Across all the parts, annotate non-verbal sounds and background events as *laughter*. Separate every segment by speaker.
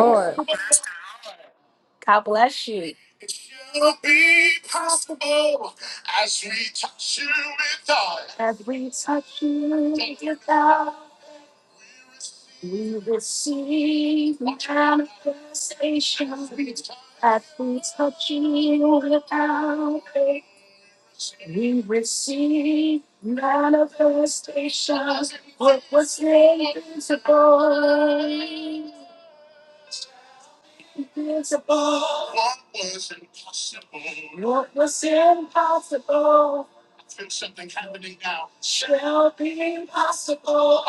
Speaker 1: Lord.
Speaker 2: God bless you. As we touch you, God, we receive manifestation. As we touch you without faith, we receive manifestation. Invisible, invisible. What was impossible shall be possible.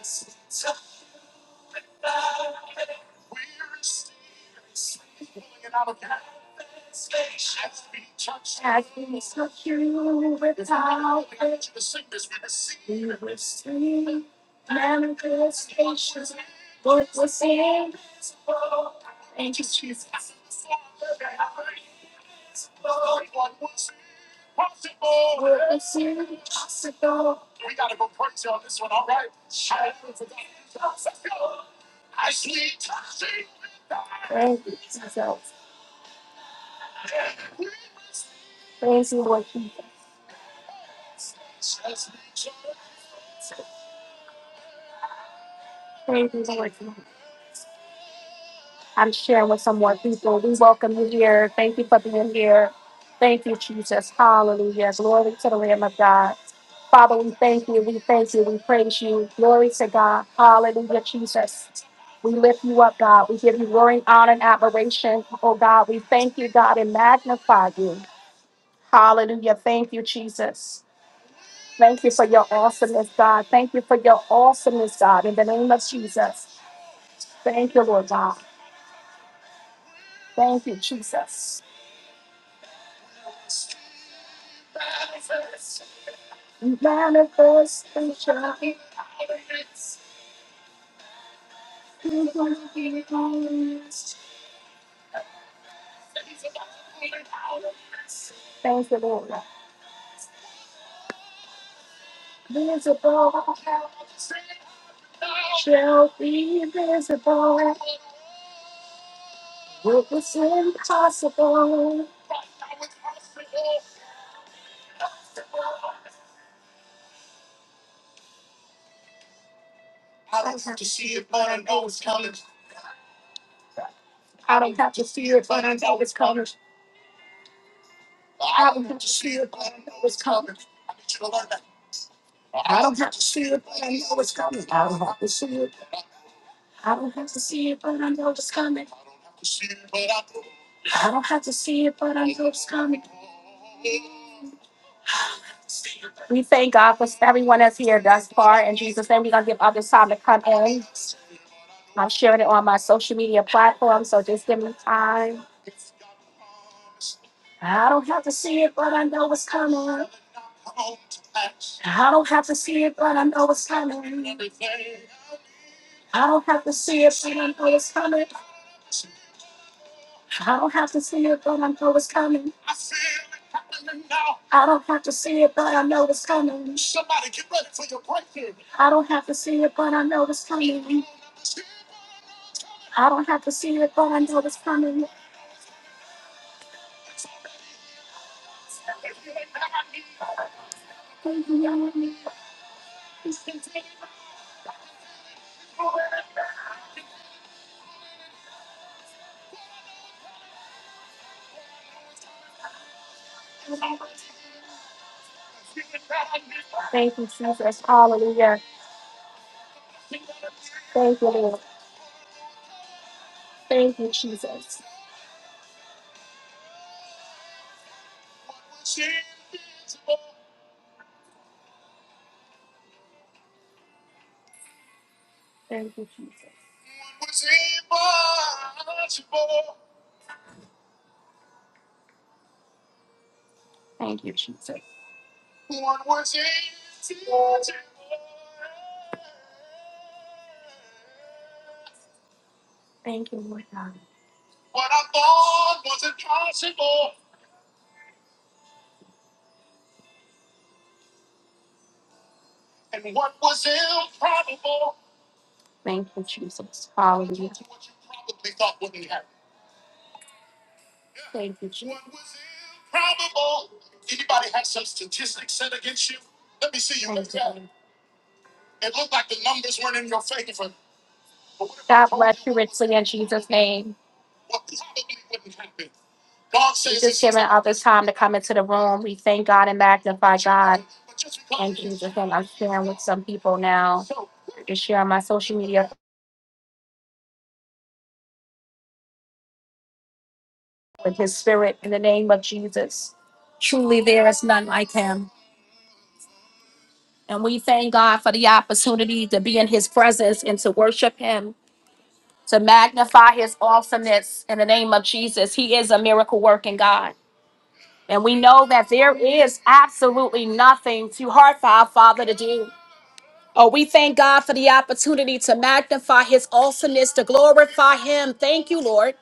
Speaker 2: As we touch manifestation, touch you with receive. manifestation. Thank you, Jesus. Thank you, Jesus. Praise you, Lord Jesus. Praise you, Lord Jesus. I'm sharing with some more people. We welcome you here. Thank you for being here. Thank you, Jesus. Hallelujah. Glory to the Lamb of God. Father, we thank you. We thank you. We praise you. Glory to God. Hallelujah, Jesus. We lift you up, God. We give you glory, honor, and admiration. Oh, God, we thank you, God, and magnify you. Hallelujah. Thank you, Jesus. Thank you for your awesomeness, God. Thank you for your awesomeness, God, in the name of Jesus. Thank you, Lord God. Thank you, Jesus. Manifestation. Thank you, Lord. Visible shall be visible. What was impossible? I don't have to see it, but I know it's coming. I don't have to see it, but I know it's coming. We thank God for everyone that's here thus far. In Jesus' name, we're going to give others time to come in. I'm sharing it on my social media platform, so just give me time. I don't have to see it, but I know it's coming. I don't have to see it, but I know it's coming. I don't have to see it, but it's coming. I don't have to see it, but I know it's coming. I don't have to see it, but I know it's coming. I don't have to see it, but I know it's coming. I don't have to see it, but I know it's coming. Thank you, Jesus. Hallelujah. Thank you, Lord. Thank you, Jesus. Thank you, Jesus. Thank you, Jesus. Thank you, Lord God. Thank you, Jesus. Hallelujah. Thank you, Jesus. Thank all this time to come into the room. We thank God and magnify and share with some people now to share on my social media with his spirit in the name of Jesus. Truly there is none like him. And we thank God for the opportunity to be in his presence and to worship him, to magnify his awesomeness in the name of Jesus. He is a miracle working God. And we know that there is absolutely nothing too hard for our Father to do. Oh, we thank God for the opportunity to magnify his awesomeness, to glorify him. Thank you, Lord.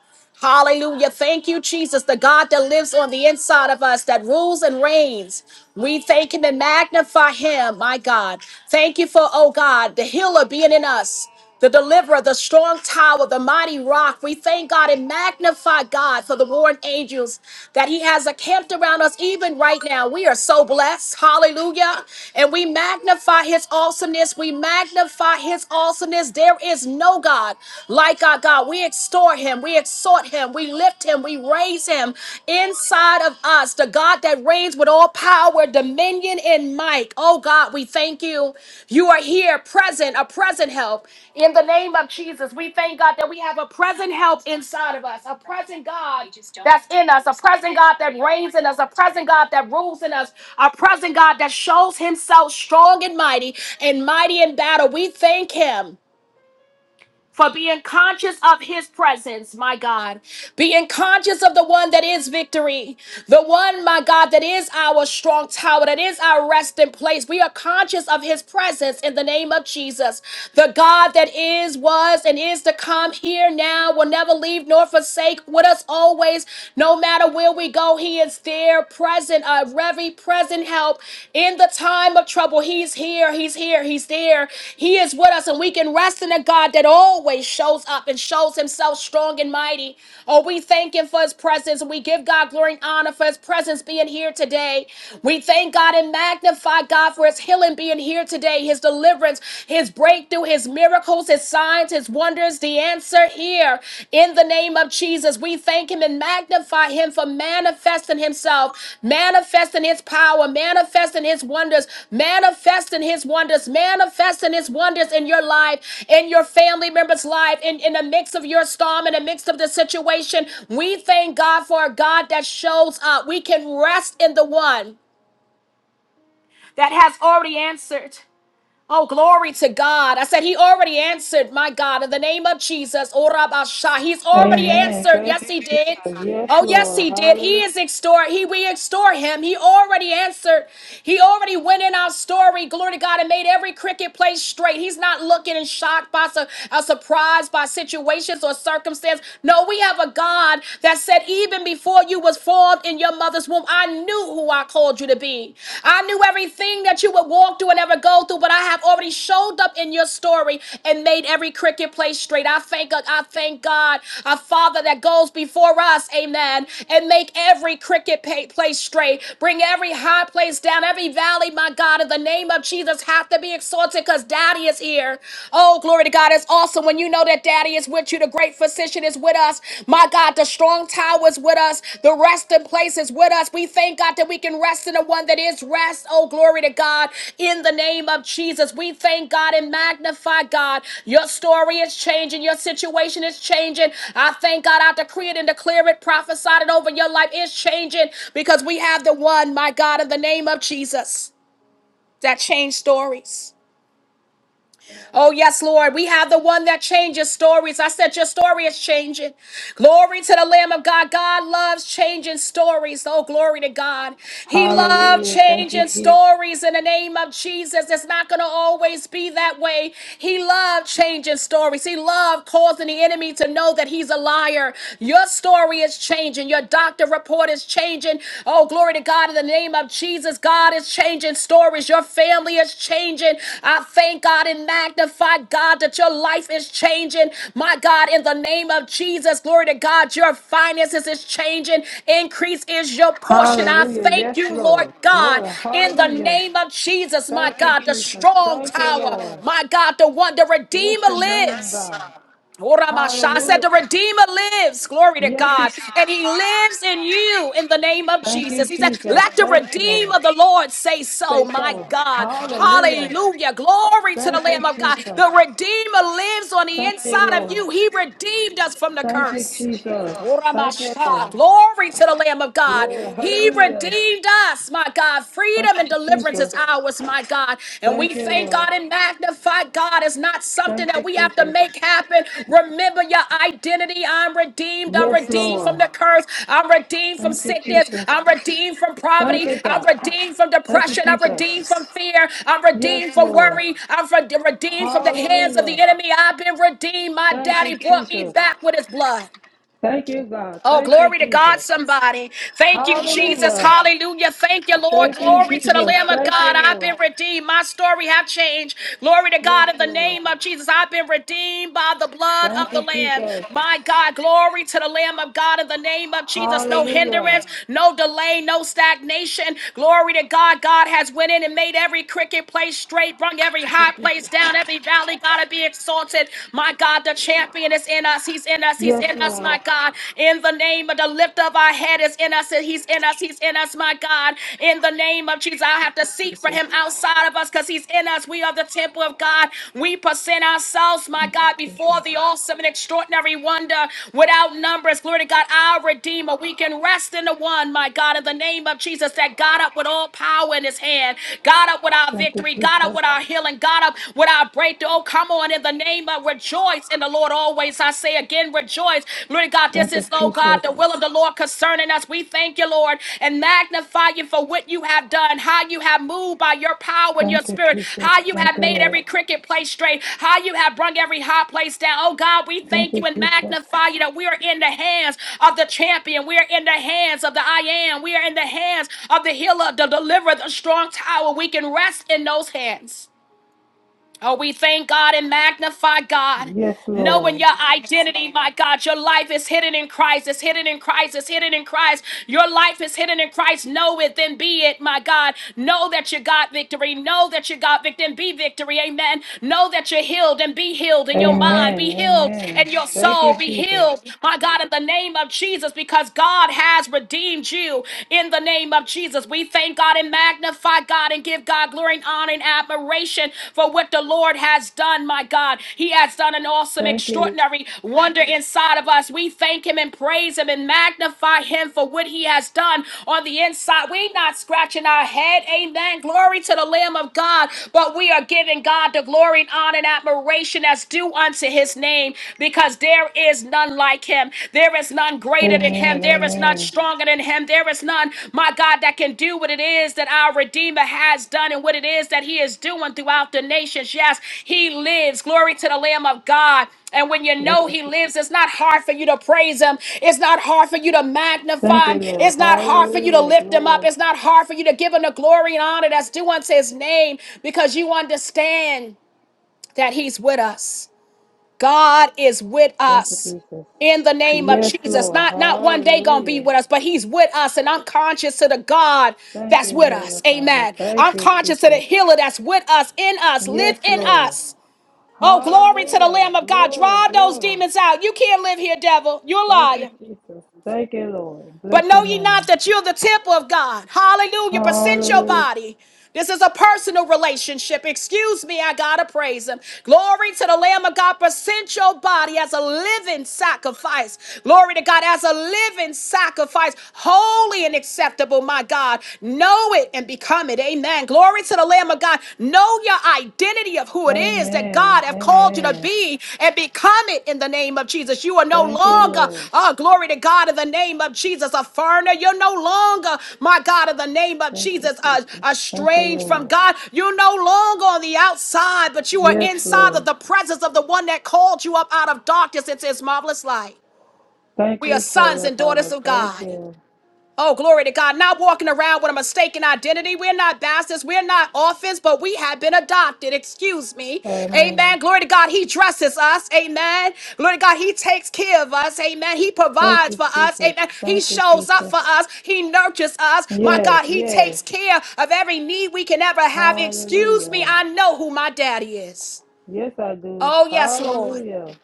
Speaker 2: Hallelujah. Thank you, Jesus, the God that lives on the inside of us, that rules and reigns. We thank him and magnify him, my God. Thank you for, oh God, the healer being in us. The deliverer, the strong tower, the mighty rock. We thank God and magnify God for the warring angels that He has encamped around us even right now. We are so blessed. Hallelujah. And we magnify His awesomeness. We magnify His awesomeness. There is no God like like Our God. We extol him, we exhort him, we lift him, we raise him inside of us. The God that reigns with all power, dominion, and might. Oh God, we thank you. You are here, present, a present help. In the name of Jesus, we thank God that we have a present help inside of us, a present God that's in us, a present God that reigns in us, a present God that rules in us, a present God that shows himself strong and mighty and mighty in battle. We thank him for being conscious of his presence, my God, being conscious of the one that is victory, the one, my God, that is our strong tower, that is our resting place. We are conscious of his presence in the name of Jesus. The God that is, was, and is to come here now will never leave nor forsake with us always, no matter where we go. He is there, present, uh, very present help in the time of trouble. He's here, he's here, he's there. He is with us, and we can rest in a God that always shows up and shows himself strong and mighty. Oh, we thank him for his presence. We give God glory and honor for his presence being here today. We thank God and magnify God for his healing being here today, his deliverance, his breakthrough, his miracles, his signs, his wonders is the answer here in the name of Jesus. We thank him and magnify him for manifesting himself, manifesting his power, manifesting his wonders, manifesting his wonders, manifesting his wonders in your life, in your family member's life, in, in the mix of your storm, in the mix of the situation. We thank God for a God that shows up. We can rest in the one that has already answered. Oh, glory to God. I said, He already answered, my God, in the name of Jesus. Ora basha. He's already
Speaker 1: Amen.
Speaker 2: answered.
Speaker 1: Thank
Speaker 2: Yes,
Speaker 1: you,
Speaker 2: He did.
Speaker 1: Jesus. Yes,
Speaker 2: Oh, yes,
Speaker 1: Lord.
Speaker 2: He did. He
Speaker 1: Hallelujah.
Speaker 2: is extort. He, we extort Him. He already answered. He already went in our story. Glory to God and made every cricket place straight. He's not looking and shocked by, su- uh, surprised by situations or circumstance. No, we have a God that said, even before you was formed in your in your mother's womb, I knew who I called you to be. I knew everything that you would walk through and ever go through, but I have already showed up in your story and made every cricket play straight. I thank God, I thank God, our Father that goes before us, amen, and make every cricket pay, play straight. Bring every high place down, every valley, my God, in the name of Jesus, have to be exalted because Daddy is here. Oh, glory to God. It's awesome when you know know that daddy is with you. The great physician is with us. My God, the strong tower is with us. The resting place is with us. We thank God that we can rest in the one that is rest. Oh, glory to God. In the name of Jesus, we thank God and magnify God. Your story is changing. Your situation is changing. I thank God. I decree it and declare it, prophesied it over your life is changing because we have the one, my God, in the name of Jesus, that changed stories. Oh, yes, Lord. We have the one that changes stories. I said, Your story is changing. Glory to the Lamb of God. God loves changing stories. Oh, glory to God. He loved
Speaker 1: Hallelujah. Thank you,
Speaker 2: changing
Speaker 1: Jesus.
Speaker 2: stories in the name of Jesus. It's not going to always be that way. He loved changing stories. He loved causing the enemy to know that he's a liar. Your story is changing. Your doctor report is changing. Oh, glory to God in the name of Jesus. God is changing stories. Your family is changing. I thank God and magnify God that your life is changing. My God, in the name of Jesus, glory to God, your finances is changing. Increase is your portion. I
Speaker 1: Hallelujah.
Speaker 2: thank
Speaker 1: Yes,
Speaker 2: you, Lord
Speaker 1: Lord.
Speaker 2: God,
Speaker 1: Glory.
Speaker 2: in the
Speaker 1: Hallelujah.
Speaker 2: name of Jesus, my
Speaker 1: Thank you,
Speaker 2: God, the
Speaker 1: Jesus.
Speaker 2: strong
Speaker 1: Thank you,
Speaker 2: tower,
Speaker 1: Lord.
Speaker 2: my God, the one, the
Speaker 1: Bless
Speaker 2: Redeemer
Speaker 1: your name,
Speaker 2: lives.
Speaker 1: God.
Speaker 2: Oramasha said
Speaker 1: Hallelujah.
Speaker 2: the Redeemer lives. Glory to
Speaker 1: Yes, He
Speaker 2: God.
Speaker 1: does.
Speaker 2: And he lives in you in the name of
Speaker 1: Thank you,
Speaker 2: Jesus. He said,
Speaker 1: Jesus.
Speaker 2: Let the
Speaker 1: Thank you, Lord.
Speaker 2: Redeemer of the Lord say so,
Speaker 1: Say
Speaker 2: my
Speaker 1: so.
Speaker 2: God.
Speaker 1: Hallelujah.
Speaker 2: Hallelujah. Glory to the
Speaker 1: Thank
Speaker 2: Lamb
Speaker 1: you,
Speaker 2: of God.
Speaker 1: Jesus.
Speaker 2: The Redeemer lives on the
Speaker 1: Thank you,
Speaker 2: inside of
Speaker 1: Lord.
Speaker 2: you. He redeemed us from the
Speaker 1: Thank you,
Speaker 2: curse.
Speaker 1: Jesus. Thank you, Lord.
Speaker 2: Uramasha. Glory to the Lamb of God.
Speaker 1: Glory.
Speaker 2: He
Speaker 1: Hallelujah.
Speaker 2: redeemed us, my God.
Speaker 1: Thank
Speaker 2: Freedom and
Speaker 1: you,
Speaker 2: deliverance is
Speaker 1: Jesus.
Speaker 2: ours, my God. And
Speaker 1: Thank
Speaker 2: we
Speaker 1: you,
Speaker 2: thank
Speaker 1: Lord.
Speaker 2: God and magnify God. It's not something
Speaker 1: Thank
Speaker 2: that
Speaker 1: you,
Speaker 2: we have to
Speaker 1: Jesus.
Speaker 2: make happen. Remember your identity. I'm redeemed. I'm
Speaker 1: Yes,
Speaker 2: redeemed
Speaker 1: Lord.
Speaker 2: from the curse. I'm redeemed from
Speaker 1: Thank you,
Speaker 2: sickness.
Speaker 1: Jesus.
Speaker 2: I'm redeemed from
Speaker 1: Thank
Speaker 2: poverty.
Speaker 1: you,
Speaker 2: I'm
Speaker 1: God.
Speaker 2: redeemed from
Speaker 1: Thank you,
Speaker 2: depression. I'm redeemed
Speaker 1: Jesus.
Speaker 2: from fear. I'm
Speaker 1: Yes,
Speaker 2: redeemed from
Speaker 1: Lord.
Speaker 2: worry. I'm from- redeemed from the hands of the
Speaker 1: Hallelujah.
Speaker 2: enemy. I've been redeemed. My
Speaker 1: Thank you,
Speaker 2: daddy brought me
Speaker 1: Jesus.
Speaker 2: back with his blood.
Speaker 1: Thank you, God.
Speaker 2: Oh,
Speaker 1: Thank you,
Speaker 2: glory to God,
Speaker 1: Jesus.
Speaker 2: somebody. Thank you, Jesus.
Speaker 1: Hallelujah.
Speaker 2: Hallelujah. Thank you, Lord.
Speaker 1: Thank you,
Speaker 2: Glory to the
Speaker 1: Jesus.
Speaker 2: Lamb of
Speaker 1: Thank you,
Speaker 2: God. I've
Speaker 1: Lord.
Speaker 2: been redeemed. My story have changed. Glory to
Speaker 1: Yes,
Speaker 2: God in the
Speaker 1: Lord.
Speaker 2: name of Jesus. I've been redeemed by the blood
Speaker 1: Thank
Speaker 2: of the
Speaker 1: you,
Speaker 2: Lamb.
Speaker 1: Jesus.
Speaker 2: My God, glory to the Lamb of God in the name of Jesus. No
Speaker 1: Hallelujah.
Speaker 2: hindrance, no delay, no stagnation. Glory to God. God has went in and made every cricket place straight, brung every
Speaker 1: Thank you,
Speaker 2: high place
Speaker 1: Jesus.
Speaker 2: down, every valley gotta be exalted. My God, the champion is in us us. He's in us. He's
Speaker 1: Yes,
Speaker 2: in us,
Speaker 1: Lord.
Speaker 2: my God. In the name of the lift of our head is in us. He's in us. He's in us, my God. In the name of Jesus, I have to seek for
Speaker 1: Jesus.
Speaker 2: him outside of us because he's in us. We are the temple of God. We present ourselves, my
Speaker 1: Thank
Speaker 2: God,
Speaker 1: you,
Speaker 2: before
Speaker 1: Jesus.
Speaker 2: the awesome and extraordinary wonder without numbers. Glory to God, our Redeemer. We can rest in the one, my God, in the name of Jesus that got up with all power in his hand, got up with our
Speaker 1: Thank you,
Speaker 2: victory, got up with our
Speaker 1: Jesus.
Speaker 2: healing, got up with our breakthrough. Oh, come on in the name of rejoice in the Lord always. I say again, rejoice. Lord God, this
Speaker 1: Thank you,
Speaker 2: is, oh God,
Speaker 1: Jesus.
Speaker 2: the will of the Lord concerning us. We thank you, Lord, and magnify you for what you have done, how you have moved by your power and your
Speaker 1: Thank you,
Speaker 2: spirit,
Speaker 1: Jesus.
Speaker 2: how you
Speaker 1: Thank
Speaker 2: have
Speaker 1: you,
Speaker 2: made every
Speaker 1: Lord.
Speaker 2: cricket place straight, how you have brung every high place down. Oh God, we
Speaker 1: Thank
Speaker 2: thank
Speaker 1: you,
Speaker 2: you and
Speaker 1: Jesus.
Speaker 2: magnify you that we are in the hands of the champion. We are in the hands of the I am. We are in the hands of the healer, the deliverer, the strong tower. We can rest in those hands. Oh, we thank God and magnify God.
Speaker 1: Yes,
Speaker 2: Knowing
Speaker 1: Lord.
Speaker 2: your identity, my God, your life is hidden in Christ, it's hidden in Christ, it's hidden in Christ. Your life is hidden in Christ. Know it, then be it, my God. Know that you got victory. Know that you got victory, and be victory. Amen. Know that you're healed and be healed in your mind, be
Speaker 1: Amen.
Speaker 2: healed
Speaker 1: Amen.
Speaker 2: in your
Speaker 1: Thank you,
Speaker 2: soul, be
Speaker 1: Jesus.
Speaker 2: healed, my God, in the name of Jesus, because God has redeemed you in the name of Jesus. Jesus. We thank God and magnify God and give God glory and honor and admiration for what the Lord has done, my God. He has done an awesome,
Speaker 1: Thank you.
Speaker 2: extraordinary wonder inside of us. We thank Him and praise Him and magnify Him for what He has done on the inside. We're not scratching our head. Amen. Glory to the Lamb of God. But we are giving God the glory and honor and admiration as due unto His name because there is none like him. There is none greater than him.
Speaker 1: Amen.
Speaker 2: There is none
Speaker 1: Amen.
Speaker 2: stronger than him. There is none, my God, that can do what it is that our Redeemer has done and what it is that he is doing throughout the nations. Yes, he lives. Glory to the Lamb of God. And when you
Speaker 1: Thank
Speaker 2: know
Speaker 1: you,
Speaker 2: he lives,
Speaker 1: Jesus.
Speaker 2: it's not hard for you to praise him. It's not hard for you to
Speaker 1: Thank
Speaker 2: magnify
Speaker 1: you,
Speaker 2: him.
Speaker 1: Lord.
Speaker 2: It's not hard for you to
Speaker 1: Hallelujah.
Speaker 2: lift him up.
Speaker 1: Glory.
Speaker 2: It's not hard for you to give him the glory and honor that's due unto his name because you understand that he's with us. God is with
Speaker 1: Thank you,
Speaker 2: us
Speaker 1: Jesus.
Speaker 2: in the name of
Speaker 1: Yes,
Speaker 2: Jesus.
Speaker 1: Lord.
Speaker 2: Not not one day gonna be
Speaker 1: Hallelujah.
Speaker 2: with us, but He's with us, and I'm conscious to the God
Speaker 1: Thank
Speaker 2: that's
Speaker 1: you,
Speaker 2: with
Speaker 1: Heavenly
Speaker 2: us.
Speaker 1: Father.
Speaker 2: Amen.
Speaker 1: Thank
Speaker 2: I'm
Speaker 1: you,
Speaker 2: conscious to the
Speaker 1: Jesus.
Speaker 2: healer that's with us, in us,
Speaker 1: Yes,
Speaker 2: live in
Speaker 1: Lord.
Speaker 2: us. Oh, glory to the
Speaker 1: Hallelujah.
Speaker 2: Lamb of God.
Speaker 1: Glory,
Speaker 2: Drive those
Speaker 1: glory.
Speaker 2: demons out. You can't live here, devil. You're a
Speaker 1: Thank you,
Speaker 2: liar.
Speaker 1: Jesus. Thank you, Lord. Bless
Speaker 2: But know
Speaker 1: your
Speaker 2: ye not
Speaker 1: name.
Speaker 2: that you're the temple of God. Hallelujah. Present your
Speaker 1: Hallelujah.
Speaker 2: body. This is a personal relationship. Excuse me, I gotta praise him. Glory to the Lamb of God. Present your body as a living sacrifice. Glory to God, as a living sacrifice, holy and acceptable, my God. Know it and become it. Amen. Glory to the Lamb of God. Know your identity of who it is that God
Speaker 1: Amen.
Speaker 2: have called you to
Speaker 1: Amen.
Speaker 2: be and become it in the name of Jesus. You are no
Speaker 1: Thank you,
Speaker 2: longer,
Speaker 1: Lord.
Speaker 2: oh, glory to God, in the name of Jesus, a foreigner. You're no longer, my God, in the name of
Speaker 1: Thank you,
Speaker 2: Jesus, a
Speaker 1: Jesus. Thank you,
Speaker 2: estranged from
Speaker 1: Lord.
Speaker 2: God. You're no longer on the outside, but you are
Speaker 1: Yes,
Speaker 2: inside of
Speaker 1: Lord.
Speaker 2: the presence of the one that called you up out of darkness into his marvelous light.
Speaker 1: Thank
Speaker 2: We are
Speaker 1: you,
Speaker 2: sons
Speaker 1: Heavenly
Speaker 2: and daughters
Speaker 1: Father.
Speaker 2: of
Speaker 1: Thank
Speaker 2: God.
Speaker 1: you.
Speaker 2: Oh, glory to God. Not walking around with a mistaken identity. We're not bastards. We're not orphans, but we have been adopted. Excuse me.
Speaker 1: Amen.
Speaker 2: Amen. Glory to God. He dresses us. Amen. Glory to God. He takes care of us. Amen. He
Speaker 1: Thank
Speaker 2: provides
Speaker 1: you,
Speaker 2: for us.
Speaker 1: Jesus.
Speaker 2: Amen. He
Speaker 1: Thank you,
Speaker 2: shows up
Speaker 1: Jesus.
Speaker 2: for us. He nurtures us. My
Speaker 1: Yes,
Speaker 2: God, He
Speaker 1: yes.
Speaker 2: takes care of every need we can ever have. Excuse me.
Speaker 1: Hallelujah.
Speaker 2: I know who my daddy is.
Speaker 1: Yes, I do.
Speaker 2: Oh, yes, Lord.
Speaker 1: Hallelujah.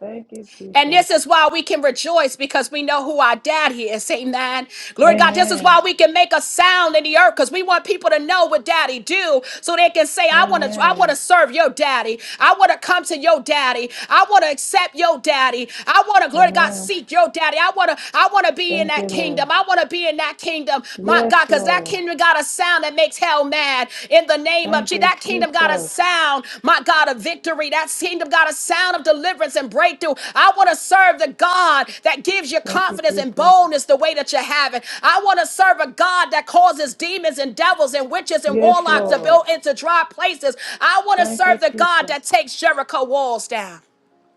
Speaker 1: Thank you,
Speaker 2: And
Speaker 1: Jesus.
Speaker 2: this is why we can rejoice because we know who our daddy is. Amen. Glory to God. This is
Speaker 1: Amen.
Speaker 2: why we can make a sound in the earth because we want people to know what daddy do so they can say, I want to, I want to
Speaker 1: Amen.
Speaker 2: serve your daddy. I want to come to your daddy. I want to accept your daddy. I want to, glory to God,
Speaker 1: Amen.
Speaker 2: seek your daddy. I want to, I want to be in
Speaker 1: Thank you,
Speaker 2: that
Speaker 1: Lord.
Speaker 2: kingdom. I want to be in that kingdom. My
Speaker 1: Yes,
Speaker 2: God, because that
Speaker 1: Lord.
Speaker 2: kingdom got. God, a sound that makes hell mad. In the name of
Speaker 1: Thank
Speaker 2: Jesus,
Speaker 1: you,
Speaker 2: that kingdom got a
Speaker 1: Jesus.
Speaker 2: sound, my God, of victory. That kingdom got a sound of deliverance and breakthrough. I want to serve the God that gives you
Speaker 1: Thank you,
Speaker 2: confidence and
Speaker 1: Jesus.
Speaker 2: boldness the way that you have it. I want to serve a God that causes demons and devils and witches and
Speaker 1: Yes,
Speaker 2: warlocks to
Speaker 1: Lord.
Speaker 2: build into dry places. I want to
Speaker 1: Thank you,
Speaker 2: serve the God
Speaker 1: Jesus.
Speaker 2: that takes Jericho walls down.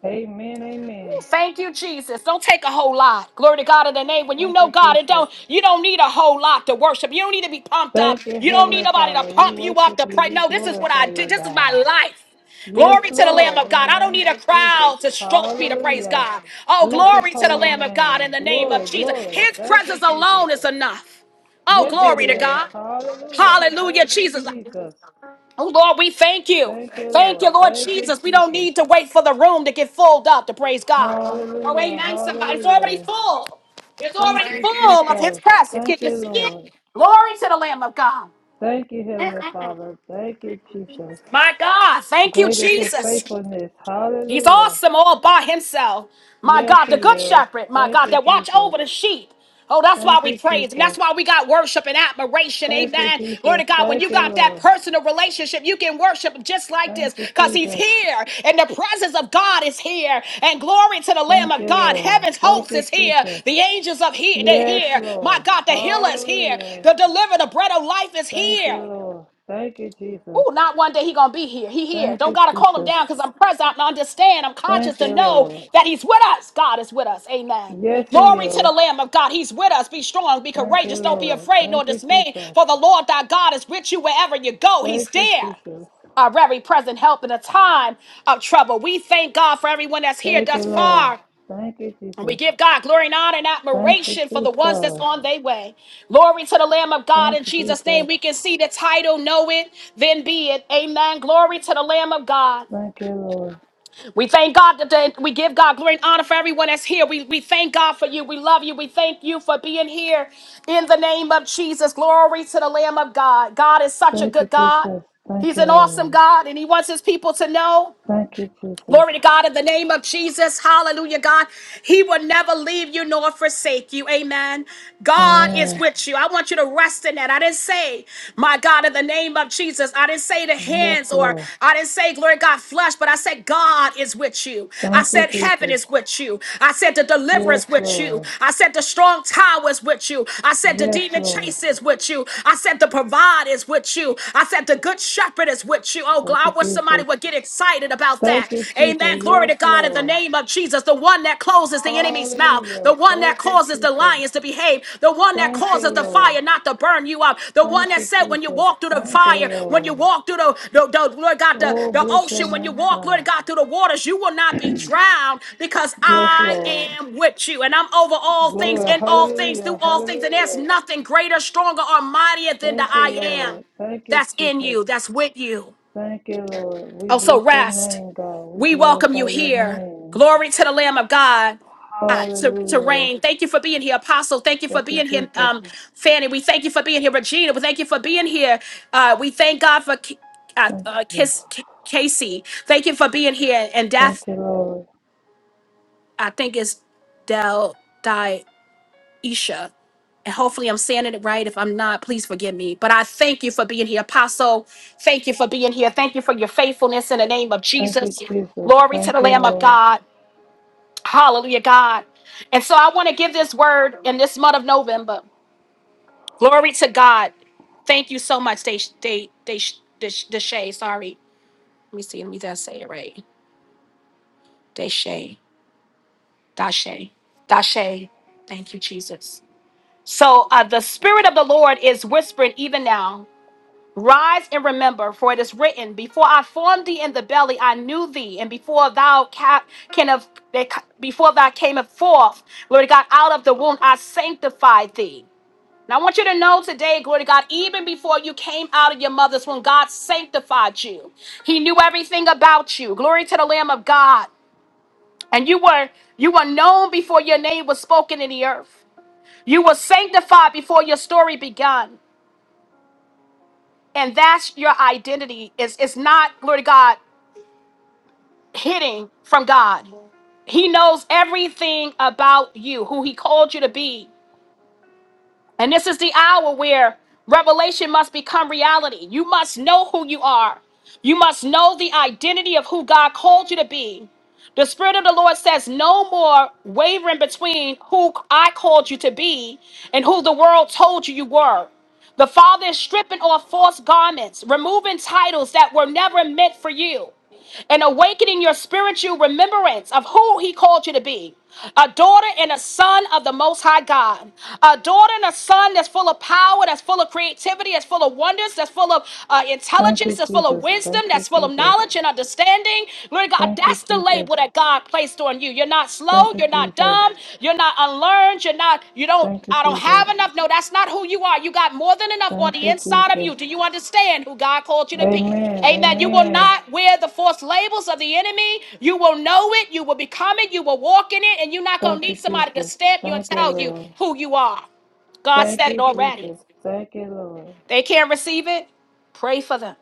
Speaker 1: Amen, amen.
Speaker 2: Thank you, Jesus. Don't take a whole lot. Glory to God in the name. When you
Speaker 1: Thank
Speaker 2: know
Speaker 1: you,
Speaker 2: God, it
Speaker 1: Jesus.
Speaker 2: don't you don't need a whole lot to worship. You don't need to be pumped up.
Speaker 1: Thank you,
Speaker 2: You don't need
Speaker 1: Heavenly
Speaker 2: nobody to
Speaker 1: Father. We
Speaker 2: pump you up
Speaker 1: worship
Speaker 2: to
Speaker 1: you.
Speaker 2: pray.
Speaker 1: We
Speaker 2: No, this is what I
Speaker 1: glorify
Speaker 2: did.
Speaker 1: you,
Speaker 2: This is my
Speaker 1: God.
Speaker 2: life.
Speaker 1: Yes,
Speaker 2: Glory to the Lamb
Speaker 1: Lord,
Speaker 2: of
Speaker 1: in the
Speaker 2: God. I don't
Speaker 1: name
Speaker 2: need a
Speaker 1: of Jesus.
Speaker 2: crowd to stroke me to praise
Speaker 1: Hallelujah.
Speaker 2: God. Oh,
Speaker 1: Bless his
Speaker 2: glory to the
Speaker 1: holy
Speaker 2: Lamb of God in
Speaker 1: name.
Speaker 2: the name of
Speaker 1: Glory,
Speaker 2: Jesus.
Speaker 1: glory.
Speaker 2: His
Speaker 1: Thank you,
Speaker 2: presence
Speaker 1: Jesus.
Speaker 2: alone is enough. Oh,
Speaker 1: Yes, it
Speaker 2: glory to
Speaker 1: is.
Speaker 2: God.
Speaker 1: Hallelujah.
Speaker 2: Hallelujah,
Speaker 1: Thank you,
Speaker 2: Jesus.
Speaker 1: Jesus.
Speaker 2: Oh Lord, we thank you.
Speaker 1: Thank you,
Speaker 2: Thank
Speaker 1: Lord.
Speaker 2: you, Lord
Speaker 1: Thank you,
Speaker 2: Jesus. We don't
Speaker 1: Jesus.
Speaker 2: need to wait for the room to get filled up to praise God. Oh,
Speaker 1: Hallelujah.
Speaker 2: amen. Somebody, it's already
Speaker 1: Hallelujah.
Speaker 2: full. It's
Speaker 1: Thank
Speaker 2: already
Speaker 1: you,
Speaker 2: full of His
Speaker 1: Jesus.
Speaker 2: presence. Can
Speaker 1: Thank
Speaker 2: you
Speaker 1: you,
Speaker 2: see it?
Speaker 1: Lord.
Speaker 2: Glory to
Speaker 1: Thank you, Heavenly Father. Thank you, Jesus.
Speaker 2: the my God. Thank you,
Speaker 1: Great is his
Speaker 2: Jesus.
Speaker 1: faithfulness.
Speaker 2: He's
Speaker 1: Hallelujah.
Speaker 2: awesome all by himself. My
Speaker 1: Yes,
Speaker 2: God, the
Speaker 1: he
Speaker 2: good
Speaker 1: is.
Speaker 2: shepherd, my
Speaker 1: Thank
Speaker 2: God,
Speaker 1: you,
Speaker 2: that watch
Speaker 1: Jesus.
Speaker 2: over the sheep. Oh, that's why
Speaker 1: Thank
Speaker 2: we
Speaker 1: you,
Speaker 2: praise him.
Speaker 1: Jesus.
Speaker 2: That's why we got worship and admiration.
Speaker 1: Thank you,
Speaker 2: Amen. Glory to
Speaker 1: Jesus.
Speaker 2: God. When you
Speaker 1: Thank you,
Speaker 2: got that
Speaker 1: Lord.
Speaker 2: personal relationship, you can worship him just like
Speaker 1: Thank
Speaker 2: this
Speaker 1: you,
Speaker 2: because he's
Speaker 1: Jesus.
Speaker 2: here and the presence of God is here. And glory to the Lamb
Speaker 1: Thank
Speaker 2: of
Speaker 1: you,
Speaker 2: God.
Speaker 1: Lord.
Speaker 2: Heaven's
Speaker 1: Thank
Speaker 2: host
Speaker 1: you,
Speaker 2: is here.
Speaker 1: Jesus.
Speaker 2: The angels of here, they're
Speaker 1: Yes,
Speaker 2: here. My
Speaker 1: Lord.
Speaker 2: God, the healer is here.
Speaker 1: Hallelujah.
Speaker 2: The deliverer, the bread of life is
Speaker 1: Thank you,
Speaker 2: here.
Speaker 1: Lord. Thank you, Jesus.
Speaker 2: Oh, not one day he gonna be here. He here.
Speaker 1: Thank
Speaker 2: Don't
Speaker 1: you,
Speaker 2: gotta call him down
Speaker 1: Jesus.
Speaker 2: because I'm present and understand. I'm
Speaker 1: Thank
Speaker 2: conscious to
Speaker 1: you,
Speaker 2: know
Speaker 1: Lord.
Speaker 2: that he's with us. God is with us. Amen.
Speaker 1: Yes, He
Speaker 2: Glory to
Speaker 1: is.
Speaker 2: the Lamb of God. He's with us. Be strong. Be
Speaker 1: Thank you,
Speaker 2: courageous. Don't be
Speaker 1: Lord.
Speaker 2: afraid nor
Speaker 1: Thank you,
Speaker 2: dismayed.
Speaker 1: Jesus.
Speaker 2: For the Lord thy God is with you wherever you go. He's
Speaker 1: Thank you,
Speaker 2: there.
Speaker 1: Jesus.
Speaker 2: Our very present help in a time of trouble. We thank God for everyone that's here
Speaker 1: Thank you,
Speaker 2: thus
Speaker 1: Lord.
Speaker 2: far.
Speaker 1: Thank you,
Speaker 2: And we
Speaker 1: Jesus.
Speaker 2: give God glory and honor and
Speaker 1: Thank you,
Speaker 2: admiration for the ones that's
Speaker 1: Jesus.
Speaker 2: on their way. Glory to the Lamb of God
Speaker 1: Thank
Speaker 2: in
Speaker 1: you,
Speaker 2: Jesus' name.
Speaker 1: Jesus.
Speaker 2: We can see the title, Know It, Then Be It. Amen. Glory to the Lamb of God.
Speaker 1: Thank you, Lord.
Speaker 2: We thank God today. We give God glory and honor for everyone that's here. We, we thank God for you. We love you. We thank you for being here in the name of Jesus. Glory to the Lamb of God. God is such a
Speaker 1: Thank you,
Speaker 2: good God.
Speaker 1: Jesus. Thank
Speaker 2: He's
Speaker 1: you,
Speaker 2: an awesome
Speaker 1: Lord.
Speaker 2: God, and He wants His people to know.
Speaker 1: Thank you, Jesus.
Speaker 2: Glory to God in the name of Jesus. Hallelujah, God. He will never leave you nor forsake you. Amen. God is
Speaker 1: Amen.
Speaker 2: with you. I want you to rest in that. I didn't say, my God, in the name of Jesus. I didn't say the
Speaker 1: Yes,
Speaker 2: hands or
Speaker 1: Lord.
Speaker 2: I didn't say, glory to God, flesh, but I said, God is with you. I
Speaker 1: Thank you,
Speaker 2: said, heaven
Speaker 1: Jesus.
Speaker 2: is with you. I said, the
Speaker 1: Yes,
Speaker 2: deliverance with you.
Speaker 1: Lord.
Speaker 2: I said, the strong tower is with you. I said, the
Speaker 1: Yes,
Speaker 2: demon
Speaker 1: Lord.
Speaker 2: chase is with you. I said, the provide is with you. I said, the good shepherd is with you. Oh,
Speaker 1: Thank
Speaker 2: God.
Speaker 1: you,
Speaker 2: I wish somebody
Speaker 1: Jesus.
Speaker 2: would get excited about that.
Speaker 1: Thank you,
Speaker 2: Amen.
Speaker 1: Jesus.
Speaker 2: Glory
Speaker 1: Yes,
Speaker 2: to God in the
Speaker 1: Lord.
Speaker 2: name of Jesus, the one that closes the enemy's mouth,
Speaker 1: Hallelujah.
Speaker 2: the one
Speaker 1: Thank
Speaker 2: that
Speaker 1: you,
Speaker 2: causes the
Speaker 1: Jesus.
Speaker 2: lions to behave, the one that
Speaker 1: Thank you,
Speaker 2: causes the
Speaker 1: Lord.
Speaker 2: fire not to burn you up, the one
Speaker 1: Thank
Speaker 2: that
Speaker 1: you,
Speaker 2: said when you
Speaker 1: Jesus.
Speaker 2: walk through the
Speaker 1: Thank you,
Speaker 2: fire, when you
Speaker 1: Lord.
Speaker 2: walk through the, the, the Lord God, the,
Speaker 1: Oh,
Speaker 2: the
Speaker 1: bless your
Speaker 2: ocean, when you
Speaker 1: name,
Speaker 2: walk, Lord
Speaker 1: God.
Speaker 2: God, through the waters, you will not be drowned because
Speaker 1: Yes,
Speaker 2: I
Speaker 1: Lord.
Speaker 2: am with you. And I'm over all things,
Speaker 1: Glory.
Speaker 2: in all things, through
Speaker 1: Hallelujah.
Speaker 2: all things. And there's
Speaker 1: Hallelujah.
Speaker 2: nothing greater, stronger, or mightier than the
Speaker 1: Thank you,
Speaker 2: I am
Speaker 1: Lord. Thank you,
Speaker 2: that's in
Speaker 1: Jesus.
Speaker 2: you, that's with you.
Speaker 1: Thank you, Lord. We
Speaker 2: Also,
Speaker 1: bless your
Speaker 2: rest.
Speaker 1: name, God. We
Speaker 2: We welcome you
Speaker 1: glorify your
Speaker 2: here.
Speaker 1: name.
Speaker 2: Glory to the Lamb of God uh, to, to
Speaker 1: Hallelujah.
Speaker 2: reign. Thank you for being here, Apostle. Thank you for
Speaker 1: Thank you,
Speaker 2: being here,
Speaker 1: Jesus.
Speaker 2: um, Fanny. We thank you for being here, Regina. We thank you for being here. Uh, we thank God for K- uh,
Speaker 1: Thank
Speaker 2: uh,
Speaker 1: you, Jesus.
Speaker 2: Kiss K- Casey. Thank you for being here. And
Speaker 1: Thank
Speaker 2: Death,
Speaker 1: you, Lord.
Speaker 2: I think, is Del. Isha. And hopefully I'm saying it right. If I'm not, please forgive me. But I thank you for being here, Apostle. Thank you for being here. Thank you for your faithfulness in the name of
Speaker 1: Thank you,
Speaker 2: Jesus.
Speaker 1: Jesus.
Speaker 2: Glory to the
Speaker 1: Thank you,
Speaker 2: Lamb of
Speaker 1: Lord.
Speaker 2: God. Hallelujah, God. And so I want to give this word in this month of November. Glory to God. Thank you so much, Day Day Day Deshay. Sorry. Let me see. Let me just say it right. Deshay. Dashay. Dashay. Thank you, Jesus. So uh, the Spirit of the Lord is whispering even now. Rise and remember, for it is written, Before I formed thee in the belly, I knew thee, and before thou ca- can of before thou came forth, glory to God, out of the womb, I sanctified thee. Now I want you to know today, glory to God, even before you came out of your mother's womb, God sanctified you. He knew everything about you. Glory to the Lamb of God. And you were you were known before your name was spoken in the earth. You were sanctified before your story begun. and that's your identity is it's not glory to god hitting from god he knows everything about you who he called you to be and this is the hour where revelation must become reality. You must know who you are. You must know the identity of who God called you to be. The Spirit of the Lord says, No more wavering between who I called you to be and who the world told you you were. The Father is stripping off false garments, removing titles that were never meant for you and awakening your spiritual remembrance of who He called you to be. A daughter and a son of the Most High God. A daughter and a son that's full of power, that's full of creativity, that's full of wonders, that's full of uh,
Speaker 1: Thank
Speaker 2: intelligence,
Speaker 1: you,
Speaker 2: that's full of
Speaker 1: Jesus.
Speaker 2: wisdom,
Speaker 1: Thank you,
Speaker 2: that's full of
Speaker 1: Jesus.
Speaker 2: knowledge and understanding. Glory to God.
Speaker 1: Thank you,
Speaker 2: That's the
Speaker 1: Jesus.
Speaker 2: label that God placed on you. You're not slow.
Speaker 1: Thank
Speaker 2: Oh,
Speaker 1: you,
Speaker 2: you're not
Speaker 1: Jesus.
Speaker 2: dumb. You're not unlearned. You're not, you don't,
Speaker 1: Thank you,
Speaker 2: I don't
Speaker 1: Jesus.
Speaker 2: have enough. No, that's not who you are. You got more than enough on
Speaker 1: Thank
Speaker 2: the
Speaker 1: you,
Speaker 2: inside of you.
Speaker 1: Jesus.
Speaker 2: Do you understand who God called you to be?
Speaker 1: Amen.
Speaker 2: Amen. You will
Speaker 1: Amen.
Speaker 2: not wear the false labels of the enemy. You will know it. You will become it. You will walk in it. And you're not going
Speaker 1: Thank
Speaker 2: to
Speaker 1: you,
Speaker 2: need somebody to
Speaker 1: Jesus.
Speaker 2: stamp you and
Speaker 1: Thank you,
Speaker 2: tell you
Speaker 1: Lord.
Speaker 2: who you are. God
Speaker 1: Thank
Speaker 2: said it
Speaker 1: you,
Speaker 2: already.
Speaker 1: Jesus. Thank you, Lord.
Speaker 2: They can't receive it. Pray for them.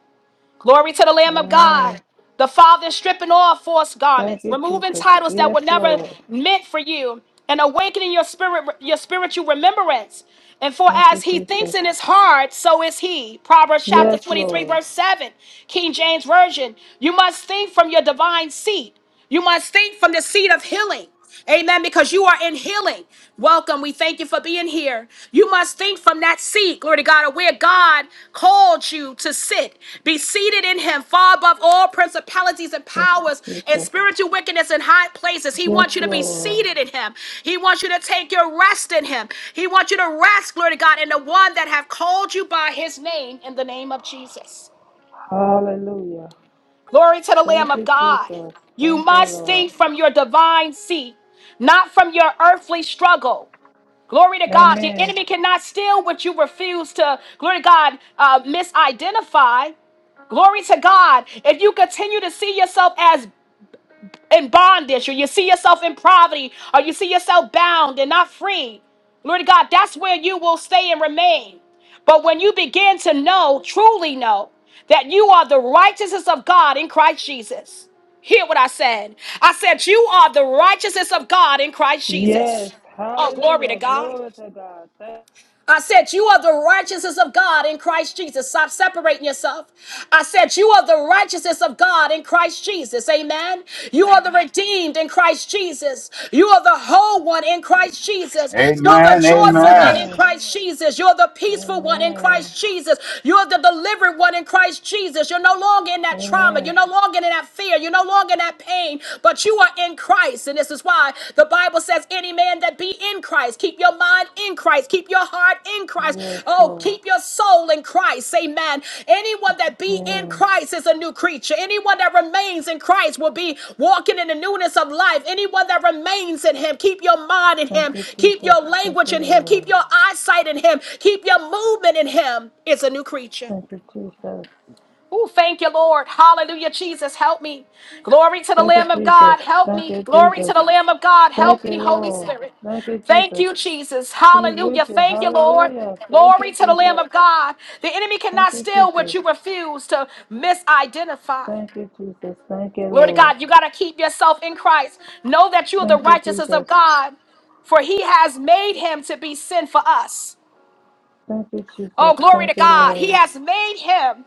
Speaker 2: Glory to the Lamb of
Speaker 1: Amen.
Speaker 2: God. The Father is stripping off false
Speaker 1: Thank
Speaker 2: garments,
Speaker 1: you,
Speaker 2: removing
Speaker 1: Jesus.
Speaker 2: titles that
Speaker 1: Yes,
Speaker 2: were never
Speaker 1: Lord.
Speaker 2: meant for you, and awakening your spirit, your spiritual remembrance. And for
Speaker 1: Thank you,
Speaker 2: as he thinks
Speaker 1: Jesus.
Speaker 2: in his heart, so is he. Proverbs chapter
Speaker 1: Yes,
Speaker 2: 23,
Speaker 1: Lord.
Speaker 2: verse 7, King James Version. You must think from your divine seat. You must think from the seat of healing. Amen. Because you are in healing. Welcome. We thank you for being here. You must think from that seat, glory to God, of where God called you to sit. Be seated in Him, far above all principalities and
Speaker 1: Thank you,
Speaker 2: powers and
Speaker 1: Jesus.
Speaker 2: spiritual wickedness in high places. He
Speaker 1: Yes,
Speaker 2: wants you to be
Speaker 1: Lord.
Speaker 2: seated in Him. He wants you to take your rest in Him. He wants you to rest, glory to God, in the one that have called you by His name, in the name of Jesus.
Speaker 1: Hallelujah.
Speaker 2: Glory to the Lamb
Speaker 1: Thank
Speaker 2: of
Speaker 1: you,
Speaker 2: God.
Speaker 1: Jesus.
Speaker 2: You
Speaker 1: Thank you,
Speaker 2: must
Speaker 1: Lord.
Speaker 2: think from your divine seat, not from your earthly struggle. Glory to God. The
Speaker 1: Amen.
Speaker 2: enemy cannot steal what you refuse to, glory to God, uh, misidentify. Glory to God. If you continue to see yourself as in bondage, or you see yourself in poverty, or you see yourself bound and not free, Lord God, that's where you will stay and remain. But when you begin to know, truly know, that you are the righteousness of God in Christ Jesus. Hear what I said. I said, You are the righteousness of God in Christ
Speaker 1: Yes.
Speaker 2: Jesus. Oh, glory to
Speaker 1: Hallelujah.
Speaker 2: God.
Speaker 1: Glory to God. Thank-
Speaker 2: I said, You are the righteousness of God in Christ Jesus. Stop separating yourself. I said, You are the righteousness of God in Christ Jesus. Amen. You are the redeemed in Christ Jesus. You are the whole one in Christ Jesus. You're the
Speaker 3: Amen.
Speaker 2: joyful one
Speaker 3: Amen.
Speaker 2: in
Speaker 1: Amen.
Speaker 2: Christ Jesus. You're the peaceful one in
Speaker 1: Amen.
Speaker 2: Christ Jesus. You're the delivered one in Christ Jesus. You're no longer in that trauma. You're
Speaker 1: Amen.
Speaker 2: no longer in that fear. You're no longer in that pain, but you are are in Christ. And this is why the Bible says, any man that be in Christ, keep your mind in Christ, keep your heart in Christ.
Speaker 1: Yes,
Speaker 2: Oh,
Speaker 1: Lord.
Speaker 2: keep your soul in Christ. Amen. Anyone that be in
Speaker 1: Amen.
Speaker 2: Christ is a new creature. Anyone that remains in Christ will be walking in the newness of life. Anyone that remains in him, keep your mind in
Speaker 1: Thank
Speaker 2: him,
Speaker 1: you,
Speaker 2: keep
Speaker 1: Jesus.
Speaker 2: your
Speaker 1: Thank
Speaker 2: language
Speaker 1: you,
Speaker 2: in him, keep
Speaker 1: Lord.
Speaker 2: your eyesight in him, keep your movement in him. is a new creature.
Speaker 1: Thank you, Jesus.
Speaker 2: Oh, thank you, Lord. Hallelujah, Jesus. Help me. Glory to the
Speaker 1: Thank you,
Speaker 2: Lamb of
Speaker 1: Jesus.
Speaker 2: God. Help
Speaker 1: Thank
Speaker 2: me.
Speaker 1: you,
Speaker 2: Glory to
Speaker 1: Jesus.
Speaker 2: the Lamb of God.
Speaker 1: Thank
Speaker 2: Help
Speaker 1: you,
Speaker 2: me, Holy
Speaker 1: Lord.
Speaker 2: Spirit.
Speaker 1: Thank you,
Speaker 2: Thank
Speaker 1: Jesus.
Speaker 2: you, Jesus.
Speaker 1: He's with
Speaker 2: Hallelujah.
Speaker 1: you.
Speaker 2: Thank you, Lord.
Speaker 1: Hallelujah. Thank you,
Speaker 2: Glory to the Lamb
Speaker 1: Jesus.
Speaker 2: of God. The enemy
Speaker 1: Thank
Speaker 2: cannot
Speaker 1: you,
Speaker 2: steal what
Speaker 1: Jesus.
Speaker 2: you refuse to misidentify.
Speaker 1: Thank you, Jesus. Thank you,
Speaker 2: Lord of
Speaker 1: Lord.
Speaker 2: God, you got to keep yourself in Christ. Know that you are the
Speaker 1: Thank you,
Speaker 2: righteousness of
Speaker 1: Jesus.
Speaker 2: God, for he has made him to be sin for us.
Speaker 1: Thank you, Jesus.
Speaker 2: Oh, glory to
Speaker 1: Thank you,
Speaker 2: God. He
Speaker 1: Lord.
Speaker 2: has made him.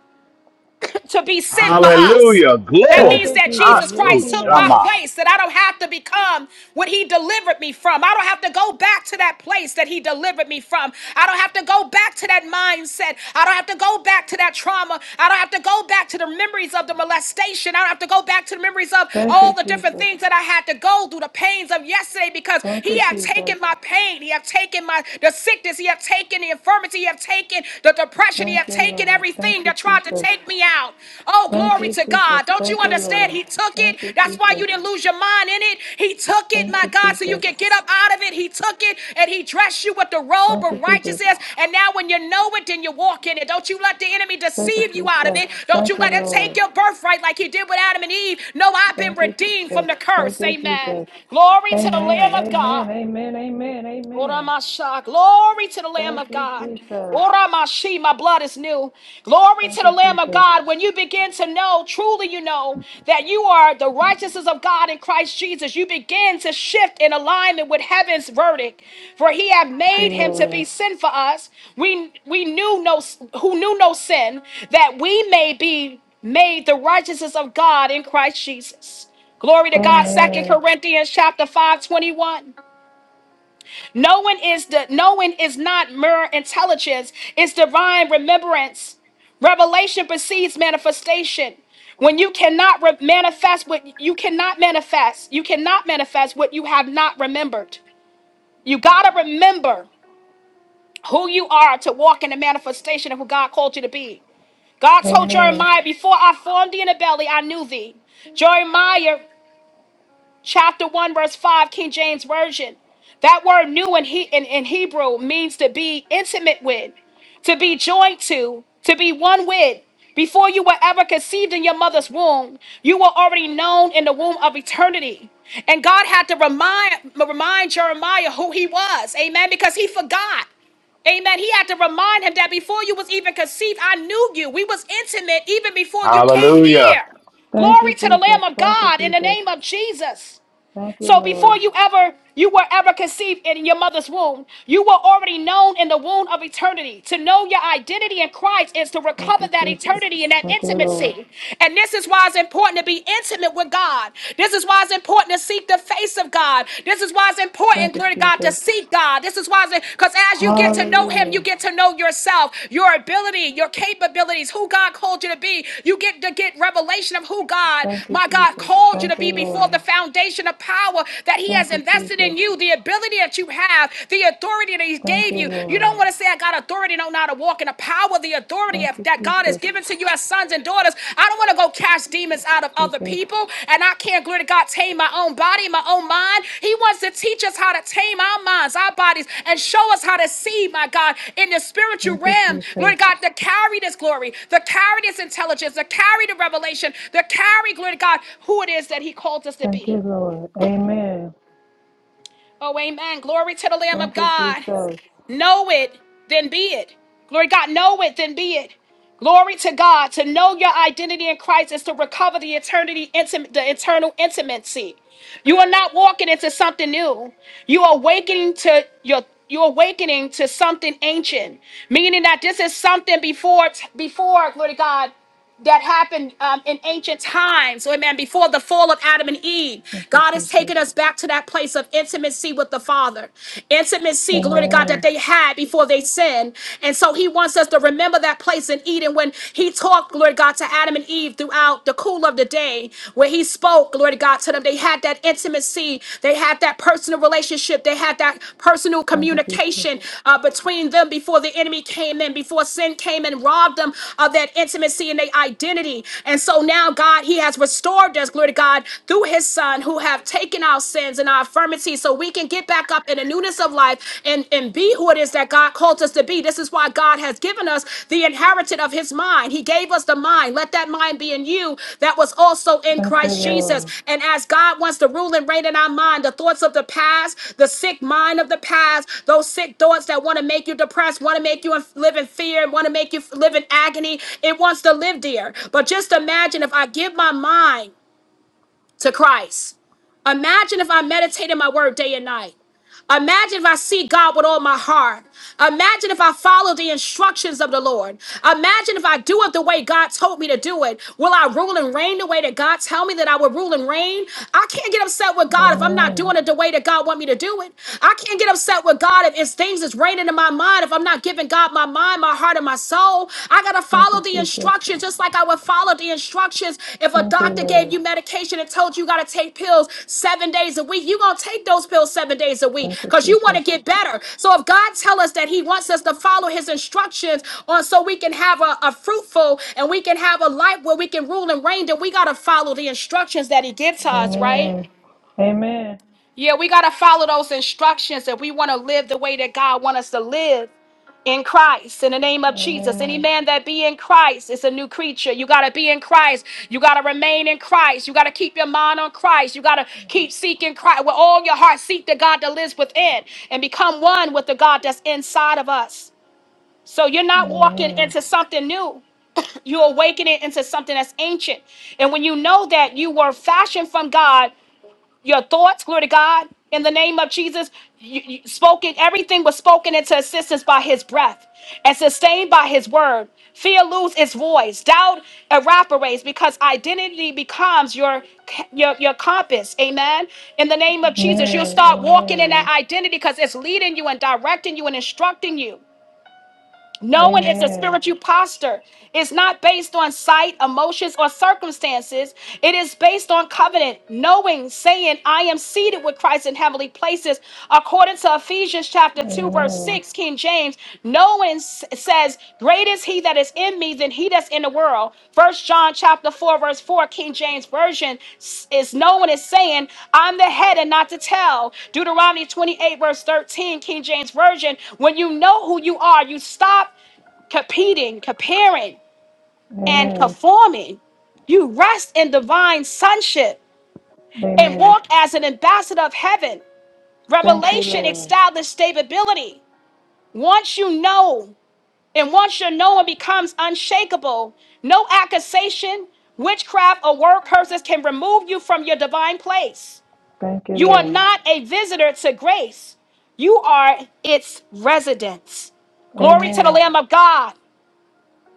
Speaker 2: *laughs* to be sent for us.
Speaker 3: Hallelujah.
Speaker 2: That
Speaker 1: Thank
Speaker 2: means
Speaker 3: Glory.
Speaker 1: you,
Speaker 2: that
Speaker 1: Jesus.
Speaker 2: Jesus
Speaker 1: Yes,
Speaker 3: Atsu
Speaker 2: Christ
Speaker 1: He
Speaker 2: took my
Speaker 1: has.
Speaker 3: Shama.
Speaker 2: place, that I don't have to become what he delivered me from. I don't have to go back to that place that he delivered me from. I don't have to go back to that mindset. I don't have to go back to that trauma. I don't have to go back to the memories of the molestation. I don't have to go back to the memories of
Speaker 1: Thank you,
Speaker 2: all the different
Speaker 1: Jesus.
Speaker 2: things that I had to go through, the pains of yesterday, because
Speaker 1: Thank
Speaker 2: he
Speaker 1: you,
Speaker 2: had
Speaker 1: Jesus.
Speaker 2: taken my pain. He had taken my the sickness. He had taken the infirmity. He had taken the the depression, he
Speaker 1: Thank
Speaker 2: had
Speaker 1: you,
Speaker 2: taken
Speaker 1: Lord. Thank
Speaker 2: everything
Speaker 1: you,
Speaker 2: that tried to
Speaker 1: Jesus.
Speaker 2: take me out. Oh,
Speaker 1: Thank
Speaker 2: glory
Speaker 1: you,
Speaker 2: to
Speaker 1: Jesus.
Speaker 2: God. Don't you
Speaker 1: Thank you,
Speaker 2: understand?
Speaker 1: Lord.
Speaker 2: He took
Speaker 1: Thank
Speaker 2: it.
Speaker 1: you,
Speaker 2: That's why
Speaker 1: Jesus.
Speaker 2: you didn't lose your mind in it. He took it,
Speaker 1: Thank
Speaker 2: my
Speaker 1: you,
Speaker 2: God, so you
Speaker 1: Jesus.
Speaker 2: can get up out of it. He took it and he dressed you with the robe
Speaker 1: Thank you,
Speaker 2: of
Speaker 1: Jesus.
Speaker 2: righteousness. And now when you know it, then you walk in it. Don't you let the enemy
Speaker 1: Thank you,
Speaker 2: deceive you out of
Speaker 1: Jesus.
Speaker 2: it. Don't
Speaker 1: Thank
Speaker 2: you
Speaker 1: you,
Speaker 2: let him take
Speaker 1: Lord.
Speaker 2: your birthright like he did with Adam and Eve. No, I've been
Speaker 1: Thank you,
Speaker 2: redeemed from
Speaker 1: Jesus.
Speaker 2: the
Speaker 1: Thank
Speaker 2: curse.
Speaker 1: you,
Speaker 2: Amen.
Speaker 1: Jesus.
Speaker 2: Glory to the Lamb
Speaker 1: Amen.
Speaker 2: of God.
Speaker 1: Amen. Amen. Amen.
Speaker 2: Ora
Speaker 1: Amen.
Speaker 2: Oramasha. Glory to the Lamb
Speaker 1: Thank
Speaker 2: of
Speaker 1: you,
Speaker 2: God.
Speaker 1: Jesus.
Speaker 2: Ora Mashi, my blood is new. Glory
Speaker 1: Thank
Speaker 2: to the
Speaker 1: you,
Speaker 2: Lamb of
Speaker 1: Jesus.
Speaker 2: God. When
Speaker 1: Thank
Speaker 2: you begin to know, truly you know, that you are the righteousness of God in Christ Jesus, you begin to shift in alignment with heaven's verdict. For he hath
Speaker 1: you,
Speaker 2: made him to be
Speaker 1: Lord.
Speaker 2: sin for us. We we knew no who knew no sin, that we may be made the righteousness of God in Christ Jesus. Glory to God. Second
Speaker 1: Amen.
Speaker 2: Corinthians chapter five twenty one. Knowing is the knowing is not mere intelligence, it's divine remembrance. Revelation precedes manifestation. When you cannot re- manifest what you cannot manifest, you cannot manifest what you have not remembered. You gotta remember who you are to walk in the manifestation of who God called you to be. God told
Speaker 1: Amen.
Speaker 2: Jeremiah, Before I formed thee in the belly, I knew thee. Jeremiah chapter 1 verse 5 king james version that word new in, he, in, in hebrew means to be intimate with to be joined to to be one with before you were ever conceived in your mother's womb you were already known in the womb of eternity and god had to remind remind jeremiah who he was amen because he forgot Amen. He had to remind him that before you was even conceived, I knew you. We was intimate even before you came
Speaker 3: Hallelujah.
Speaker 2: here.
Speaker 1: Thank you,
Speaker 2: Glory to the
Speaker 1: Jesus.
Speaker 2: Lamb of
Speaker 1: Thank you,
Speaker 2: God in the
Speaker 1: Jesus.
Speaker 2: name of Jesus.
Speaker 1: Thank you,
Speaker 2: So
Speaker 1: Lord.
Speaker 2: before you ever you were ever conceived in your mother's womb, you were already known in the womb of eternity. To know your identity in Christ is to
Speaker 1: Thank
Speaker 2: recover
Speaker 1: you,
Speaker 2: that
Speaker 1: Jesus.
Speaker 2: eternity and that
Speaker 1: Thank you, Lord.
Speaker 2: intimacy. And this is why it's important to be intimate with God. This is why it's important to seek the face of God. This is why it's
Speaker 1: Thank
Speaker 2: important,
Speaker 1: you,
Speaker 2: glory to God, to
Speaker 1: Jesus.
Speaker 2: seek God. This is why it's because as you get to know Him, you
Speaker 1: Hallelujah.
Speaker 2: get to know yourself, your ability, your capabilities, who God called you to be. You get to get revelation of who God,
Speaker 1: Thank you,
Speaker 2: my God,
Speaker 1: Jesus.
Speaker 2: called you
Speaker 1: Thank
Speaker 2: to
Speaker 1: you,
Speaker 2: be before
Speaker 1: Lord.
Speaker 2: the foundation of power that He
Speaker 1: Thank
Speaker 2: has
Speaker 1: you,
Speaker 2: invested
Speaker 1: Jesus.
Speaker 2: in you, the ability that you have, the authority that He
Speaker 1: Thank
Speaker 2: gave
Speaker 1: you,
Speaker 2: you. You don't
Speaker 1: Lord.
Speaker 2: want to say, I got authority, don't know how to walk in the power, the authority
Speaker 1: Thank
Speaker 2: of-
Speaker 1: you,
Speaker 2: that God has
Speaker 1: Jesus.
Speaker 2: given to you as sons and daughters. I don't want to go cast demons out of other
Speaker 1: Jesus.
Speaker 2: people, and I can't, glory to God, tame my own body, my own mind. He wants to teach us how to tame our minds, our bodies, and show us how to see, my God, in the spiritual
Speaker 1: Thank you,
Speaker 2: realm,
Speaker 1: Jesus.
Speaker 2: Lord God, to carry this glory, to carry this intelligence, to carry the revelation, to carry, glory to God, who it is that He called us to
Speaker 1: Thank you,
Speaker 2: be.
Speaker 1: Lord. Amen.
Speaker 2: Oh, amen. Glory to the Lamb of
Speaker 1: Thank you,
Speaker 2: God.
Speaker 1: Jesus.
Speaker 2: Know it, then be it. Glory to God, know it, then be it. Glory to God. To know your identity in Christ is to recover the eternity, intim- the eternal intimacy. You are not walking into something new. You are awakening to your you're awakening to something ancient, meaning that this is something before before glory to God that happened um, in ancient times, amen, before the fall of Adam and Eve.
Speaker 1: Thank you,
Speaker 2: God has
Speaker 1: Jesus.
Speaker 2: taken us back to that place of intimacy with the Father, intimacy, glory to God, that
Speaker 1: Amen.
Speaker 2: they had before they sinned. And so he wants us to remember that place in Eden when he talked, glory to God, to Adam and Eve throughout the cool of the day, where he spoke, glory to God, to them. They had that intimacy, they had they had that personal relationship. They had that personal
Speaker 1: Thank you, Jesus.
Speaker 2: communication uh, between them before the enemy came in, before sin came and robbed them of that intimacy and their identity. And so now, God, He has restored us, glory to God, through His Son, who have taken our sins and our infirmities so we can get back up in the newness of life and, and be who it is that God called us to be. This is why God has God has given us the inheritance of his mind. He gave us the mind. Let that mind be in you that was also in
Speaker 1: Thank you,
Speaker 2: Christ Jesus.
Speaker 1: Lord.
Speaker 2: And as God wants to rule and reign in our mind, the thoughts of the past, the sick mind of the past, those sick thoughts that want to make you depressed, want to make you live in fear, want to make you live in agony, it wants to live there. But just imagine if I give my mind to Christ. Imagine if I meditate in my word day and night. Imagine if I see God with all my heart. Imagine if I follow the instructions of the Lord. Imagine if I do it the way God told me to do it. Will I rule and reign the way that God tell me that I would rule and reign? I can't get upset with God if I'm not
Speaker 1: Amen.
Speaker 2: doing it the way that God want me to do it. I can't get upset with God if it's things that's reigning in my mind if I'm not giving God my mind, my heart, and my soul. I gotta
Speaker 1: Thank
Speaker 2: follow
Speaker 1: you,
Speaker 2: the
Speaker 1: Jesus.
Speaker 2: instructions just like I would follow the instructions if a
Speaker 1: Thank you,
Speaker 2: doctor
Speaker 1: Lord.
Speaker 2: gave you medication and told you you got to take pills seven days a week. You're going to take those pills seven days a week
Speaker 1: Thank you,
Speaker 2: because you want to
Speaker 1: Jesus.
Speaker 2: get better. So if God tell us that he wants us to follow his instructions on so we can have a, a fruitful and we can have a life where we can rule and reign, then we got to follow the instructions that he gives to us, right?
Speaker 1: Amen. Amen.
Speaker 2: Yeah, we got to follow those instructions if we want to live the way that God wants us to live in Christ in the name of Jesus. Any
Speaker 1: Amen.
Speaker 2: man that be in Christ is a new creature. You got to be in Christ. You got to remain in Christ. You got to keep your mind on Christ. You got to keep seeking Christ with all your heart. Seek the God that lives within and become one with the God that's inside of us. So you're not walking
Speaker 1: Amen.
Speaker 2: into something new. You're awakening into something that's ancient. And when you know that you were fashioned from God your thoughts, glory to God, in the name of Jesus. You, you spoken, everything was spoken into existence by his breath and sustained by his word. Fear lose its voice, doubt evaporates because identity becomes your, your your compass. Amen. In the name of Jesus, you'll
Speaker 1: Amen.
Speaker 2: start walking in that
Speaker 1: Amen.
Speaker 2: identity because it's leading you and directing you and instructing you. Knowing is a
Speaker 1: Amen.
Speaker 2: spiritual posture. It's not based on sight, emotions, or circumstances. It is based on covenant. Knowing, saying, I am seated with Christ in heavenly places. According to Ephesians chapter 2, verse
Speaker 1: Amen.
Speaker 2: 6, King James, knowing s- says, Great is he that is in me than he that's in the world. First John chapter 4, verse 4, King James Version s- is knowing is saying, I'm the head and not the tail. Deuteronomy 28, verse 13, King James Version, when you know who you are, you stop competing, comparing, and
Speaker 1: Amen.
Speaker 2: conforming. You rest in divine sonship and
Speaker 1: Amen.
Speaker 2: walk as an ambassador of heaven.
Speaker 1: Thank you,
Speaker 2: Revelation
Speaker 1: Lord.
Speaker 2: establishes stability. Once you know, and once your knowing becomes unshakable, no accusation, witchcraft, or word curses can remove you from your divine place.
Speaker 1: Thank you,
Speaker 2: You are
Speaker 1: Lord.
Speaker 2: not a visitor to grace, you are its residence. Glory to the
Speaker 1: Amen.
Speaker 2: Lamb of God.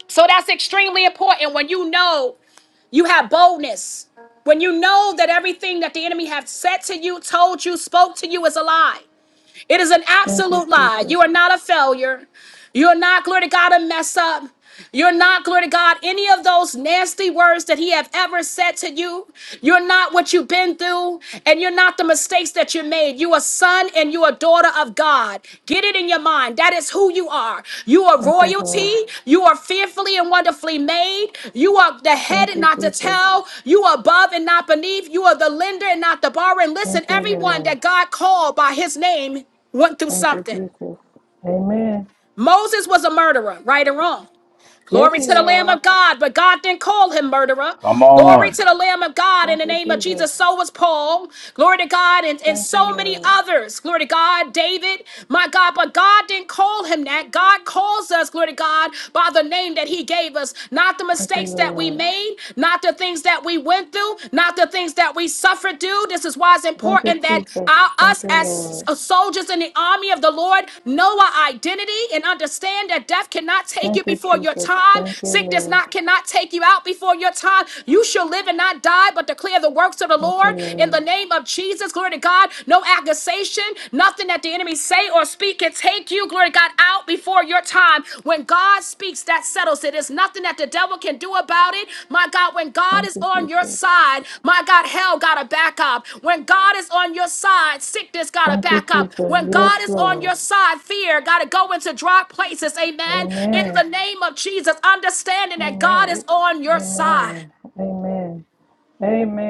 Speaker 2: So that's extremely important when you know You have boldness. When you know that everything that the enemy has said to you, told you, spoke to you is a lie. It is an
Speaker 1: Thank you,
Speaker 2: absolute lie.
Speaker 1: Jesus.
Speaker 2: You are not a failure. You're not, glory to God, a mess up. You're not, glory to God, any of those nasty words that he have ever said to you. You're not what you've been through, and you're not the mistakes that you made. You are son and you are daughter of God. Get it in your mind. That is who you are. You are
Speaker 1: Thank you,
Speaker 2: royalty.
Speaker 1: Lord.
Speaker 2: You are fearfully and wonderfully made. You are the head
Speaker 1: Thank
Speaker 2: and
Speaker 1: you,
Speaker 2: not the
Speaker 1: Jesus.
Speaker 2: tail. You are above and not beneath. You are the lender and not the borrower. And
Speaker 1: Thank
Speaker 2: listen,
Speaker 1: you,
Speaker 2: everyone
Speaker 1: Lord.
Speaker 2: that God called by his name went through
Speaker 1: Thank you,
Speaker 2: something.
Speaker 1: Jesus. Amen.
Speaker 2: Moses was a murderer, right or wrong.
Speaker 1: Yes,
Speaker 2: Glory
Speaker 1: he
Speaker 2: to the Lamb
Speaker 1: was.
Speaker 2: of God, but God didn't call him murderer.
Speaker 3: Come
Speaker 2: Glory
Speaker 3: on.
Speaker 2: to the Lamb of God in
Speaker 1: Thank
Speaker 2: the
Speaker 1: you,
Speaker 2: name of
Speaker 1: Jesus.
Speaker 2: Jesus. So was Paul. Glory to God, and, and
Speaker 1: Thank you,
Speaker 2: so many
Speaker 1: Lord.
Speaker 2: others. Glory to God, David, my God, but God didn't call him that. God calls us, glory to God, by the name that he gave us, not the
Speaker 1: Thank you,
Speaker 2: mistakes that we
Speaker 1: Lord.
Speaker 2: made, not the things that we went through, not the things that we suffered different dude. This is why it's
Speaker 1: Thank you,
Speaker 2: important that
Speaker 1: Jesus.
Speaker 2: our,
Speaker 1: Thank
Speaker 2: us
Speaker 1: you,
Speaker 2: as
Speaker 1: Lord.
Speaker 2: s- soldiers in the army of the Lord know our identity and understand that death cannot take you
Speaker 1: Thank you,
Speaker 2: before your
Speaker 1: Jesus.
Speaker 2: time.
Speaker 1: Thank you,
Speaker 2: Sickness
Speaker 1: Lord.
Speaker 2: not cannot take you out before your time. You shall live and not die, but declare the works of the
Speaker 1: Thank you,
Speaker 2: Lord in the
Speaker 1: Lord.
Speaker 2: name of Jesus. Glory to God. No accusation, nothing that the enemy say or speak can take you. Glory to God got out before your time. When God speaks, that settles it. There's nothing that the devil can do about it. My God, when God
Speaker 1: Thank
Speaker 2: is
Speaker 1: you,
Speaker 2: on your
Speaker 1: Jesus.
Speaker 2: side, my God, hell got to back up. When God is on your side, sickness got to
Speaker 1: Thank you,
Speaker 2: back up.
Speaker 1: Jesus.
Speaker 2: When
Speaker 1: Yes,
Speaker 2: God is on
Speaker 1: Lord.
Speaker 2: your side, fear got to go into dry places. Amen. In the
Speaker 1: Amen.
Speaker 2: name of Jesus, understanding that God
Speaker 1: Amen.
Speaker 2: is on your side.
Speaker 1: Amen. Amen.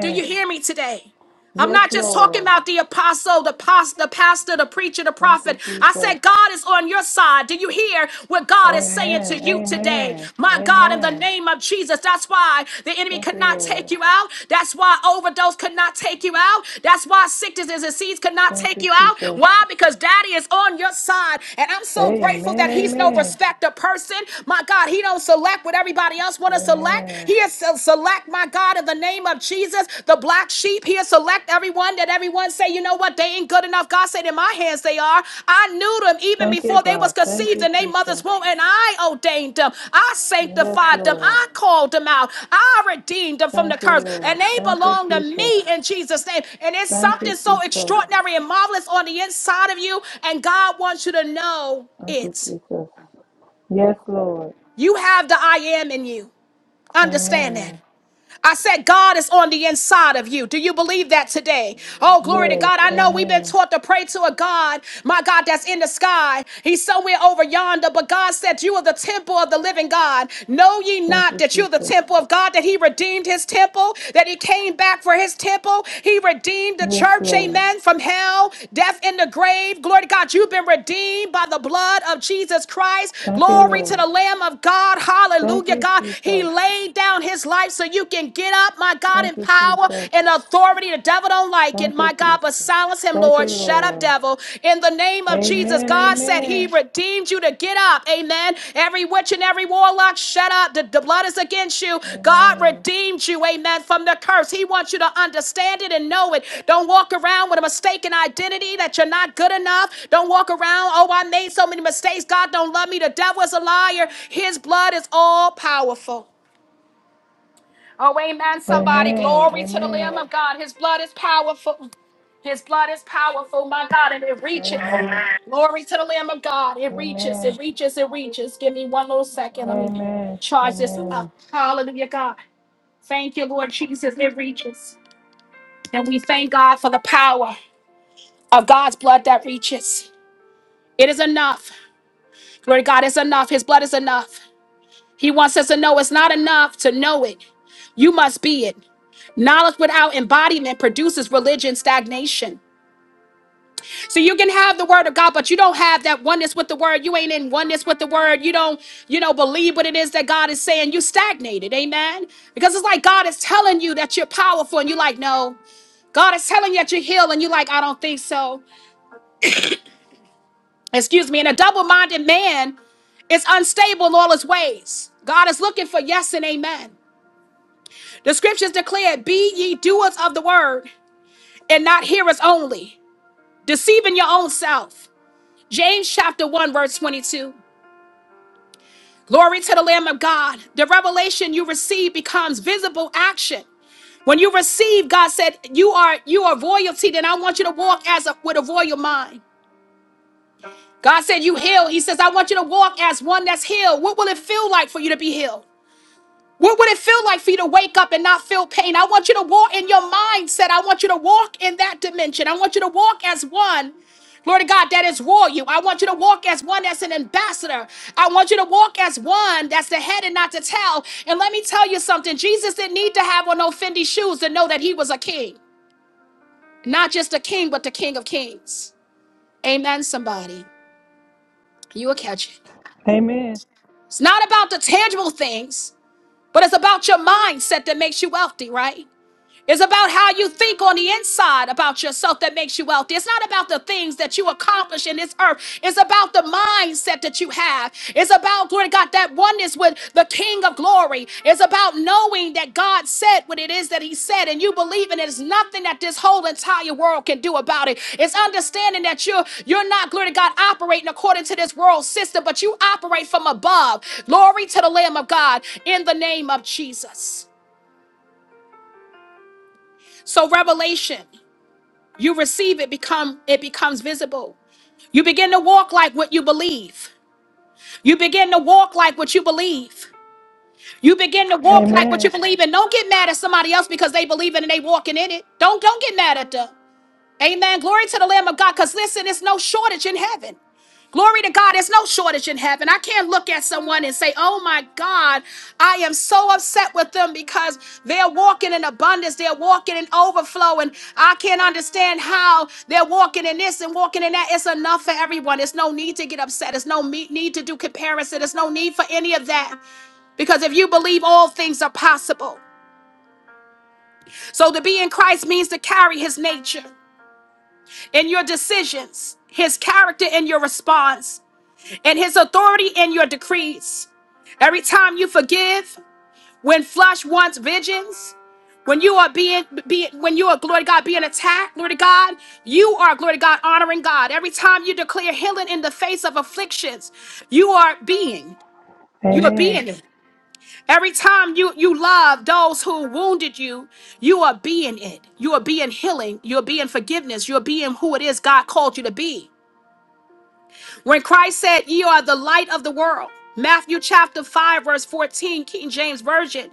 Speaker 2: Do you hear me today? I'm
Speaker 1: Yes,
Speaker 2: not just talking
Speaker 1: Lord.
Speaker 2: about the apostle, the pastor, the pastor, the preacher, the
Speaker 1: Thank you,
Speaker 2: prophet. I
Speaker 1: Jesus.
Speaker 2: said God is on your side. Do you hear what God is saying to
Speaker 1: Amen.
Speaker 2: you today?
Speaker 1: Amen.
Speaker 2: My God, in the
Speaker 1: Amen.
Speaker 2: name of Jesus, that's why the enemy
Speaker 1: Thank you,
Speaker 2: could not
Speaker 1: Lord.
Speaker 2: take you out. That's why overdose could not take you out. That's why sickness and disease could not
Speaker 1: Thank
Speaker 2: take
Speaker 1: you,
Speaker 2: you out.
Speaker 1: Jesus.
Speaker 2: Why? Because Daddy is on your side, and I'm so grateful
Speaker 1: Amen.
Speaker 2: that He's no
Speaker 1: Amen.
Speaker 2: respecter person. My God, He don't select what everybody else want to select.
Speaker 1: Amen.
Speaker 2: He'll select, my God, in the name of Jesus, the black sheep. He'll select everyone that everyone say, you know what, they ain't good enough. God said, in my hands they are. I knew them even
Speaker 1: Thank you,
Speaker 2: before they was
Speaker 1: God. Thank
Speaker 2: conceived
Speaker 1: you,
Speaker 2: in their mother's
Speaker 1: Jesus.
Speaker 2: womb, and I ordained them. I
Speaker 1: Yes,
Speaker 2: sanctified them.
Speaker 1: Lord.
Speaker 2: I called them out. I redeemed them from the
Speaker 1: Thank you,
Speaker 2: curse,
Speaker 1: Lord.
Speaker 2: and they
Speaker 1: Thank you,
Speaker 2: belong to
Speaker 1: Jesus.
Speaker 2: me in Jesus' name. And it's
Speaker 1: Thank you,
Speaker 2: something so
Speaker 1: Jesus.
Speaker 2: extraordinary and marvelous on the inside of you, and God wants you to know
Speaker 1: Thank you,
Speaker 2: it.
Speaker 1: Jesus. Yes, Lord.
Speaker 2: You have the I am in you. Understand that.
Speaker 1: Amen.
Speaker 2: I said, God is on the inside of you. Do you believe that today? Oh, glory to
Speaker 1: Yes,
Speaker 2: God. I know we've been
Speaker 1: amen.
Speaker 2: taught to pray to a God, my God, that's in the sky. He's somewhere over yonder, but God said, You are the temple of the living God. Know ye
Speaker 1: Thank
Speaker 2: not
Speaker 1: you,
Speaker 2: that you're
Speaker 1: Jesus.
Speaker 2: the temple of
Speaker 1: Yes,
Speaker 2: God, that He redeemed His temple, that He came back for His temple. He redeemed the church,
Speaker 1: Lord.
Speaker 2: amen, from hell, death, in the grave. Glory to God. You've been redeemed by the blood of Jesus Christ.
Speaker 1: Thank you,
Speaker 2: Glory to
Speaker 1: Lord.
Speaker 2: the Lamb of God.
Speaker 1: Thank
Speaker 2: Hallelujah,
Speaker 1: you,
Speaker 2: God. He
Speaker 1: Jesus.
Speaker 2: laid down His his life so you can get up, my God,
Speaker 1: Thank
Speaker 2: in
Speaker 1: you,
Speaker 2: power
Speaker 1: Jesus.
Speaker 2: and authority. The devil don't like it,
Speaker 1: Thank
Speaker 2: my
Speaker 1: you,
Speaker 2: God,
Speaker 1: Jesus.
Speaker 2: but silence him,
Speaker 1: Thank
Speaker 2: Lord.
Speaker 1: you,
Speaker 2: Shut up,
Speaker 1: Lord.
Speaker 2: devil. In the name of Jesus,
Speaker 1: Amen,
Speaker 2: God said he
Speaker 1: amen.
Speaker 2: redeemed you to get up. Amen. Every witch and every warlock, shut up. The, the blood is against you. God
Speaker 1: Amen.
Speaker 2: redeemed you, amen, from the curse. He wants you to understand it and know it. Don't walk around with a mistaken identity that you're not good enough. Don't walk around, oh, I made so many mistakes. God don't love me. The devil is a liar. His blood is all powerful. Oh, amen, somebody.
Speaker 1: Amen.
Speaker 2: Glory to the Lamb
Speaker 1: Amen.
Speaker 2: of God. His blood is powerful. His blood is powerful, my God, and it reaches.
Speaker 1: Amen.
Speaker 2: Glory to the Lamb of God. It reaches, it
Speaker 1: Amen.
Speaker 2: reaches, it reaches. Give me one little second. Let me
Speaker 1: Amen.
Speaker 2: charge this up.
Speaker 1: Amen.
Speaker 2: Hallelujah, God. Thank you, Lord Jesus. It reaches. And we thank God for the power of God's blood that reaches. It is enough. Glory to God, it's enough. His blood is enough. He wants us to know it's not enough to know it. You must be it. Knowledge without embodiment produces religion stagnation. So you can have the word of God, but you don't have that oneness with the word. You ain't in oneness with the word. You don't, you know, believe what it is that God is saying. You stagnated, amen. Because it's like God is telling you that you're powerful, and you're like, no. God is telling you that you're healed, and you're like, I don't think so. Excuse me. And a double-minded man is unstable in all his ways. God is looking for yes and amen. The scriptures declare, be ye doers of the word and not hearers only. deceiving your own self. James chapter 1, verse 22. Glory to the Lamb of God. The revelation you receive becomes visible action. When you receive, God said, You are you are royalty, then I want you to walk as a, with a royal mind. God said, You heal. He says, I want you to walk as one that's healed. What will it feel like for you to be healed? What would it feel like for you to wake up and not feel pain? I want you to walk in your mindset. I want you to walk in that dimension. I want you to walk as one. Lord God, that is royal. you. I want you to walk as one that's an ambassador. I want you to walk as one that's the head and not the tail. And let me tell you something Jesus didn't need to have on no Fendi shoes to know that he was a king. Not just a king, but the king of kings. Amen, somebody. You will catch it.
Speaker 1: Amen.
Speaker 2: It's not about the tangible things, but it's about your mindset that makes you wealthy, right? It's about how you think on the inside about yourself that makes you wealthy. It's not about the things that you accomplish in this earth. It's about the mindset that you have. It's about, glory to God, that oneness with the King of glory. It's about knowing that God said what it is that He said, and you believe in it. It's nothing that this whole entire world can do about it. It's understanding that you're you're not, glory to God, operating according to this world system, but you operate from above. Glory to the Lamb of God in the name of Jesus. So revelation. you receive it become it becomes visible you begin to walk like what you believe you begin to walk like what you believe you begin to walk like what
Speaker 1: Amen.
Speaker 2: you believe and don't get mad at somebody else because they believe it and they walking in it don't don't get mad at them amen glory to the lamb of god because listen it's no shortage in heaven Glory to God, there's no shortage in heaven. I can't look at someone and say, Oh my God, I am so upset with them because they're walking in abundance, they're walking in overflow, and I can't understand how they're walking in this and walking in that. It's enough for everyone. There's no need to get upset, there's no me- need to do comparison, there's no need for any of that because if you believe, all things are possible. So to be in Christ means to carry his nature in your decisions, his character in your response. and his authority in your decrees. Every time you forgive, when flesh wants vengeance, when you are being, being when you are glory to God being attacked, glory to God, you are glory to God honoring God. Every time you declare healing in the face of afflictions, you are being, you are
Speaker 1: Amen.
Speaker 2: being it. Every time you you love those who wounded you, you are being it. You are being healing. You are being forgiveness. You are being who it is God called you to be. When Christ said, "Ye are the light of the world, Matthew chapter 5, verse 14, King James Version,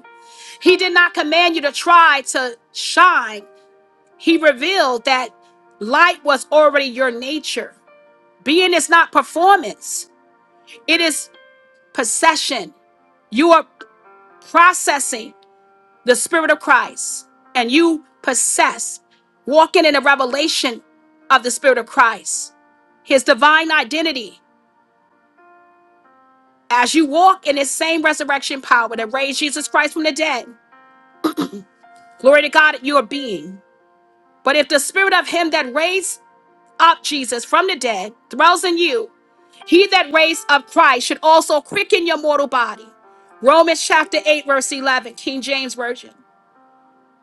Speaker 2: he did not command you to try to shine. He revealed that light was already your nature. Being is not performance, it is possession. You are processing the Spirit of Christ and you possess, walking in a revelation of the Spirit of Christ, His divine identity. As you walk in this same resurrection power that raised Jesus Christ from the dead, glory to God, you are being. But if the spirit of him that raised up Jesus from the dead dwells in you, he that raised up Christ should also quicken your mortal body. Romans chapter 8, verse 11, King James Version.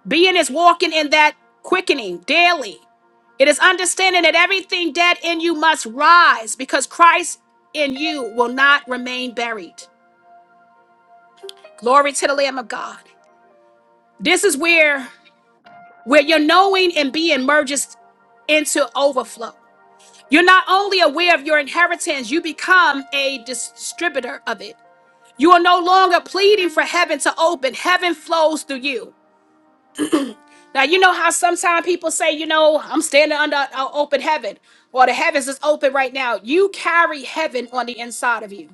Speaker 2: Being is walking in that quickening daily. It is understanding that everything dead in you must rise because Christ in you will not remain buried. Glory to the Lamb of God. This is where where your knowing and being merges into overflow. You're not only aware of your inheritance, you become a distributor of it. You are no longer pleading for heaven to open. Heaven flows through you. Now, you know how sometimes people say, you know, I'm standing under an open heaven, or the heavens is open right now. You carry heaven on the inside of you.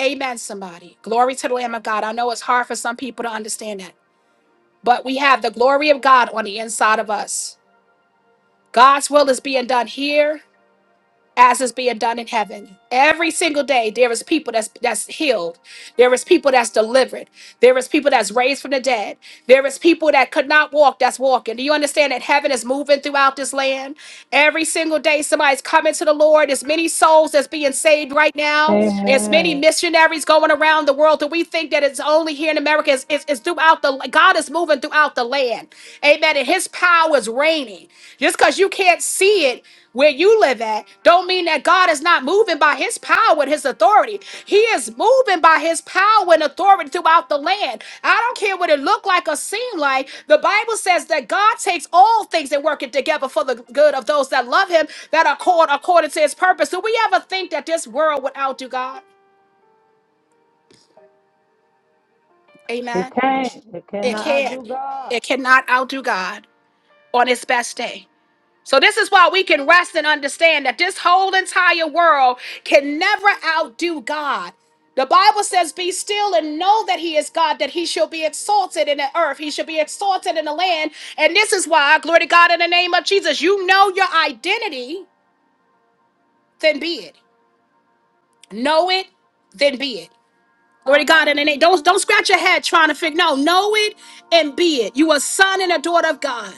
Speaker 2: Amen, somebody. Glory to the Lamb of God. I know it's hard for some people to understand that, but we have the glory of God on the inside of us. God's will is being done here as is being done in heaven. Every single day there is people that's that's healed. There is people that's delivered. There is people that's raised from the dead. There is people that could not walk that's walking. Do you understand that heaven is moving throughout this land? Every single day somebody's coming to the Lord. There's many souls that's being saved right now. There's many
Speaker 1: Amen.
Speaker 2: missionaries going around the world. Do we think that it's only here in America? It's, it's, it's throughout the God is moving throughout the land. Amen. And his power is reigning. Just because you can't see be it where you live at don't mean that God is not moving by his power and his authority. He is moving by his power and authority throughout the land. I don't care what it looked like or seemed like. The Bible says that God takes all things and work it together for the good of those that love him that are called according to his purpose. Do we ever think that this world would outdo God?
Speaker 1: It
Speaker 2: Amen.
Speaker 1: can't. It
Speaker 2: It
Speaker 1: cannot
Speaker 2: can't.
Speaker 1: do God.
Speaker 2: It cannot outdo God on its best day. So, this is why we can rest and understand that this whole entire world can never outdo God. The Bible says, Be still and know that He is God, that He shall be exalted in the earth, He shall be exalted in the land. And this is why, glory to God, in the name of Jesus, you know your identity, then be it. Know it, then be it. Glory to God, in the name. Don't, don't scratch your head trying to figure. No, know it and be it. You a son and a daughter of God.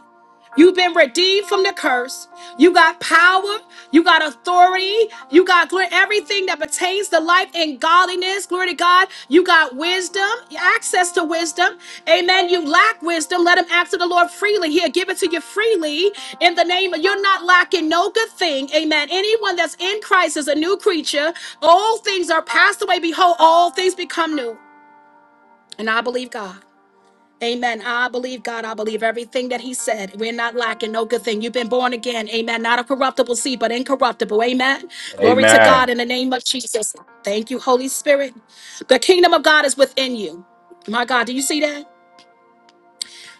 Speaker 2: You've been redeemed from the curse. You got power. You got authority. You got glory. Everything that pertains to life and godliness. Glory to God. You got wisdom, access to wisdom. Amen. You lack wisdom. Let him ask of the Lord freely. He'll give it to you freely in the name of you're not lacking no good thing. Amen. Anyone that's in Christ is a new creature. All things are passed away. Behold, all things become new. And I believe God. Amen. I believe God. I believe everything that He said. We're not lacking no good thing. You've been born again. Amen. Not a corruptible seed, but incorruptible. Amen. Glory to God
Speaker 3: Amen.
Speaker 2: in the name of Jesus. Thank you, Holy Spirit. The kingdom of God is within you. My God, do you see that?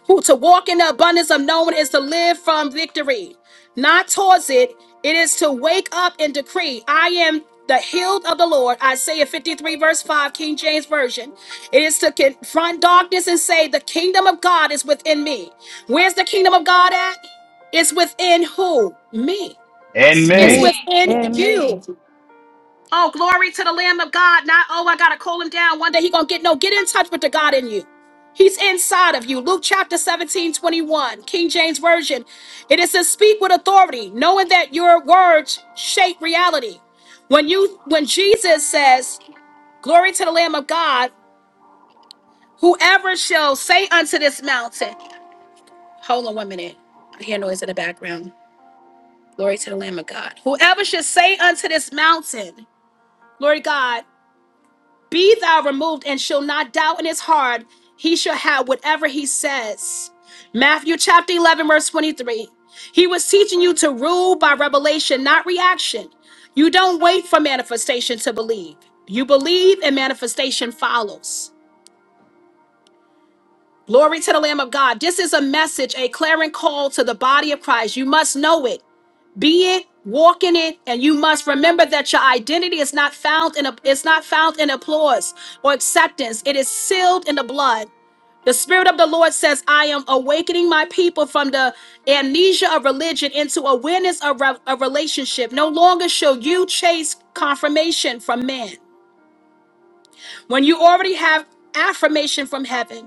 Speaker 2: who to walk in the abundance of knowing is to live from victory, not towards it. It is to wake up and decree, I am the healed of the Lord. Isaiah 53, verse 5, King James Version. It is to confront darkness and say, The kingdom of God is within me. Where's the kingdom of God at? It's within who? Me.
Speaker 3: In
Speaker 2: It's
Speaker 1: Me
Speaker 3: me.
Speaker 2: within
Speaker 1: and
Speaker 2: you.
Speaker 1: me.
Speaker 2: Oh, glory to the Lamb of God. Not, oh, I gotta call him down. One day he gonna get no, get in touch with the God in you. He's inside of you. Luke chapter seventeen twenty one, King James Version. It is to speak with authority, knowing that your words shape reality. When you when Jesus says, Glory to the Lamb of God, whoever shall say unto this mountain, hold on one minute. I hear noise in the background. Glory to the Lamb of God. Whoever should say unto this mountain, Glory God. Be thou removed and shall not doubt in his heart. He shall have whatever he says. Matthew chapter 11, verse 23. He was teaching you to rule by revelation, not reaction. You don't wait for manifestation to believe. You believe and manifestation follows. Glory to the Lamb of God. This is a message, a clarion call to the body of Christ. You must know it be it walk in it and you must remember that your identity is not found in a it's not found in applause or acceptance it is sealed in the blood the spirit of the lord says i am awakening my people from the amnesia of religion into awareness of re- of relationship no longer shall you chase confirmation from man when you already have affirmation from heaven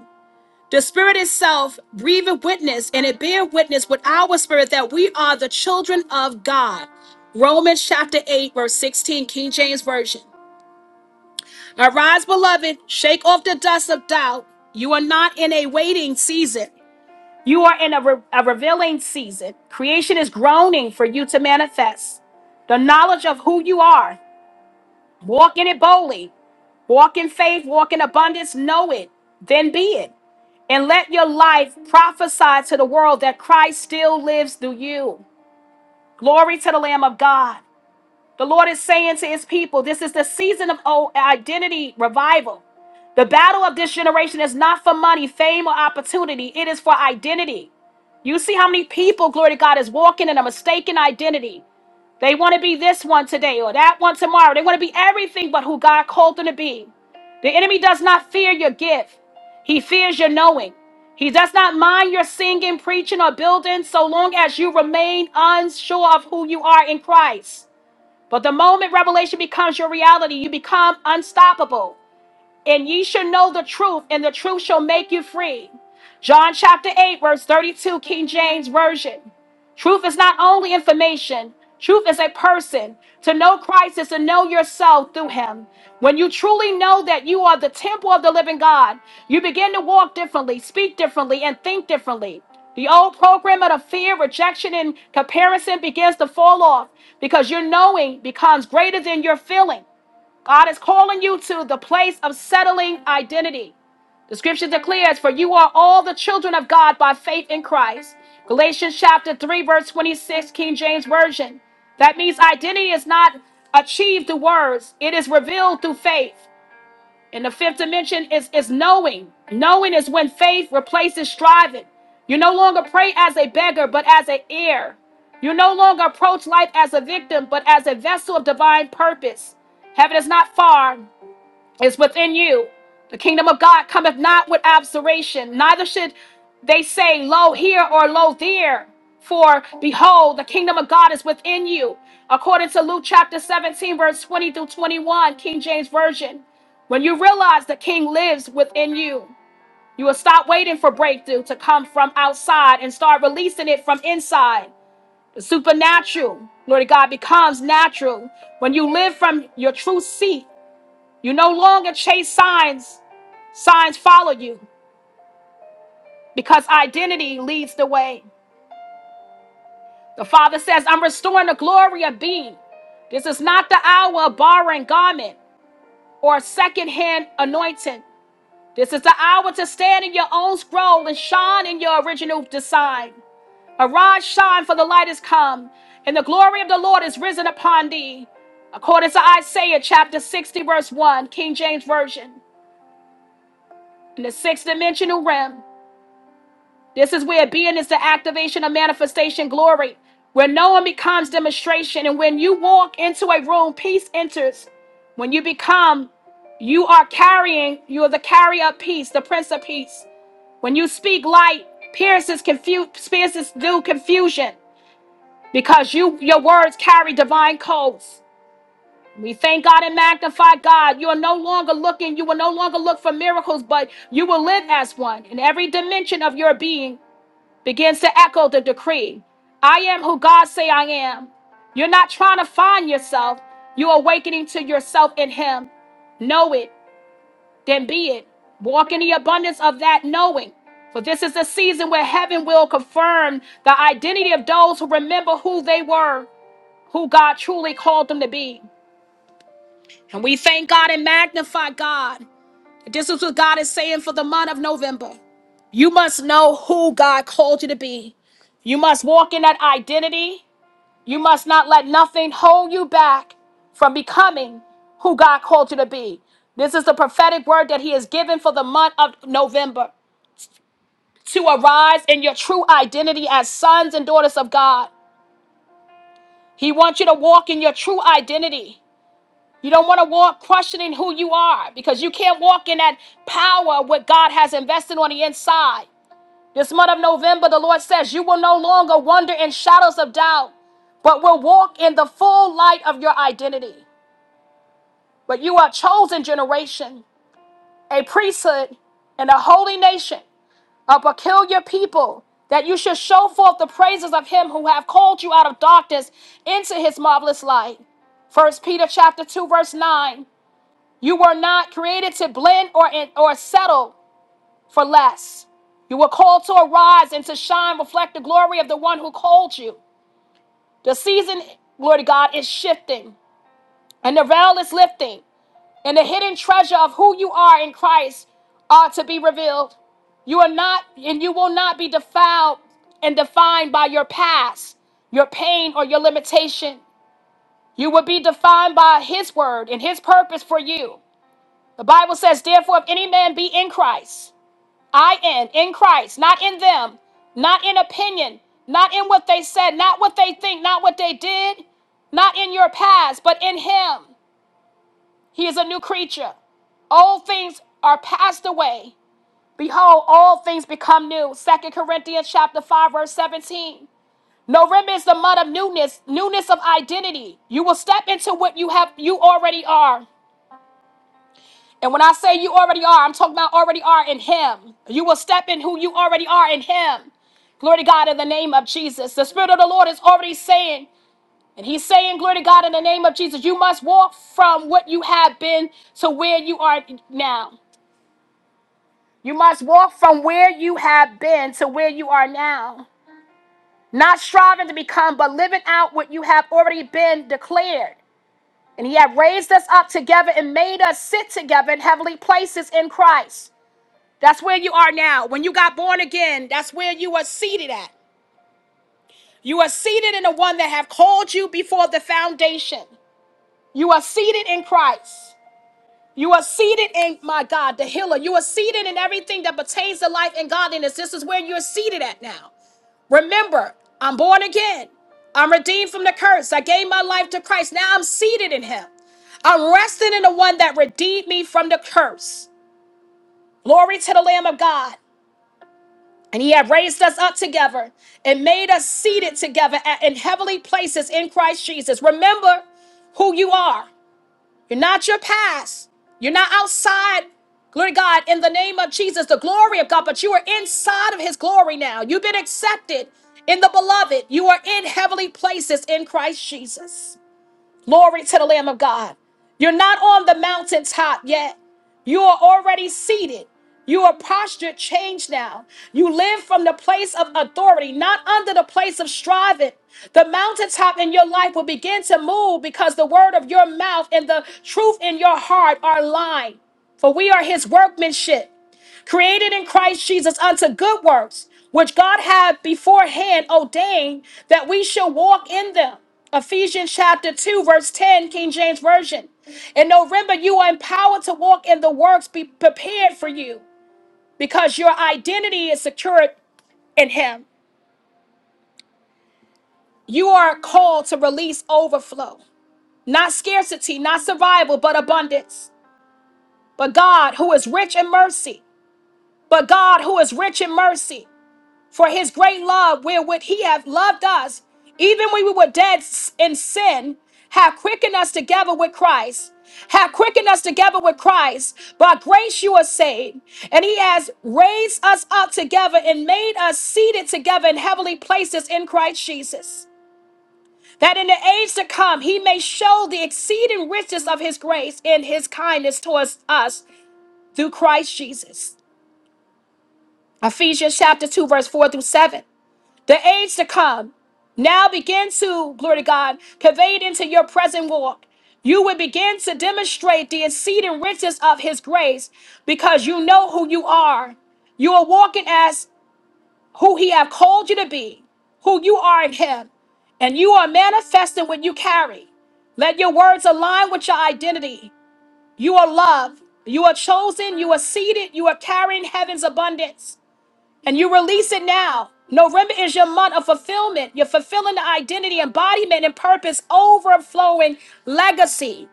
Speaker 2: the Spirit itself breatheth witness, and it bear witness with our spirit that we are the children of God. Romans chapter 8, verse 16, King James Version. Arise, beloved, shake off the dust of doubt. You are not in a waiting season, you are in a, re- a revealing season. Creation is groaning for you to manifest the knowledge of who you are. Walk in it boldly. Walk in faith, walk in abundance, know it, then be it. And let your life prophesy to the world that Christ still lives through you. Glory to the Lamb of God. The Lord is saying to his people, this is the season of oh, identity revival. The battle of this generation is not for money, fame, or opportunity, it is for identity. You see how many people, glory to God, is walking in a mistaken identity. They want to be this one today or that one tomorrow. They want to be everything but who God called them to be. The enemy does not fear your gift, he fears your knowing. He does not mind your singing, preaching, or building so long as you remain unsure of who you are in Christ. But the moment revelation becomes your reality, you become unstoppable and ye shall know the truth, and the truth shall make you free. John chapter 8, verse 32, King James Version. Truth is not only information, truth is a person. To know Christ is to know yourself through him. When you truly know that you are the temple of the living God, you begin to walk differently, speak differently, and think differently. The old program of the fear, rejection, and comparison begins to fall off because your knowing becomes greater than your feeling. God is calling you to the place of settling identity. The scripture declares, For you are all the children of God by faith in Christ. Galatians chapter 3, verse 26, King James Version. That means identity is not achieved through words, it is revealed through faith. And the fifth dimension is, is knowing. Knowing is when faith replaces striving. You no longer pray as a beggar, but as an heir. You no longer approach life as a victim, but as a vessel of divine purpose. Heaven is not far is within you. The kingdom of God cometh not with observation, neither should they say, Lo here or lo there. For behold, the kingdom of God is within you. According to Luke chapter 17, verse 20 through 21, King James Version. When you realize the king lives within you, you will stop waiting for breakthrough to come from outside and start releasing it from inside. The supernatural, Lord God, becomes natural when you live from your true seat you no longer chase signs, signs follow you because identity leads the way. The Father says, I'm restoring the glory of being. This is not the hour of borrowing garment or secondhand anointing. This is the hour to stand in your own scroll and shine in your original design. Arise, shine, for the light is come, and the glory of the Lord is risen upon thee. According to Isaiah chapter 60, verse 1, King James Version, in the sixth dimensional realm. This is where being is the activation of manifestation glory, where knowing becomes demonstration. And when you walk into a room, peace enters. When you become, you are carrying, you are the carrier of peace, the prince of peace. When you speak light, pierces confu- pierces do confusion because you your words carry divine codes. We thank God and magnify God. You are no longer looking, you will no longer look for miracles, but you will live as one in every dimension of your being begins to echo the decree I am who God say I am. You're not trying to find yourself. You're awakening to yourself in Him. Know it, then be it. Walk in the abundance of that knowing. For this is the season where heaven will confirm the identity of those who remember who they were, who God truly called them to be. And we thank God and magnify God. This is what God is saying for the month of November. You must know who God called you to be. You must walk in that identity. You must not let nothing hold you back from becoming who God called you to be. This is the prophetic word that He has given for the month of November to arise in your true identity as sons and daughters of God. He wants you to walk in your true identity. You don't want to walk questioning who you are because you can't walk in that power what God has invested on the inside. This month of November, the Lord says, you will no longer wander in shadows of doubt, but will walk in the full light of your identity. But you are a chosen generation, a priesthood, and a holy nation, a peculiar people, that you should show forth the praises of him who have called you out of darkness into his marvelous light. First Peter chapter 2, verse 9. You were not created to blend or, or settle for less. You were called to arise and to shine, reflect the glory of the one who called you. The season, glory to God, is shifting and the veil is lifting and the hidden treasure of who you are in Christ are to be revealed. You are not and you will not be defiled and defined by your past, your pain, or your limitation. You will be defined by his word and his purpose for you. The Bible says, therefore, if any man be in Christ, I in, in Christ, not in them, not in opinion, not in what they said, not what they think, not what they did, not in your past, but in Him. He is a new creature. Old things are passed away. Behold, all things become new. Second Corinthians chapter 5, verse 17. November is the month of newness, newness of identity. You will step into what you have you already are. And when I say you already are, I'm talking about already are in Him. You will step in who you already are in Him. Glory to God in the name of Jesus. The Spirit of the Lord is already saying, and He's saying, Glory to God in the name of Jesus, you must walk from what you have been to where you are now. You must walk from where you have been to where you are now. Not striving to become, but living out what you have already been declared. And He had raised us up together and made us sit together in heavenly places in Christ. That's where you are now. When you got born again, that's where you are seated at. You are seated in the one that have called you before the foundation. You are seated in Christ. You are seated in my God, the healer. You are seated in everything that pertains to life and godliness. This is where you're seated at now. Remember, I'm born again. I'm redeemed from the curse. I gave my life to Christ. Now I'm seated in him. I'm resting in the one that redeemed me from the curse. Glory to the Lamb of God. And he had raised us up together and made us seated together at- in heavenly places in Christ Jesus. Remember who you are. You're not your past. You're not outside, glory to God, in the name of Jesus, the glory of God, but you are inside of his glory now. You've been accepted in the beloved. You are in heavenly places in Christ Jesus. Glory to the Lamb of God. You're not on the mountaintop yet. You are already seated. You are postured change now. You live from the place of authority, not under the place of striving. The mountaintop in your life will begin to move because the word of your mouth and the truth in your heart are aligned. For we are his workmanship created in Christ Jesus unto good works, which God had beforehand ordained that we should walk in them. Ephesians chapter 2, verse 10, King James Version. In November, you are empowered to walk in the works be prepared for you because your identity is secured in Him. You are called to release overflow, not scarcity, not survival, but abundance. But God, who is rich in mercy, but God, who is rich in mercy. For his great love, wherewith he hath loved us, even when we were dead s- in sin, hath quickened us together with Christ. Hath quickened us together with Christ. By grace you are saved. And he has raised us up together and made us seated together in heavenly places in Christ Jesus. That in the age to come he may show the exceeding riches of his grace in his kindness towards us through Christ Jesus. Ephesians chapter 2, verse 4 through 7. the age to come now begin to, glory to God, convey it into your present walk. You will begin to demonstrate the exceeding riches of His grace because you know who you are. You are walking as who He have called you to be, who you are in Him, and you are manifesting what you carry. Let your words align with your identity. You are loved. You are chosen. You are seated. You are carrying heaven's abundance. And you release it now. November is your month of fulfillment. You're fulfilling the identity, embodiment, and purpose, overflowing legacy.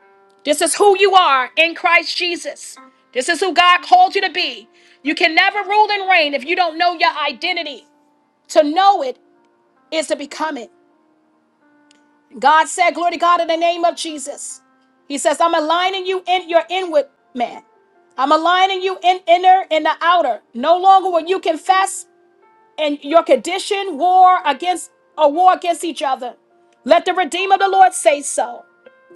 Speaker 2: This is who you are in Christ Jesus. This is who God called you to be. You can never rule and reign if you don't know your identity. To know it is to become it. God said, Glory to God in the name of Jesus. He says, I'm aligning you in your inward man. I'm aligning you in inner and the outer. No longer will you confess and your condition war against a war against each other. Let the redeemer of the Lord say so.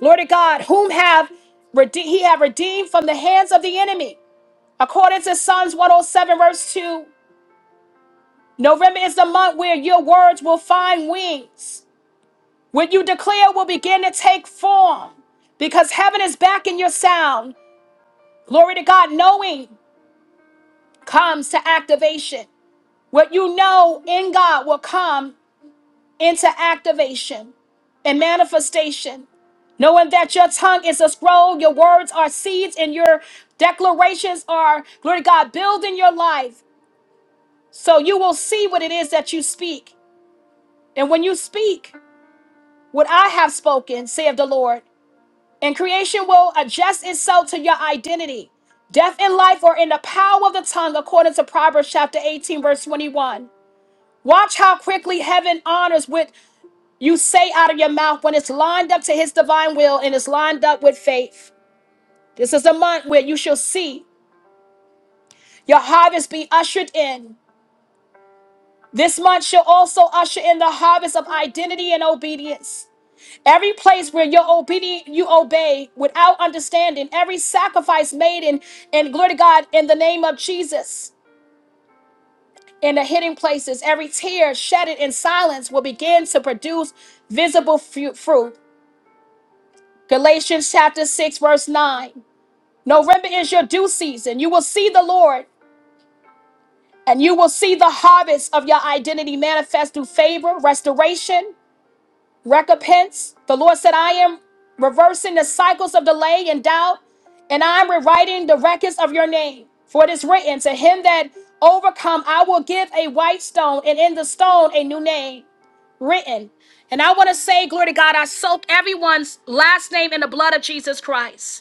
Speaker 2: Lord of God, whom have rede- he have redeemed from the hands of the enemy. According to Psalms 107, verse 2, November is the month where your words will find wings. What you declare will begin to take form because heaven is back in your sound. Glory to God, knowing comes to activation. What you know in God will come into activation and manifestation. Knowing that your tongue is a scroll, your words are seeds, and your declarations are, glory to God, building your life. So you will see what it is that you speak. And when you speak, what I have spoken, saith the Lord, and creation will adjust itself to your identity. Death and life are in the power of the tongue, according to Proverbs chapter 18, verse 21. Watch how quickly heaven honors what You say out of your mouth when it's lined up to his divine will and it's lined up with faith. This is a month where you shall see your harvest be ushered in. This month shall also usher in the harvest of identity and obedience. Every place where you're obedient, you obey without understanding. Every sacrifice made in, and glory to God in the name of Jesus. In the hidden places, every tear shedded in silence will begin to produce visible fu- fruit. Galatians chapter 6, verse 9. November is your due season. You will see the Lord and you will see the harvest of your identity manifest through favor, restoration, recompense. The Lord said, I am reversing the cycles of delay and doubt, and I'm rewriting the records of your name. For it is written, To him that overcome, I will give a white stone, and in the stone a new name written. And I want to say, Glory to God, I soak everyone's last name in the blood of Jesus Christ.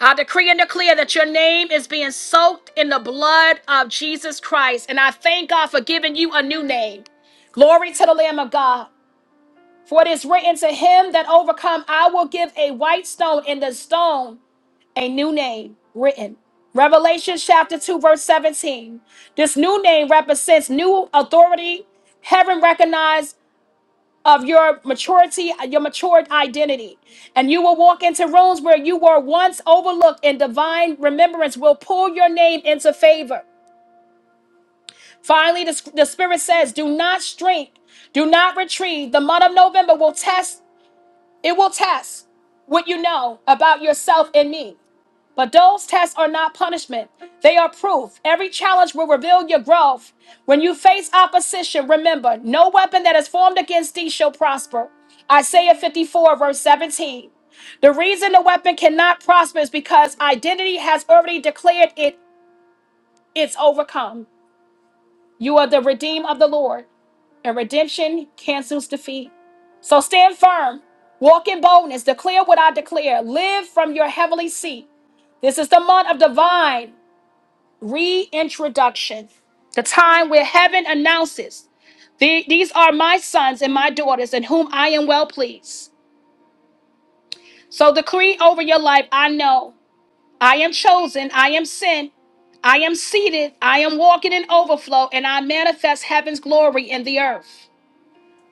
Speaker 2: I decree and declare that your name is being soaked in the blood of Jesus Christ. And I thank God for giving you a new name. Glory to the Lamb of God. For it is written to him that overcome, I will give a white stone, and the stone a new name written. Revelation chapter 2, verse 17. This new name represents new authority, heaven recognized of your maturity, uh, your matured identity. And you will walk into rooms where you were once overlooked, and divine remembrance will pull your name into favor. Finally, the, the Spirit says, Do not shrink, do not retreat. The month of November will test, it will test what you know about yourself and me. But those tests are not punishment, they are proof. Every challenge will reveal your growth. When you face opposition, remember no weapon that is formed against thee shall prosper. Isaiah 54, verse 17. The reason the weapon cannot prosper is because identity has already declared it it's overcome. You are the redeemed of the Lord, and redemption cancels defeat. So stand firm, walk in boldness, declare what I declare, live from your heavenly seat. This is the month of divine reintroduction, the time where heaven announces, "The- These are my sons and my daughters in whom I am well pleased. So decree over your life I know, I am chosen, I am sent, I am seated, I am walking in overflow, and I manifest heaven's glory in the earth.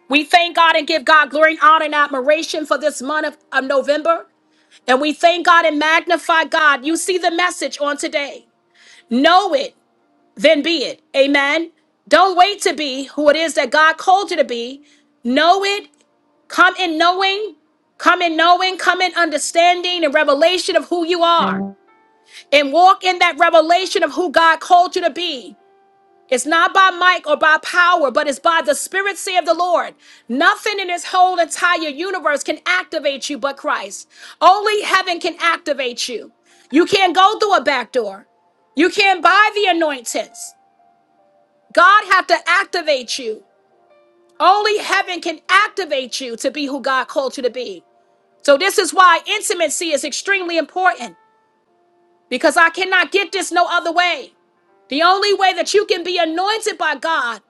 Speaker 2: We thank God and give God glory and honor and admiration for this month of, of November. And we thank God and magnify God. You see the message on today. Know it. then be it. Amen. Don't wait to be who it is that God called you to be. Know it. Come in knowing. Come in knowing. Come in understanding and revelation of who you are.
Speaker 1: Amen.
Speaker 2: And walk in that revelation of who God called you to be. It's not by might or by power, but it's by the Spirit, say of the Lord. Nothing in this whole entire universe can activate you but Christ. Only heaven can activate you. You can't go through a back door. You can't buy the anointings. God have to activate you. Only heaven can activate you to be who God called you to be. So this is why intimacy is extremely important because I cannot get this no other way. The only way that you can be anointed by God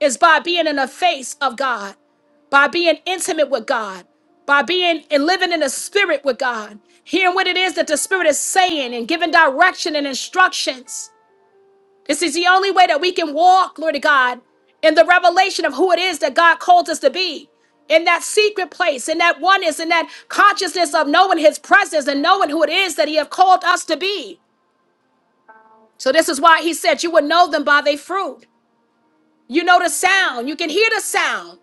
Speaker 2: is by being in the face of God, by being intimate with God, by being and living in the spirit with God, hearing what it is that the spirit is saying and giving direction and instructions. This is the only way that we can walk, Lord God, in the revelation of who it is that God called us to be. In that secret place, in that oneness, in that consciousness of knowing his presence and knowing who it is that he have called us to be. So this is why he said you would know them by their fruit. You know the sound. You can hear the sound.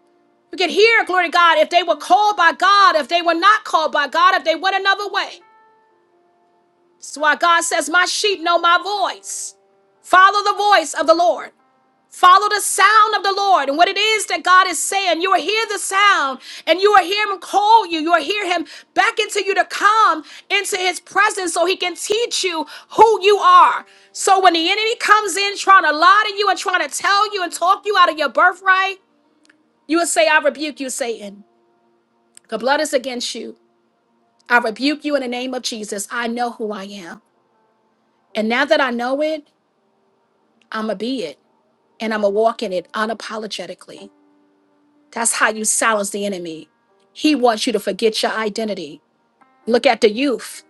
Speaker 2: You can hear, glory to God, if they were called by God, if they were not called by God, if they went another way. That's why God says, My sheep know my voice. Follow the voice of the Lord. Follow the sound of the Lord and what it is that God is saying. You will hear the sound and you will hear Him call you. You will hear Him beckon to you to come into His presence so He can teach you who you are. So when the enemy comes in trying to lie to you and trying to tell you and talk you out of your birthright, you will say, I rebuke you, Satan. The blood is against you. I rebuke you in the name of Jesus. I know who I am. And now that I know it, I'm going to be it and I'm going to walk in it unapologetically. That's how you silence the enemy. He wants you to forget your identity. Look at the youth.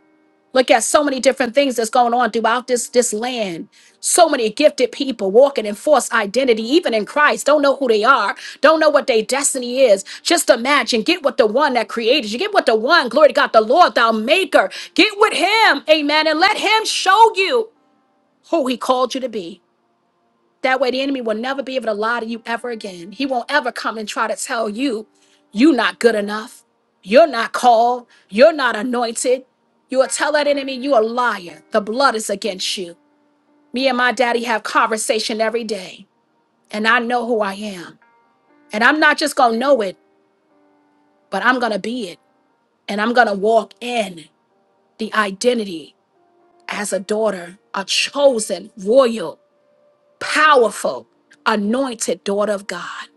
Speaker 2: Look at so many different things that's going on throughout this this land. So many gifted people walking in false identity, even in Christ. Don't know who they are. Don't know what their destiny is. Just imagine. Get with the one that created you. Get with the one. Glory to God, the Lord, thou Maker. Get with Him, Amen, and let Him show you who He called you to be. That way, the enemy will never be able to lie to you ever again. He won't ever come and try to tell you, you're not good enough. You're not called. You're not anointed. You will tell that enemy you're a liar. The blood is against you. Me and my daddy have conversation every day, and I know who I am. And I'm not just going to know it, but I'm going to be it. And I'm going to walk in the identity as a daughter, a chosen, royal, powerful, anointed daughter of God.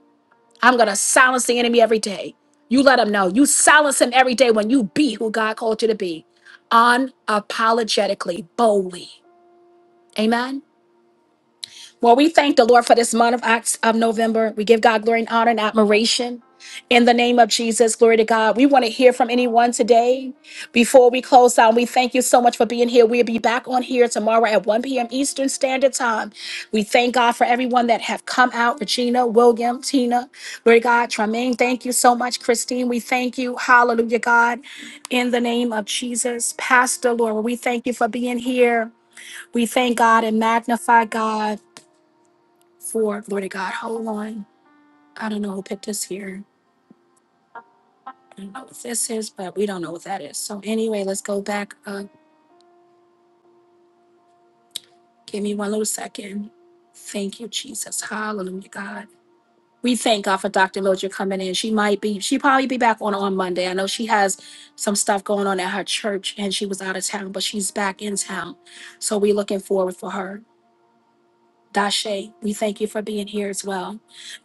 Speaker 2: I'm going to silence the enemy every day. You let him know. You silence him every day when you be who God called you to be unapologetically, boldly. Amen. Well, we thank the Lord for this month of, Oct- of November. We give God glory and honor and admiration. In the name of Jesus, glory to God. We want to hear from anyone today. Before we close out, we thank you so much for being here. We'll be back on here tomorrow at 1 p.m. Eastern Standard Time. We thank God for everyone that have come out. Regina, William, Tina, glory to God. Tremaine, thank you so much. Christine, we thank you. Hallelujah, God. In the name of Jesus, Pastor Laura, we thank you for being here. We thank God and magnify God for glory to God. Hold on. I don't know who picked this here. I don't know what this is, but we don't know what that is. So anyway, let's go back up. Give me one little second. Thank you, Jesus. Hallelujah, God. We thank God for Dr. Mildred coming in. She might be, she probably be back on on Monday. I know she has some stuff going on at her church and she was out of town, but she's back in town. So we're looking forward for her. Dashe, we thank you for being here as well.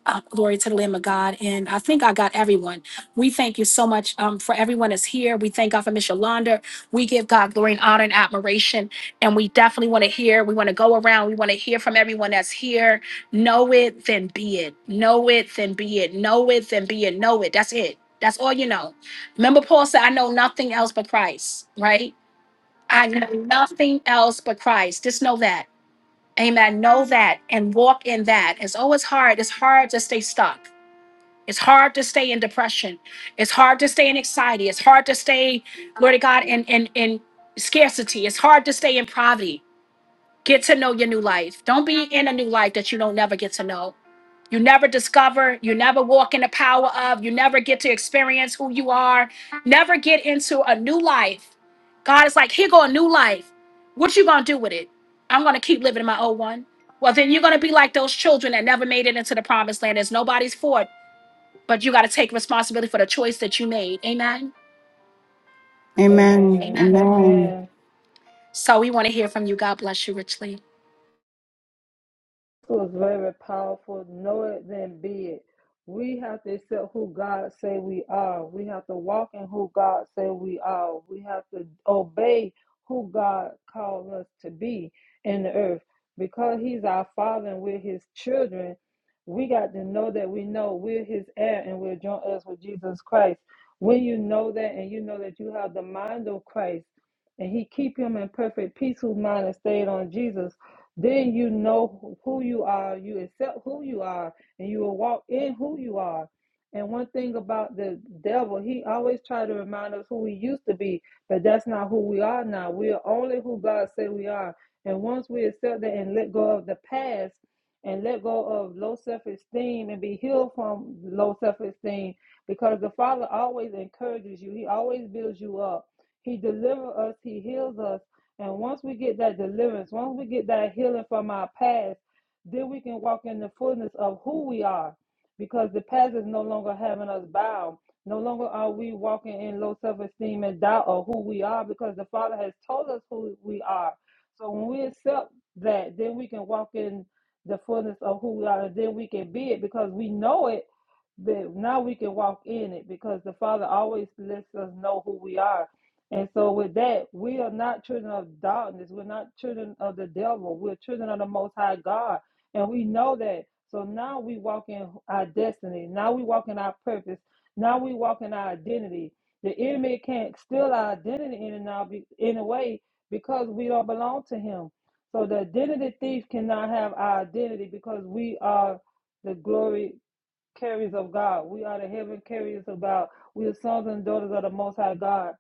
Speaker 2: Uh, glory to the Lamb of God. And I think I got everyone. We thank you so much um, for everyone that's here. We thank God for Miss Yolanda. We give God glory and honor and admiration. And we definitely want to hear. We want to go around. We want to hear from everyone that's here. Know it, then be it. Know it, then be it. Know it, then be it. Know it. That's it. That's all you know. Remember, Paul said, I know nothing else but Christ, right? I know nothing else but Christ. Just know that. Amen. Know that and walk in that. It's always hard. It's hard to stay stuck. It's hard to stay in depression. It's hard to stay in anxiety. It's hard to stay, glory to God, in in in scarcity. It's hard to stay in poverty. Get to know your new life. Don't be in a new life that you don't never get to know. You never discover, you never walk in the power of, you never get to experience who you are, never get into a new life. God is like, here go a new life. What you gonna do with it? I'm gonna keep living in my old one. Well, then you're gonna be like those children that never made it into the promised land. It's nobody's fault, but you gotta take responsibility for the choice that you made. Amen.
Speaker 4: Amen.
Speaker 1: Amen.
Speaker 2: Amen.
Speaker 4: Amen.
Speaker 1: Amen.
Speaker 2: So we want to hear from you. God bless you richly.
Speaker 1: This was very powerful. Know it, then be it. We have to accept who God say we are. We have to walk in who God say we are. We have to obey who God called us to be in the earth. Because He's our Father and we're His children, we got to know that we know we're His heir and we're joint heirs with Jesus Christ. When you know that and you know that you have the mind of Christ and He keep Him in perfect peace whose mind is stayed on Jesus then you know who you are, you accept who you are, and you will walk in who you are. And one thing about the devil, he always try to remind us who we used to be, but that's not who we are now. We are only who God said we are. And once we accept that and let go of the past and let go of low self-esteem and be healed from low self-esteem, because the Father always encourages you. He always builds you up. He delivers us. He heals us and once we get that deliverance, once we get that healing from our past, then we can walk in the fullness of who we are because the past is no longer having us bound. No longer are we walking in low self esteem and doubt of who we are because the Father has told us who we are. So when we accept that, then we can walk in the fullness of who we are and then we can be it because we know it. But now we can walk in it because the Father always lets us know who we are. And so, with that, we are not children of darkness. We're not children of the devil. We're children of the Most High God. And we know that. So now we walk in our destiny. Now we walk in our purpose. Now we walk in our identity. The enemy can't steal our identity in and out be- in a way because we don't belong to him. So the identity thief cannot have our identity because we are the glory carriers of God. We are the heaven carriers of God. We are sons and daughters of the Most High God.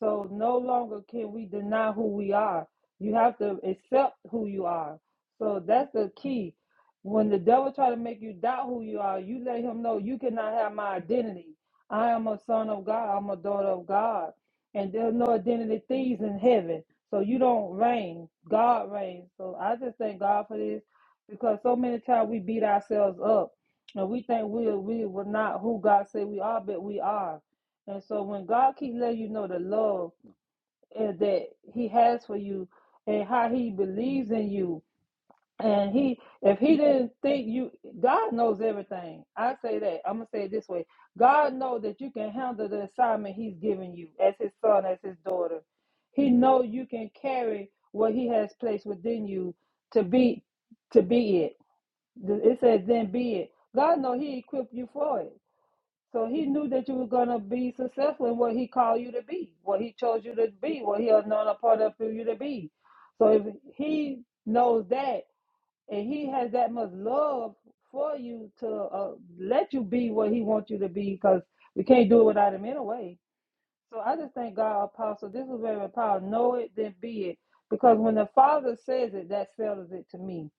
Speaker 1: So no longer can we deny who we are. You have to accept who you are. So that's the key. When the devil try to make you doubt who you are, you let him know you cannot have my identity. I am a son of God. I'm a daughter of God. And there's no identity thieves in heaven. So you don't reign. God reigns. So I just thank God for this because so many times we beat ourselves up and we think we we were not who God said we are, but we are. And so when God keeps letting you know the love eh, that He has for you and how He believes in you, and He if He didn't think you, God knows everything. I say that I'm gonna say it this way: God knows that you can handle the assignment He's given you as His son, as His daughter. He knows you can carry what He has placed within you to be to be it. It says, then be it. God know he equipped you for it. So he knew that you were going to be successful in what he called you to be, what he chose you to be, what he anointed a part of for you to be. So if he knows that and he has that much love for you to uh, let you be what he wants you to be because we can't do it without him anyway. So I just thank God, Apostle, this is very powerful. Know it, then be it. Because when the Father says it, that settles it to me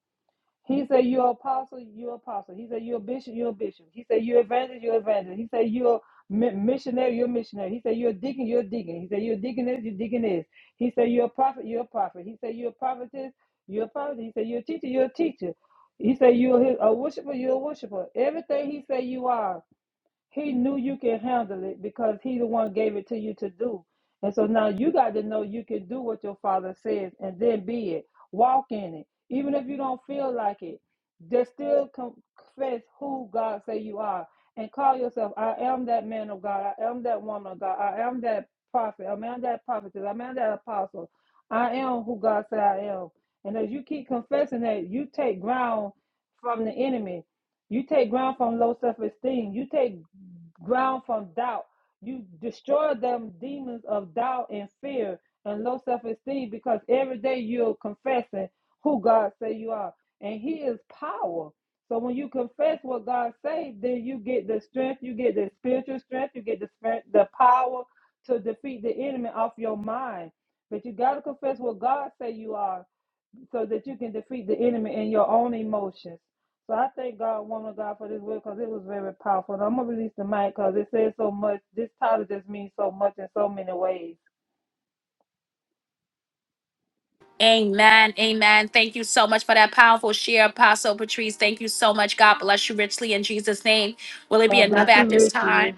Speaker 1: he said you're apostle, you're apostle. He said you're bishop, you're bishop. He said you're evangelist, you're evangelist. He said you're mi- missionary, you're missionary. He said you're deacon, you're deacon. He said you're deaconess, you're deaconess. He said you're a prophet, you're a prophet. He said you're a prophetess, you're a prophet. He said you're a teacher, you're a teacher. He said you're his, a worshiper, you're a worshiper. Everything he said you are. He knew you can handle it because he the one gave it to you to do. And so now you got to know you can do what your father says and then be it. Walk in it. Even if you don't feel like it, just still confess who God say you are and call yourself, I am that man of God. I am that woman of God. I am that prophet. I am that prophetess. I am that apostle. I am who God said I am. And as you keep confessing that, you take ground from the enemy. You take ground from low self esteem. You take ground from doubt. You destroy them demons of doubt and fear and low self esteem because every day you're confessing who God say you are. And He is power. So when you confess what God says, then you get the strength, you get the spiritual strength, you get the strength, the power to defeat the enemy off your mind. But you got to confess what God say you are so that you can defeat the enemy in your own emotions. So I thank God, woman of God, for this word because it was very powerful. And I'm going to release the mic because it says so much. This title just means so much in so many ways.
Speaker 2: Amen. Amen. Thank you so much for that powerful share, Apostle Patrice. Thank you so much. God bless you richly in Jesus' name. Will it be
Speaker 1: God bless
Speaker 2: another at
Speaker 1: you
Speaker 2: this time?
Speaker 1: richly.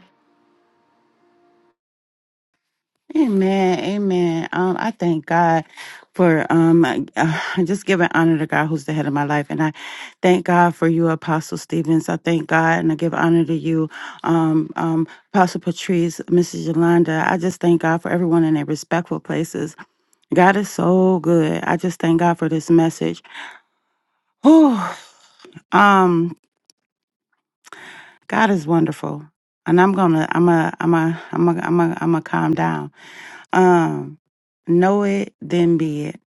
Speaker 4: Amen. Amen. Um, I thank God for um uh, just giving honor to God who's the head of my life. And I thank God for you, Apostle Stevens. I thank God and I give honor to you, um, um, Apostle Patrice, Mrs. Yolanda. I just thank God for everyone in their respectful places. God is so good. I just thank God for this message. Oh, um, God is wonderful. And I'm gonna I'm a I'm a I'm a I'm a I'm a calm down Um, know it, then be it.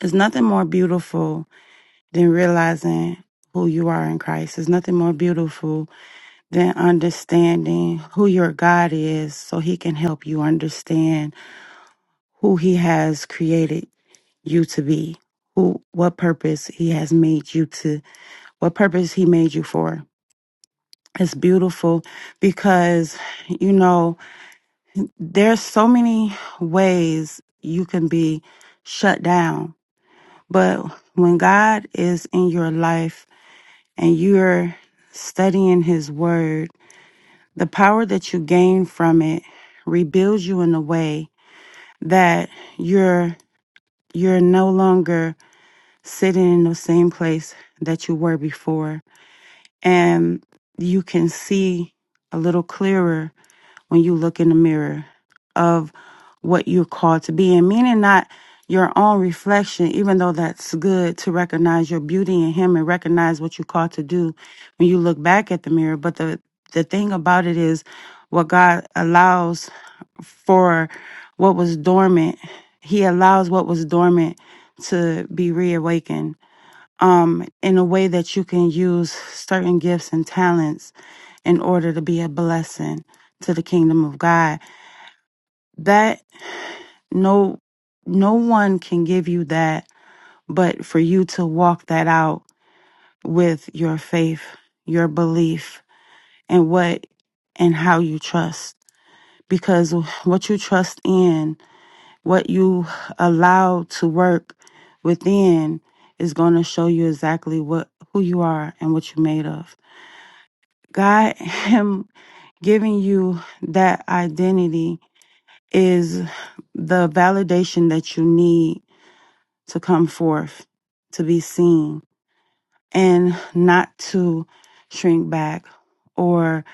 Speaker 4: There's nothing more beautiful than realizing who you are in Christ. There's nothing more beautiful than understanding who your God is so he can help you understand who he has created you to be, who what purpose he has made you to, what purpose he made you for. It's beautiful because you know there's so many ways you can be shut down But when God is in your life and you're studying His Word, the power that you gain from it rebuilds you in a way that you're you're no longer sitting in the same place that you were before, and you can see a little clearer when you look in the mirror of what you're called to be and meaning not your own reflection even though that's good to recognize your beauty in him and recognize what you're called to do when you look back at the mirror but the the thing about it is what god allows for what was dormant he allows what was dormant to be reawakened um in a way that you can use certain gifts and talents in order to be a blessing to the kingdom of god that no no one can give you that but for you to walk that out with your faith your belief and what and how you trust because what you trust in what you allow to work within is going to show you exactly what who you are and what you're made of god *laughs* him giving you that identity is the validation that you need to come forth, to be seen, and not to shrink back or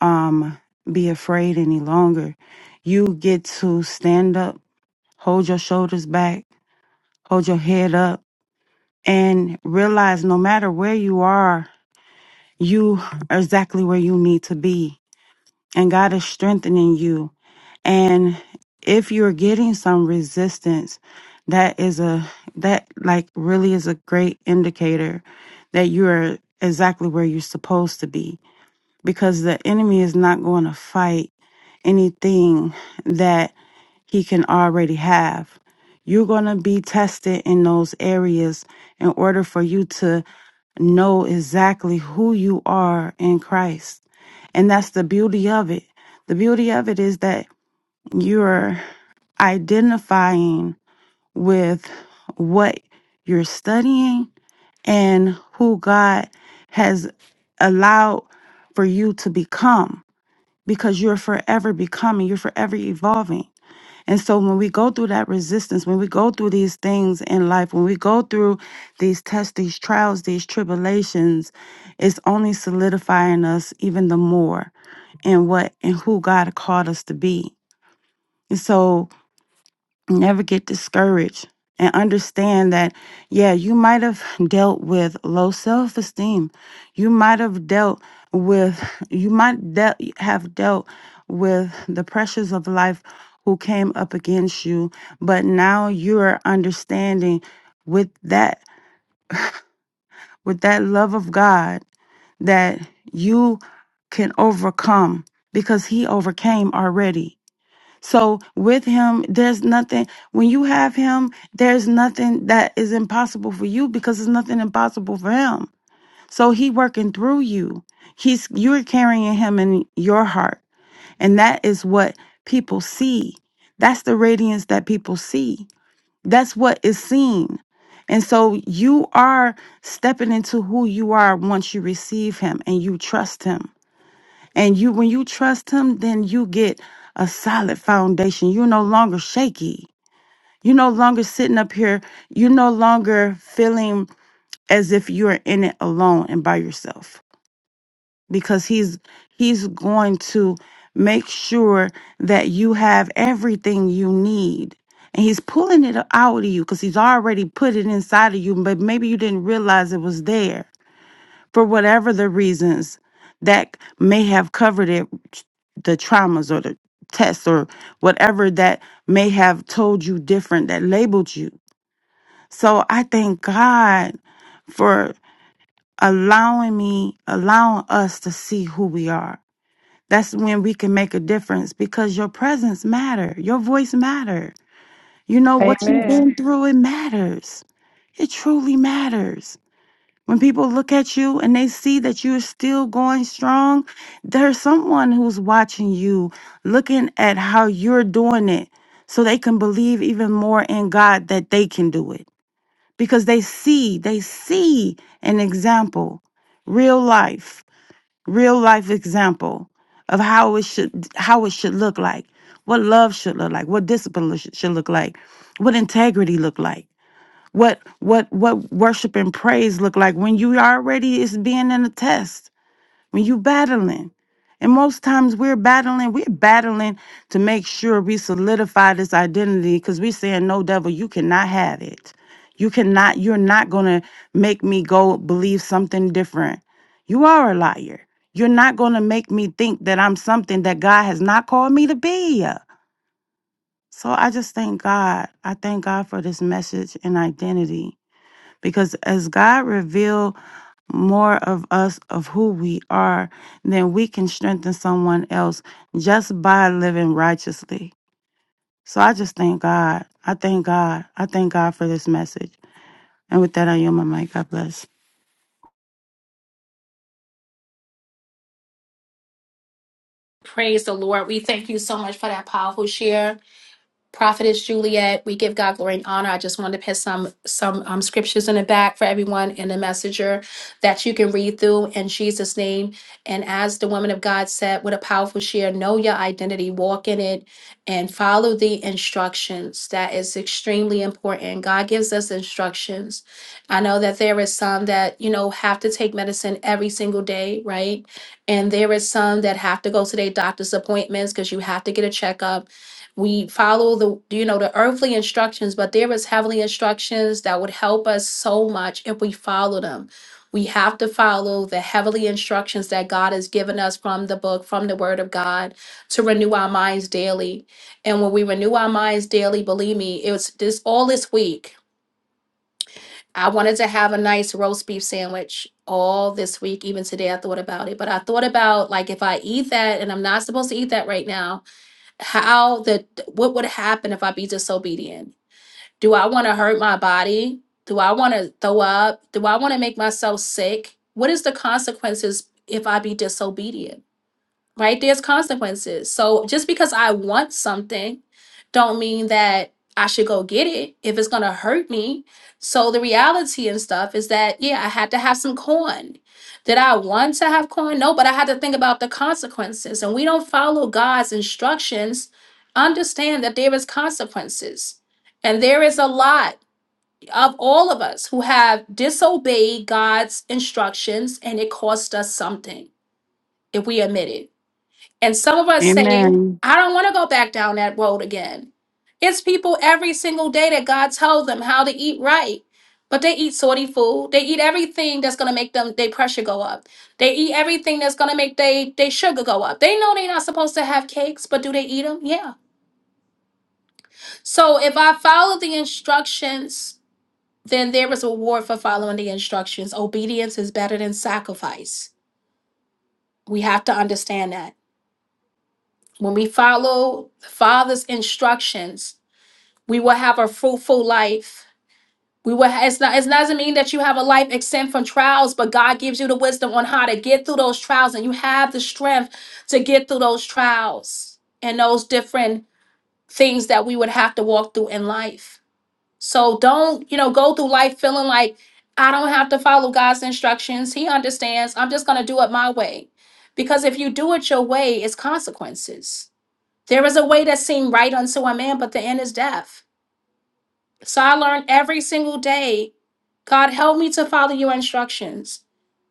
Speaker 4: um, be afraid any longer. You get to stand up, hold your shoulders back, hold your head up, and realize no matter where you are, you are exactly where you need to be and God is strengthening you. And if you're getting some resistance, that is a that like really is a great indicator that you are exactly where you're supposed to be because the enemy is not going to fight anything that he can already have. You're going to be tested in those areas in order for you to know exactly who you are in Christ and that's the beauty of it. The beauty of it is that you're identifying with what you're studying and who God has allowed for you to become because you're forever becoming, you're forever evolving. And so when we go through that resistance, when we go through these things in life, when we go through these tests, these trials, these tribulations, it's only solidifying us even the more and what and who God called us to be. And so never get discouraged and understand that yeah, you might have dealt with low self-esteem. You might have dealt with you might de- have dealt with the pressures of life who came up against you, but now you're understanding with that with that love of God that you can overcome because he overcame already So with him, there's nothing, when you have him, there's nothing that is impossible for you because there's nothing impossible for him. So he working through you. He's, you're carrying him in your heart. And that is what people see. That's the radiance that people see. That's what is seen. And so you are stepping into who you are once you receive him and you trust him. And you, when you trust Him, then you get a solid foundation. You're no longer shaky. You're no longer sitting up here. You're no longer feeling as if you're in it alone and by yourself because He's He's going to make sure that you have everything you need. And he's pulling it out of you because he's already put it inside of you, but maybe you didn't realize it was there for whatever the reasons that may have covered it, the traumas or the tests or whatever that may have told you different, that labeled you. So I thank God for allowing me, allowing us to see who we are. That's when we can make a difference because your presence matter, your voice matter. You know what you've
Speaker 1: Amen.
Speaker 4: been through, it matters. It truly matters. When people look at you and they see that you're still going strong, there's someone who's watching you, looking at how you're doing it, so they can believe even more in God that they can do it. Because they see, they see an example, real life, real life example of how it should how it should look like, what love should look like, what discipline should should look like, what integrity look like what what what worship and praise look like when you already is being in a test when you battling and most times we're battling we're battling to make sure we solidify this identity because we saying no devil you cannot have it you cannot you're not gonna make me go believe something different you are a liar you're not gonna make me think that i'm something that god has not called me to be so i just thank god i thank god for this message and identity because as God reveal more of us of who we are, then we can strengthen someone else just by living righteously. So I just thank God. I thank God. I thank God for this message. And with that, I yield my mic. God bless.
Speaker 2: Praise the Lord. We thank you so much for that powerful share. Prophetess Juliet, we give God glory and honor. I just wanted to put some some um, scriptures in the back for everyone in the messenger that you can read through in Jesus' name. And as the woman of God said, "What a powerful share, know your identity, walk in it, and follow the instructions. That is extremely important. God gives us instructions. I know that there is some that you know have to take medicine every single day, right? And there is some that have to go to their doctor's appointments because you have to get a checkup we follow the you know the earthly instructions but there is heavenly instructions that would help us so much if we follow them we have to follow the heavenly instructions that god has given us from the book from the word of god to renew our minds daily and when we renew our minds daily believe me it was this all this week i wanted to have a nice roast beef sandwich all this week even today i thought about it but i thought about like if i eat that and i'm not supposed to eat that right now how the what would happen if I be disobedient? Do I want to hurt my body? Do I want to throw up? Do I want to make myself sick? What is the consequences if I be disobedient? right? There's consequences. So just because I want something, don't mean that I should go get it if it's gonna hurt me. So the reality and stuff is that yeah, I had to have some corn. Did I want to have corn? No, but I had to think about the consequences. And we don't follow God's instructions. Understand that there is consequences. And there is a lot of all of us who have disobeyed God's instructions and it cost us something if we admit it. And some of us saying,
Speaker 4: Amen.
Speaker 2: I don't want to go back down that road again. It's people every single day that God told them how to eat right. But they eat sorty food. They eat everything that's gonna make them their pressure go up. They eat everything that's gonna make they they sugar go up. They know they're not supposed to have cakes, but do they eat them? Yeah. So if I follow the instructions, then there is a reward for following the instructions. Obedience is better than sacrifice. We have to understand that when we follow the Father's instructions, we will have a fruitful life. We will. It's not. It doesn't mean that you have a life exempt from trials, but God gives you the wisdom on how to get through those trials, and you have the strength to get through those trials and those different things that we would have to walk through in life. So don't you know go through life feeling like I don't have to follow God's instructions. He understands. I'm just gonna do it my way, because if you do it your way, it's consequences. There is a way that seems right unto a man, but the end is death. So I learn every single day, God help me to follow your instructions.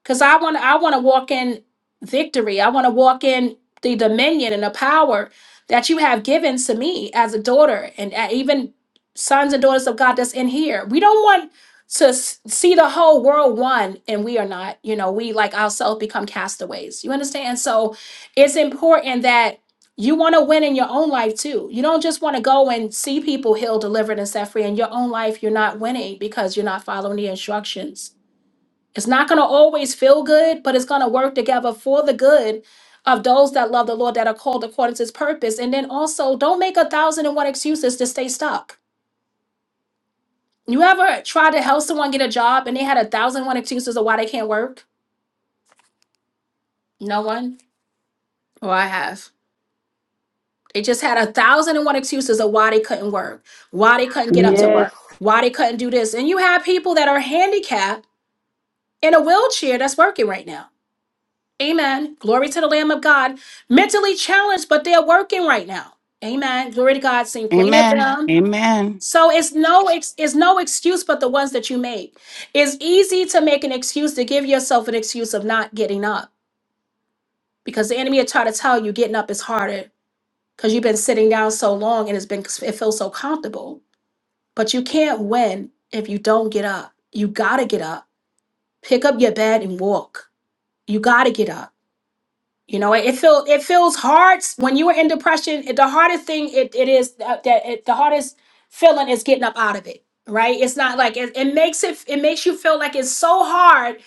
Speaker 2: Cause I want I want to walk in victory. I want to walk in the dominion and the power that you have given to me as a daughter and uh, even sons and daughters of God that's in here. We don't want to s- see the whole world one and we are not. You know, we like ourselves become castaways. You understand? So it's important that you want to win in your own life too. You don't just want to go and see people healed, delivered, and set free. In your own life, you're not winning because you're not following the instructions. It's not going to always feel good, but it's going to work together for the good of those that love the Lord that are called according to his purpose. And then also, don't make a thousand and one excuses to stay stuck. You ever tried to help someone get a job and they had a thousand and one excuses of why they can't work? No one? Well, I have. They just had a thousand and one excuses of why they couldn't work, why they couldn't get up to
Speaker 1: Yes.
Speaker 2: work, why they couldn't do this. And you have people that are handicapped in a wheelchair that's working right now. Amen. Glory to the Lamb of God. Mentally challenged, but they're working right now. Amen. Glory to God. Sing plenty of
Speaker 4: Amen.
Speaker 2: them.
Speaker 4: Amen.
Speaker 2: So it's no ex- it's no excuse but the ones that you make. It's easy to make an excuse to give yourself an excuse of not getting up because the enemy will try to tell you getting up is harder because you've been sitting down so long and it's been it feels so comfortable but you can't win if you don't get up you gotta get up pick up your bed and walk you gotta get up you know, it, it feels it feels hard when you are in depression. it- the hardest thing it, it is that, that it, the hardest feeling is getting up out of it. Right? It's not like it, it makes it it makes you feel like it's so hard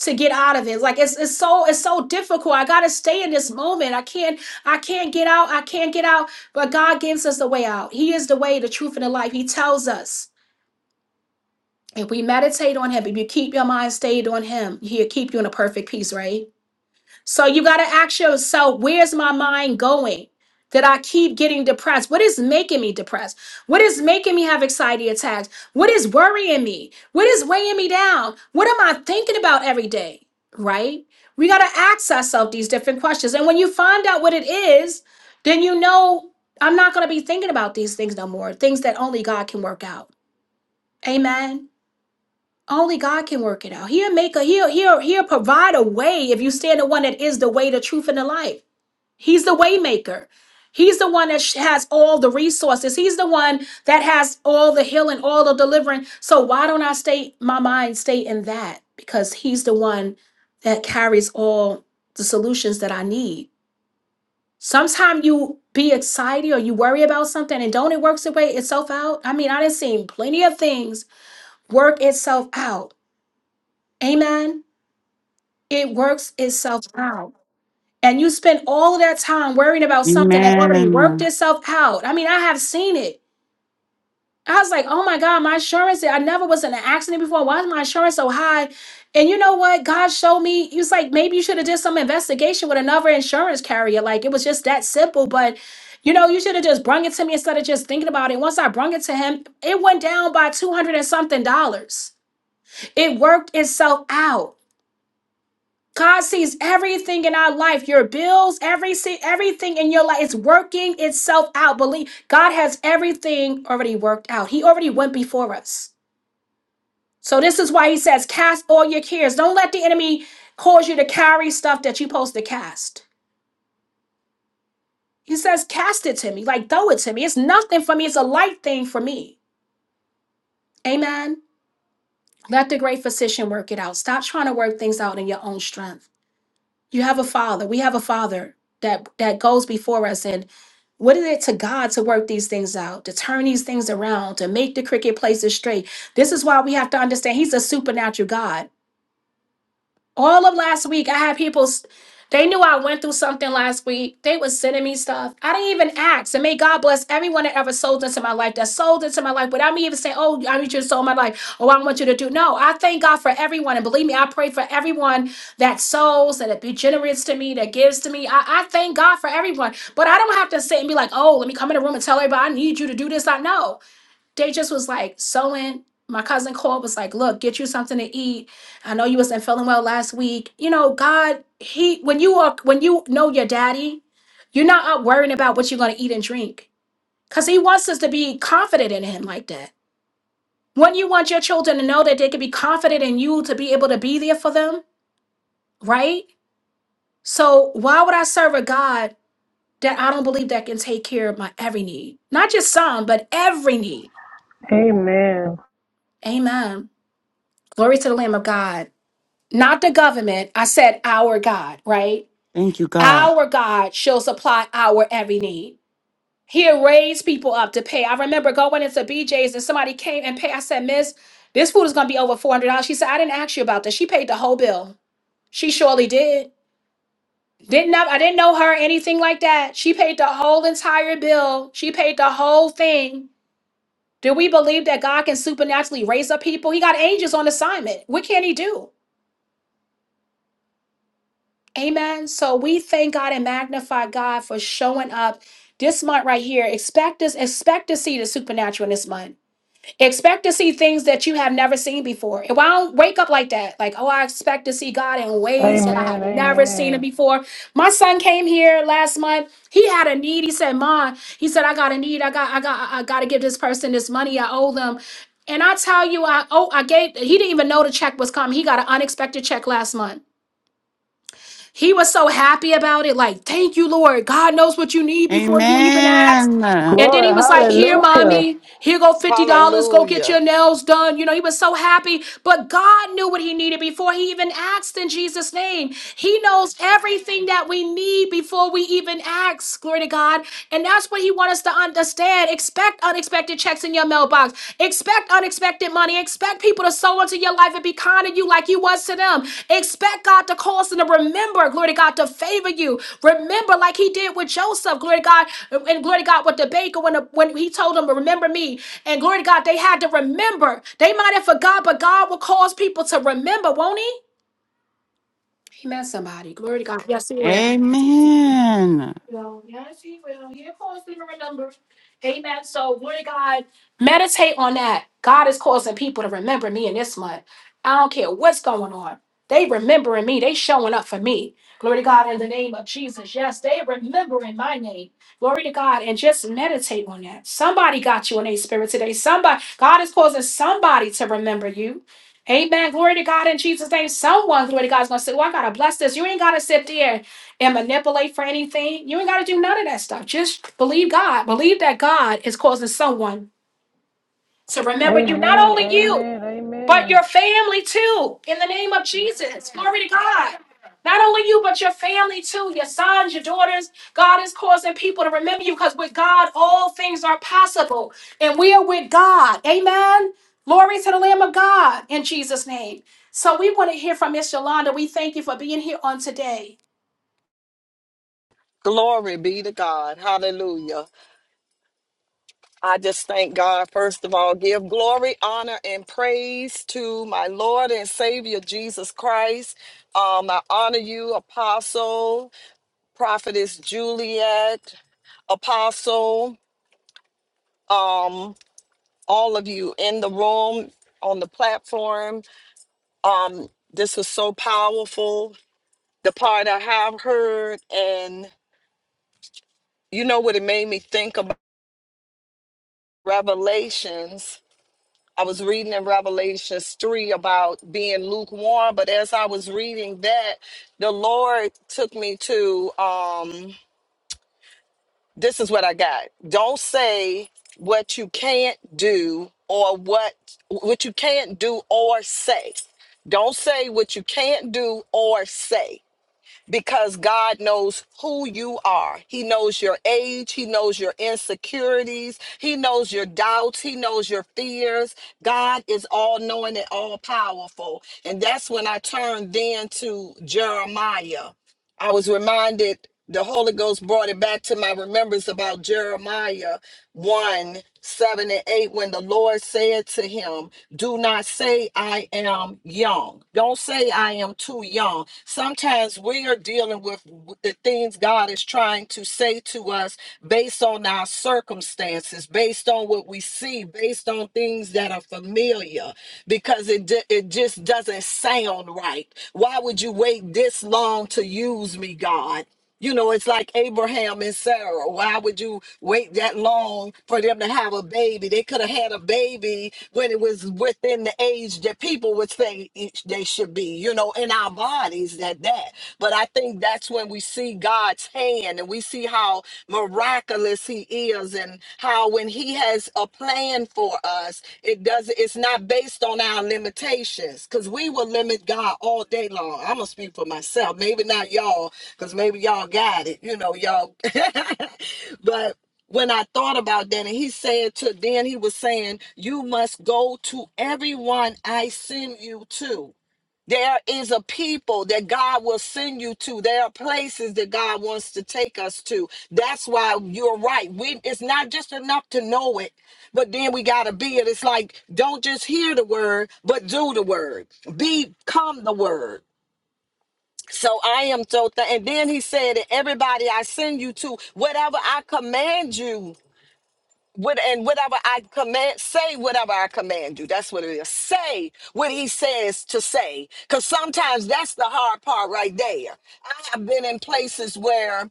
Speaker 2: to get out of it. It's Like it's it's so it's so difficult. I gotta stay in this moment. I can't I can't get out. I can't get out. But God gives us the way out. He is the way, the truth, and the life. He tells us if we meditate on Him, if you keep your mind stayed on Him, He'll keep you in a perfect peace. Right? So you got to ask yourself, where's my mind going? That I keep getting depressed. What is making me depressed? What is making me have anxiety attacks? What is worrying me? What is weighing me down? What am I thinking about every day? Right? We got to ask ourselves these different questions. And when you find out what it is, then you know I'm not going to be thinking about these things no more, things that only God can work out. Amen. Only God can work it out. He'll make a he'll he'll he'll provide a way if you stand the one that is the way, the truth, and the life. He's the waymaker. He's the one that sh- has all the resources. He's the one that has all the healing, all the deliverance. So why don't I stay my mind stay in that? Because he's the one that carries all the solutions that I need. Sometimes you be excited or you worry about something and don't it works its way itself out? I mean, I done seen plenty of things work itself out Amen. It works itself out. And you spend all of that time worrying about something that already worked
Speaker 4: Amen.
Speaker 2: itself out. I mean, I have seen it. I was like, oh my God, my insurance, I never was in an accident before. Why is my insurance so high? And you know what? God showed me, he was like, maybe you should have did some investigation with another insurance carrier. Like it was just that simple. But you know, you should have just brung it to me instead of just thinking about it. Once I brung it to him, it went down by 200 and something dollars. It worked itself out. God sees everything in our life, your bills, every si- everything in your life. It's working itself out. Believe God has everything already worked out. He already went before us. So this is why he says, cast all your cares. Don't let the enemy cause you to carry stuff that you're supposed to cast. He says, cast it to me, like throw it to me. It's nothing for me. It's a light thing for me. Amen. Let the great physician work it out. Stop trying to work things out in your own strength. You have a father. We have a father that that goes before us and what is it to God to work these things out, to turn these things around, to make the cricket places straight? This is why we have to understand He's a supernatural God all of last week i had people s- they knew i went through something last week they was sending me stuff i didn't even ask and may god bless everyone that ever sold into my life that sold into my life without me even saying oh i need you to sold my life oh i want you to do no i thank god for everyone and believe me i pray for everyone that sows that be generous to me that gives to me I, I thank god for everyone but i don't have to sit and be like oh let me come in the room and tell everybody i need you to do this i know they just was like sewing. My cousin called, was like, look, get you something to eat. I know you wasn't feeling well last week. You know, God, He when you are when you know your daddy, you're not up worrying about what you're gonna eat and drink. Cause he wants us to be confident in him like that. When you want your children to know that they can be confident in you to be able to be there for them, right? So why would I serve a God that I don't believe that can take care of my every need? Not just some, but every need.
Speaker 1: Amen.
Speaker 2: Amen. Glory to the Lamb of God. not the government. I said our God, right?
Speaker 4: Thank you, God.
Speaker 2: Our God shall supply our every need. He'll raise people up to pay. I remember going into BJ's and somebody came and paid. I said, Miss, this food is going to be over $400. She said, I didn't ask you about this. She paid the whole bill. She surely did. Didn't know, I didn't know her anything like that. She paid the whole entire bill. She paid the whole thing. Do we believe that God can supernaturally raise up people? He got angels on assignment. What can he do? Amen. So we thank God and magnify God for showing up this month right here. Expect us, expect to see the supernatural in this month. Expect to see things that you have never seen before. If I don't wake up like that, like, oh, I expect to see God in ways that I have
Speaker 1: Amen.
Speaker 2: never seen it
Speaker 1: Amen.
Speaker 2: before. My son came here last month. He had a need. He said, Mom, he said, I got a need. I got, I got, I gotta give this person this money. I owe them. And I tell you, I oh, I gave he didn't even know the check was coming. He got an unexpected check last month. He was so happy about it, like, thank you, Lord. God knows what you need before you even ask.
Speaker 4: Amen.
Speaker 2: And then he
Speaker 1: Glory.
Speaker 2: was like, Here,
Speaker 1: Hallelujah.
Speaker 2: mommy, here go $50. dollars. Go get
Speaker 5: Hallelujah.
Speaker 2: your nails done. You know, he was so happy. But God knew what he needed before he even asked in Jesus' name. He knows everything that we need before we even ask. Glory to God. And that's what he wants us to understand, unexpected checks in your mailbox. Expect unexpected money. Expect people to sow into your life and be kind to you like you was to them. Expect God to cause them to remember, glory to God, to favor you. Remember, like He did with Joseph, glory to God, and glory to God with the baker when, the, when He told them, Remember me. And glory to God, they had to remember. They might have forgot, but God will cause people to remember, won't He? He met somebody. Glory to God. Yes, He will.
Speaker 4: Amen.
Speaker 2: Well, yeah, she will. Here calls the remember. Amen. So, Lord God, meditate on that. God is causing people to remember me in this month. I don't care what's going on. They remembering me. They showing up for me. Glory to God in the name of Jesus. Yes, they remembering my name. Glory to God. And just meditate on that. Somebody got you in a spirit today. Somebody, God is causing somebody to remember you. Amen. Glory to God in Jesus' name. Someone, glory to God, is going to say, Well, I got to bless this. You ain't got to sit there and manipulate for anything. You ain't got to do none of that stuff. Just believe God. Believe that God is causing someone to remember you, not
Speaker 1: Amen.
Speaker 2: only you,
Speaker 1: Amen.
Speaker 2: but
Speaker 1: Amen.
Speaker 2: your family too, in the name of Jesus. Glory to God. Not only you, but your family too, your sons, your daughters. God is causing people to remember you because with God, all things are possible. And we are with God. Amen. Glory to the Lamb of God in Jesus' name. So we want to hear from Miss Yolanda. We thank you for being here on today.
Speaker 5: Glory be to God. Hallelujah. I just thank God, first of all, give glory, honor, and praise to my Lord and Savior Jesus Christ. Um, I honor you, Apostle, Prophetess Juliet, Apostle, um, all of you in the room, on the platform. Um, this was so powerful. The part I have heard, and you know what it made me think about? Revelations I was reading in Revelations 3 about being lukewarm, but as I was reading that, the Lord took me to um this is what I got. Don't say what you can't do or what what you can't do or say. Don't say what you can't do or say because God knows who you are. He knows your age, He knows your insecurities, He knows your doubts, He knows your fears. God is all knowing and all powerful. And that's when I turned then to Jeremiah. I was reminded the Holy Ghost brought it back to my remembrance about Jeremiah 1 7 and 8, when the Lord said to him, Do not say, I am young. Don't say, I am too young. Sometimes we are dealing with the things God is trying to say to us based on our circumstances, based on what we see, based on things that are familiar, because it, it just doesn't sound right. Why would you wait this long to use me, God? You know, it's like Abraham and Sarah. Why would you wait that long for them to have a baby? They could have had a baby when it was within the age that people would say each they should be, you know, in our bodies at that. But I think that's when we see God's hand and we see how miraculous he is and how when he has a plan for us, it does it's not based on our limitations because we will limit God all day long. I'm gonna speak for myself, maybe not y'all because maybe y'all got it, you know, y'all. *laughs* but when I thought about that, and he said to, then he was saying, You must go to everyone I send you to. There is a people that God will send you to. There are places that God wants to take us to. That's why you're right. We, it's not just enough to know it, but then we got to be it. It's like, don't just hear the word, but do the word, become the word. So I am so thankful. And then he said, and everybody I send you to, whatever I command you. What and whatever I command, say whatever I command you. That's what it is. Say what he says to say. Because sometimes that's the hard part right there. I have been in places where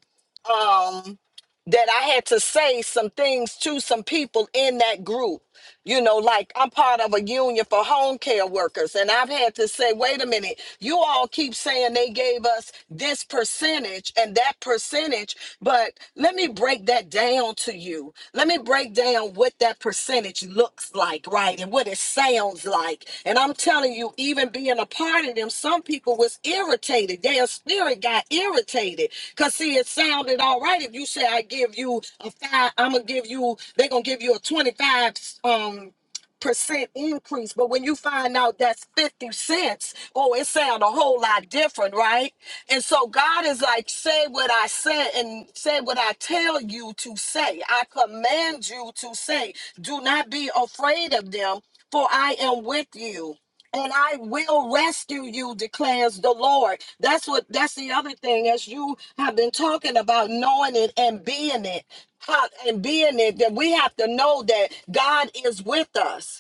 Speaker 5: um that I had to say some things to some people in that group. You know, like I'm part of a union for home care workers, and I've had to say, wait a minute, you all keep saying they gave us this percentage and that percentage, but let me break that down to you. Let me break break down what that percentage looks like, right? And what it sounds like. And I'm telling you, even being a part of them, some people was irritated. Their spirit got irritated. Cause see, it sounded all right if you say I give you a five, I'm gonna give you, they're gonna give you a 25 um percent increase but when you find out that's 50 cents oh it sound a whole lot different right and so god is like say what i said and say what i tell you to say i command you to say do not be afraid of them for i am with you and I will rescue you, declares the Lord. That's what that's the other thing, as you have been talking about knowing it and being it, how- and being it, that we have to know that God is with us.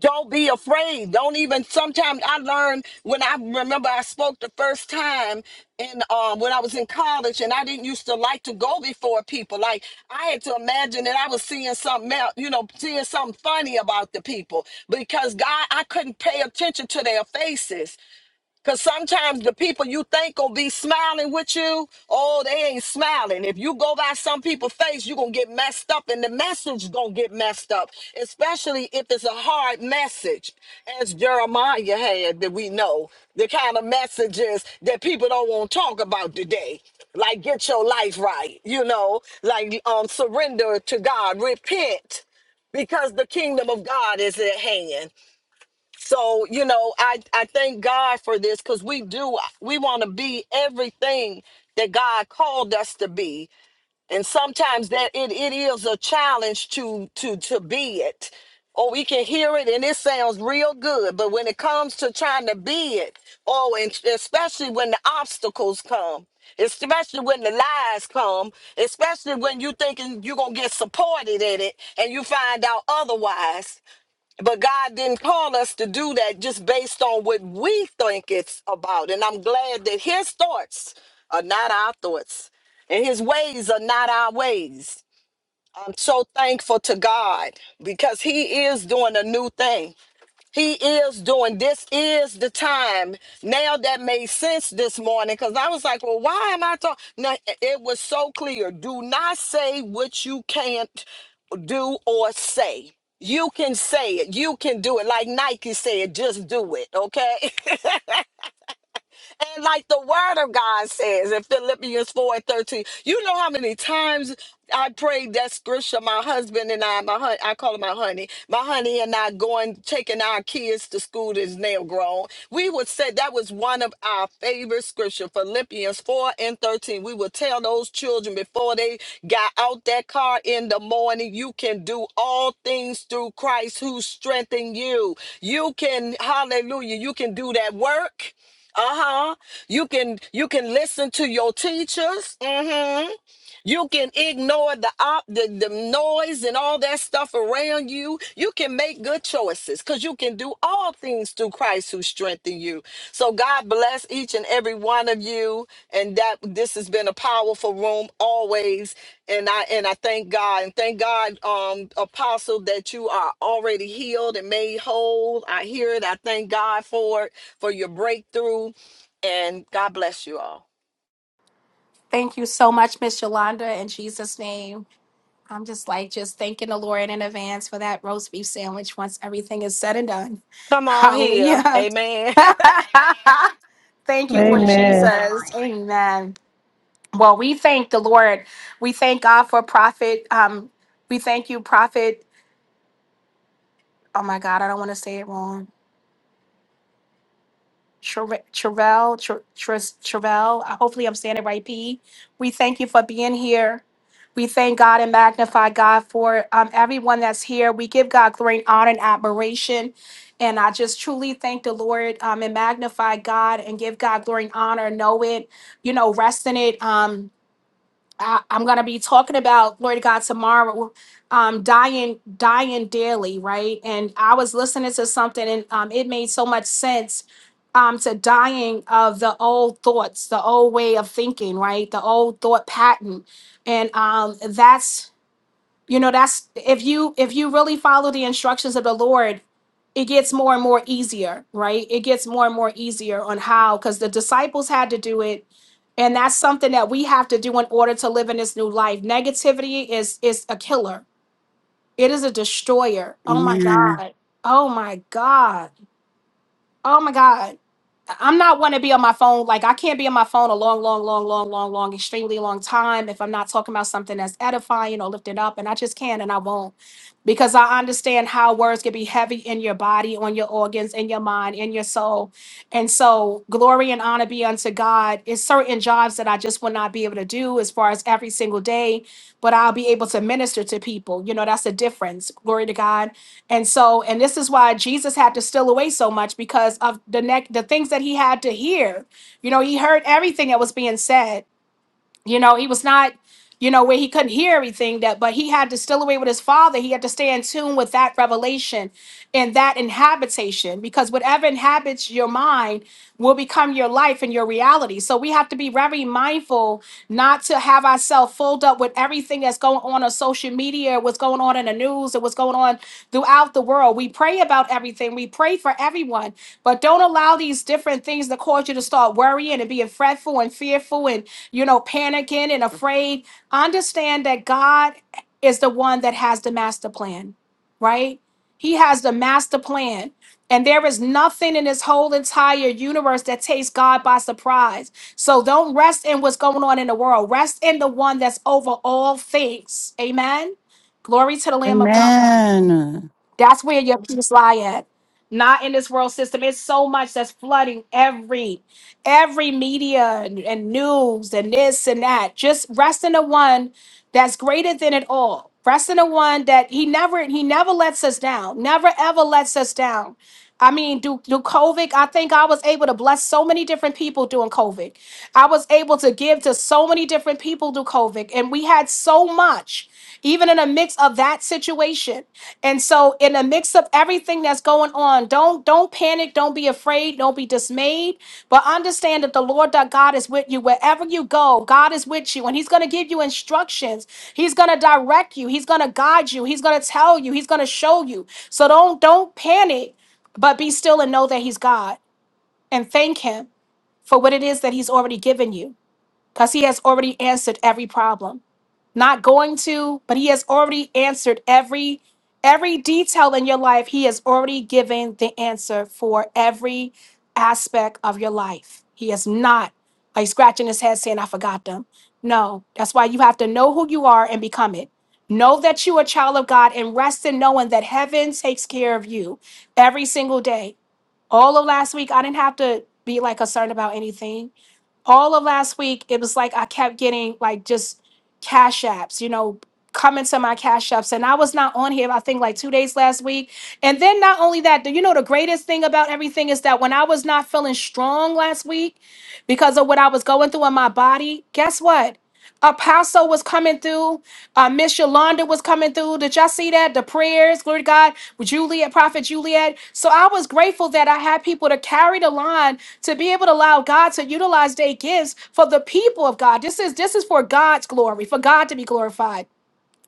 Speaker 5: Don't be afraid. Don't even. Sometimes I learned when I remember I spoke the first time in um, when I was in college, and I didn't used to like to go before people. Like I had to imagine that I was seeing something else, you know, seeing something funny about the people because God, I couldn't pay attention to their faces. Cause sometimes the people you think gonna be smiling with you, oh, they ain't smiling. If you go by some people's face, you gonna get messed up and the message gonna get messed up, especially if it's a hard message, as Jeremiah had that we know, the kind of messages that people don't want to talk about today. Like get your life right, you know, like um surrender to God, repent because the kingdom of God is at hand. So, you know, I, I thank God for this because we do, we want to be everything that God called us to be. And sometimes that it, it is a challenge to, to, to be it. Or we can hear it and it sounds real good. But when it comes to trying to be it, oh, and especially when the obstacles come, especially when the lies come, especially when you thinking you're going to get supported in it and you find out otherwise but God didn't call us to do that just based on what we think it's about. And I'm glad that his thoughts are not our thoughts and his ways are not our ways. I'm so thankful to God because he is doing a new thing. He is doing this is the time. Now that made sense this morning because I was like, well, why am I talking? No, it was so clear. Do not say what you can't do or say. You can say it. You can do it. Like Nike said, just do it. Okay. *laughs* And like the word of God says in Philippians 4 and 13, you know how many times I prayed that scripture, my husband and I, my hun- I call him my honey, my honey and I going, taking our kids to school that's now grown. We would say that was one of our favorite scripture, Philippians 4 and 13. We would tell those children before they got out that car in the morning, you can do all things through Christ who strengthened you. You can, hallelujah, you can do that work uh-huh. You can you can listen to your teachers. hmm you can ignore the, op- the the noise and all that stuff around you. You can make good choices because you can do all things through Christ who strengthens you. So God bless each and every one of you. And that this has been a powerful room always. And I and I thank God and thank God, um, Apostle, that you are already healed and made whole. I hear it. I thank God for it for your breakthrough. And God bless you all.
Speaker 2: Thank you so much, Miss Yolanda, in Jesus' name. I'm just like just thanking the Lord in advance for that roast beef sandwich once everything is said and done.
Speaker 5: Come on here,
Speaker 2: Hallelujah.
Speaker 5: Amen. *laughs*
Speaker 2: *laughs* thank you, Lord
Speaker 1: Amen.
Speaker 2: Jesus. Amen. Well, we thank the Lord. We thank God for Prophet. Um, we thank you, Prophet. Oh my God, I don't want to say it wrong. Travell, Travell, hopefully I'm saying it right, P. We thank you for being here. We thank God and magnify God for um, everyone that's here. We give God great honor and admiration. And I just truly thank the Lord um, and magnify God and give God glory and honor. Know it, you know, rest in it. Um, I, I'm gonna be talking about glory to God tomorrow. Um, dying, dying daily, right? And I was listening to something, and um, it made so much sense. Um, to dying of the old thoughts, the old way of thinking, right? The old thought pattern, and um, that's you know that's if you if you really follow the instructions of the lord it gets more and more easier right it gets more and more easier on how because the disciples had to do it and that's something that we have to do in order to live in this new life negativity is is a killer it is a destroyer oh my
Speaker 4: Amen.
Speaker 2: god oh my god oh my god I'm not one to be on my phone. Like I can't be on my phone a long, long, long, long, long, long, extremely long time if I'm not talking about something that's edifying or lifting up. And I just can't and I won't. Because I understand how words can be heavy in your body, on your organs, in your mind, in your soul. And so glory and honor be unto God. It's certain jobs that I just will not be able to do as far as every single day, but I'll be able to minister to people. You know, that's the difference. Glory to God and so, and this is why Jesus had to steal away so much because of the neck, the things that he had to hear. You know, he heard everything that was being said you know he was not you know where he couldn't hear everything that but he had to still away with his father he had to stay in tune with that revelation and that inhabitation because whatever inhabits your mind will become your life and your reality so we have to be very mindful not to have ourselves filled up with everything that's going on on social media what's going on in the news and what's going on throughout the world we pray about everything we pray for everyone but don't allow these different things to cause you to start worrying and being fretful and fearful and you know, panicking and afraid. Understand that God is the one that has the master plan, right? He has the master plan. And there is nothing in this whole entire universe that takes God by surprise. So don't rest in what's going on in the world. Rest in the one that's over all things. Amen. Glory to the Lamb of God.
Speaker 4: Amen.
Speaker 2: That's where your peace lie at. Not in this world system. It's so much that's flooding every every media and, and news and this and that. Just rest in the one that's greater than it all. Rest in the one that he never he never lets us down. Never ever lets us down. I mean, do do COVID, I think I was able to bless so many different people during COVID. I was able to give to so many different people through COVID, and we had so much, even in the mix of that situation. And so in the mix of everything that's going on, don't don't panic, don't be afraid, don't be dismayed, but understand that the Lord that God is with you wherever you go. God is with you and he's going to give you instructions. He's going to direct you. He's going to guide you. He's going to tell you. He's going to show you. So don't don't panic, but be still and know that he's God and thank him for what it is that he's already given you because he has already answered every problem. Not going to, but he has already answered every every detail in your life. He has already given the answer for every aspect of your life. He is not like scratching his head saying, I forgot them. No, that's why you have to know who you are and become it. Know that you are a child of God and rest in knowing that heaven takes care of you every single day. All of last week, I didn't have to be like concerned about anything all of last week it was like i kept getting like just cash apps you know coming to my cash apps and i was not on here i think like two days last week and then not only that do you know the greatest thing about everything is that when i was not feeling strong last week because of what i was going through in my body guess what Apostle was coming through. Uh, Miss Yolanda was coming through. Did y'all see that? The prayers, glory to God, with Juliet, Prophet Juliet. So I was grateful that I had people to carry the line to be able to allow God to utilize their gifts for the people of God. This is this is for God's glory, for God to be glorified.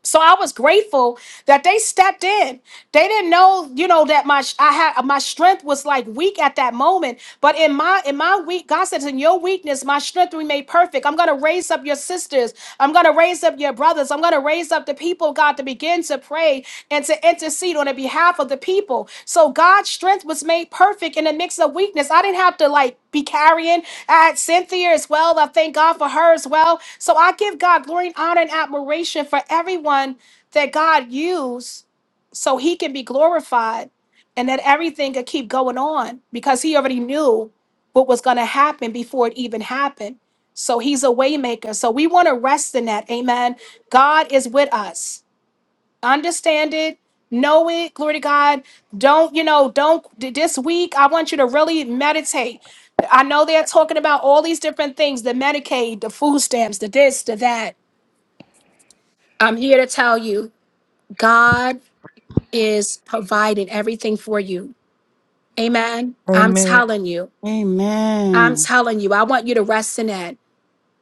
Speaker 2: So I was grateful that they stepped in. They didn't know, you know, that my I had my strength was like weak at that moment. But in my in my weak, God says, in your weakness, my strength will be made perfect. I'm gonna raise up your sisters. I'm gonna raise up your brothers. I'm gonna raise up the people, God, to begin to pray and to intercede on the behalf of the people. So God's strength was made perfect in the midst of weakness. I didn't have to like be carrying at Cynthia as well. I thank God for her as well. So I give God glory, honor, and admiration for everyone that God used so he can be glorified and that everything could keep going on because he already knew what was going to happen before it even happened. So he's a waymaker. So we want to rest in that. Amen. God is with us understand it know it glory to god don't you know don't th- this week i want you to really meditate i know they're talking about all these different things the medicaid the food stamps the this the that i'm here to tell you god is providing everything for you amen i'm
Speaker 1: Amen.
Speaker 2: telling you i'm
Speaker 4: Amen.
Speaker 2: telling you i want you to rest in that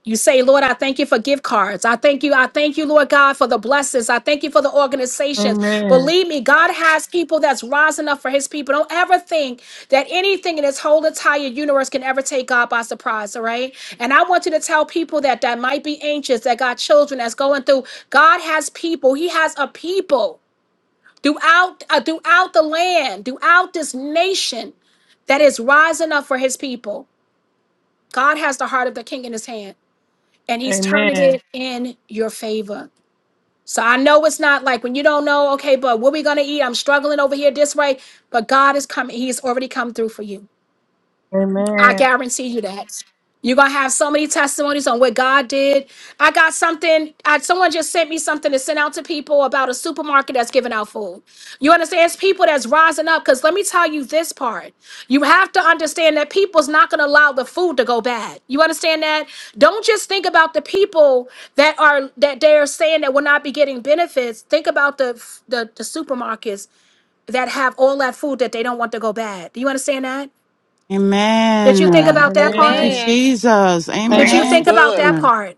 Speaker 2: You say, Lord, I thank you for gift cards. I thank you. I thank you, Lord God, for the blessings. I thank you for the organizations.
Speaker 1: Amen.
Speaker 2: Believe me, God has people that's rising up for his people. Don't ever think that anything in this whole entire universe can ever take God by surprise, all right? And I want you to tell people that that might be anxious, that got children that's going through. God has people. He has a people throughout uh, throughout the land, throughout this nation that is rising up for his people. God has the heart of the king in his hand and he's turning
Speaker 1: Amen.
Speaker 2: it in your favor. So I know it's not like when you don't know, okay, but what we gonna eat? I'm struggling over here this way, but God is coming. He's already come through for you. I
Speaker 1: Amen.
Speaker 2: guarantee you that. You're gonna have so many testimonies on what God did. I got something. I, someone just sent me something to send out to people about a supermarket that's giving out food. You understand? It's people that's rising up. Cause let me tell you this part. You have to understand that people's not gonna allow the food to go bad. You understand that? Don't just think about the people that are that they're saying that will not be getting benefits. Think about the the, the supermarkets that have all that food that they don't want to go bad. Do you understand that? Did you think
Speaker 5: Amen.
Speaker 4: Amen.
Speaker 2: about that
Speaker 4: Thank you,
Speaker 2: part?
Speaker 1: Amen.
Speaker 5: Amen.
Speaker 4: Jesus.
Speaker 5: No,
Speaker 2: Did you
Speaker 5: that's
Speaker 2: think
Speaker 1: Amen.
Speaker 2: about
Speaker 5: good.
Speaker 2: that
Speaker 4: Amen.
Speaker 2: part?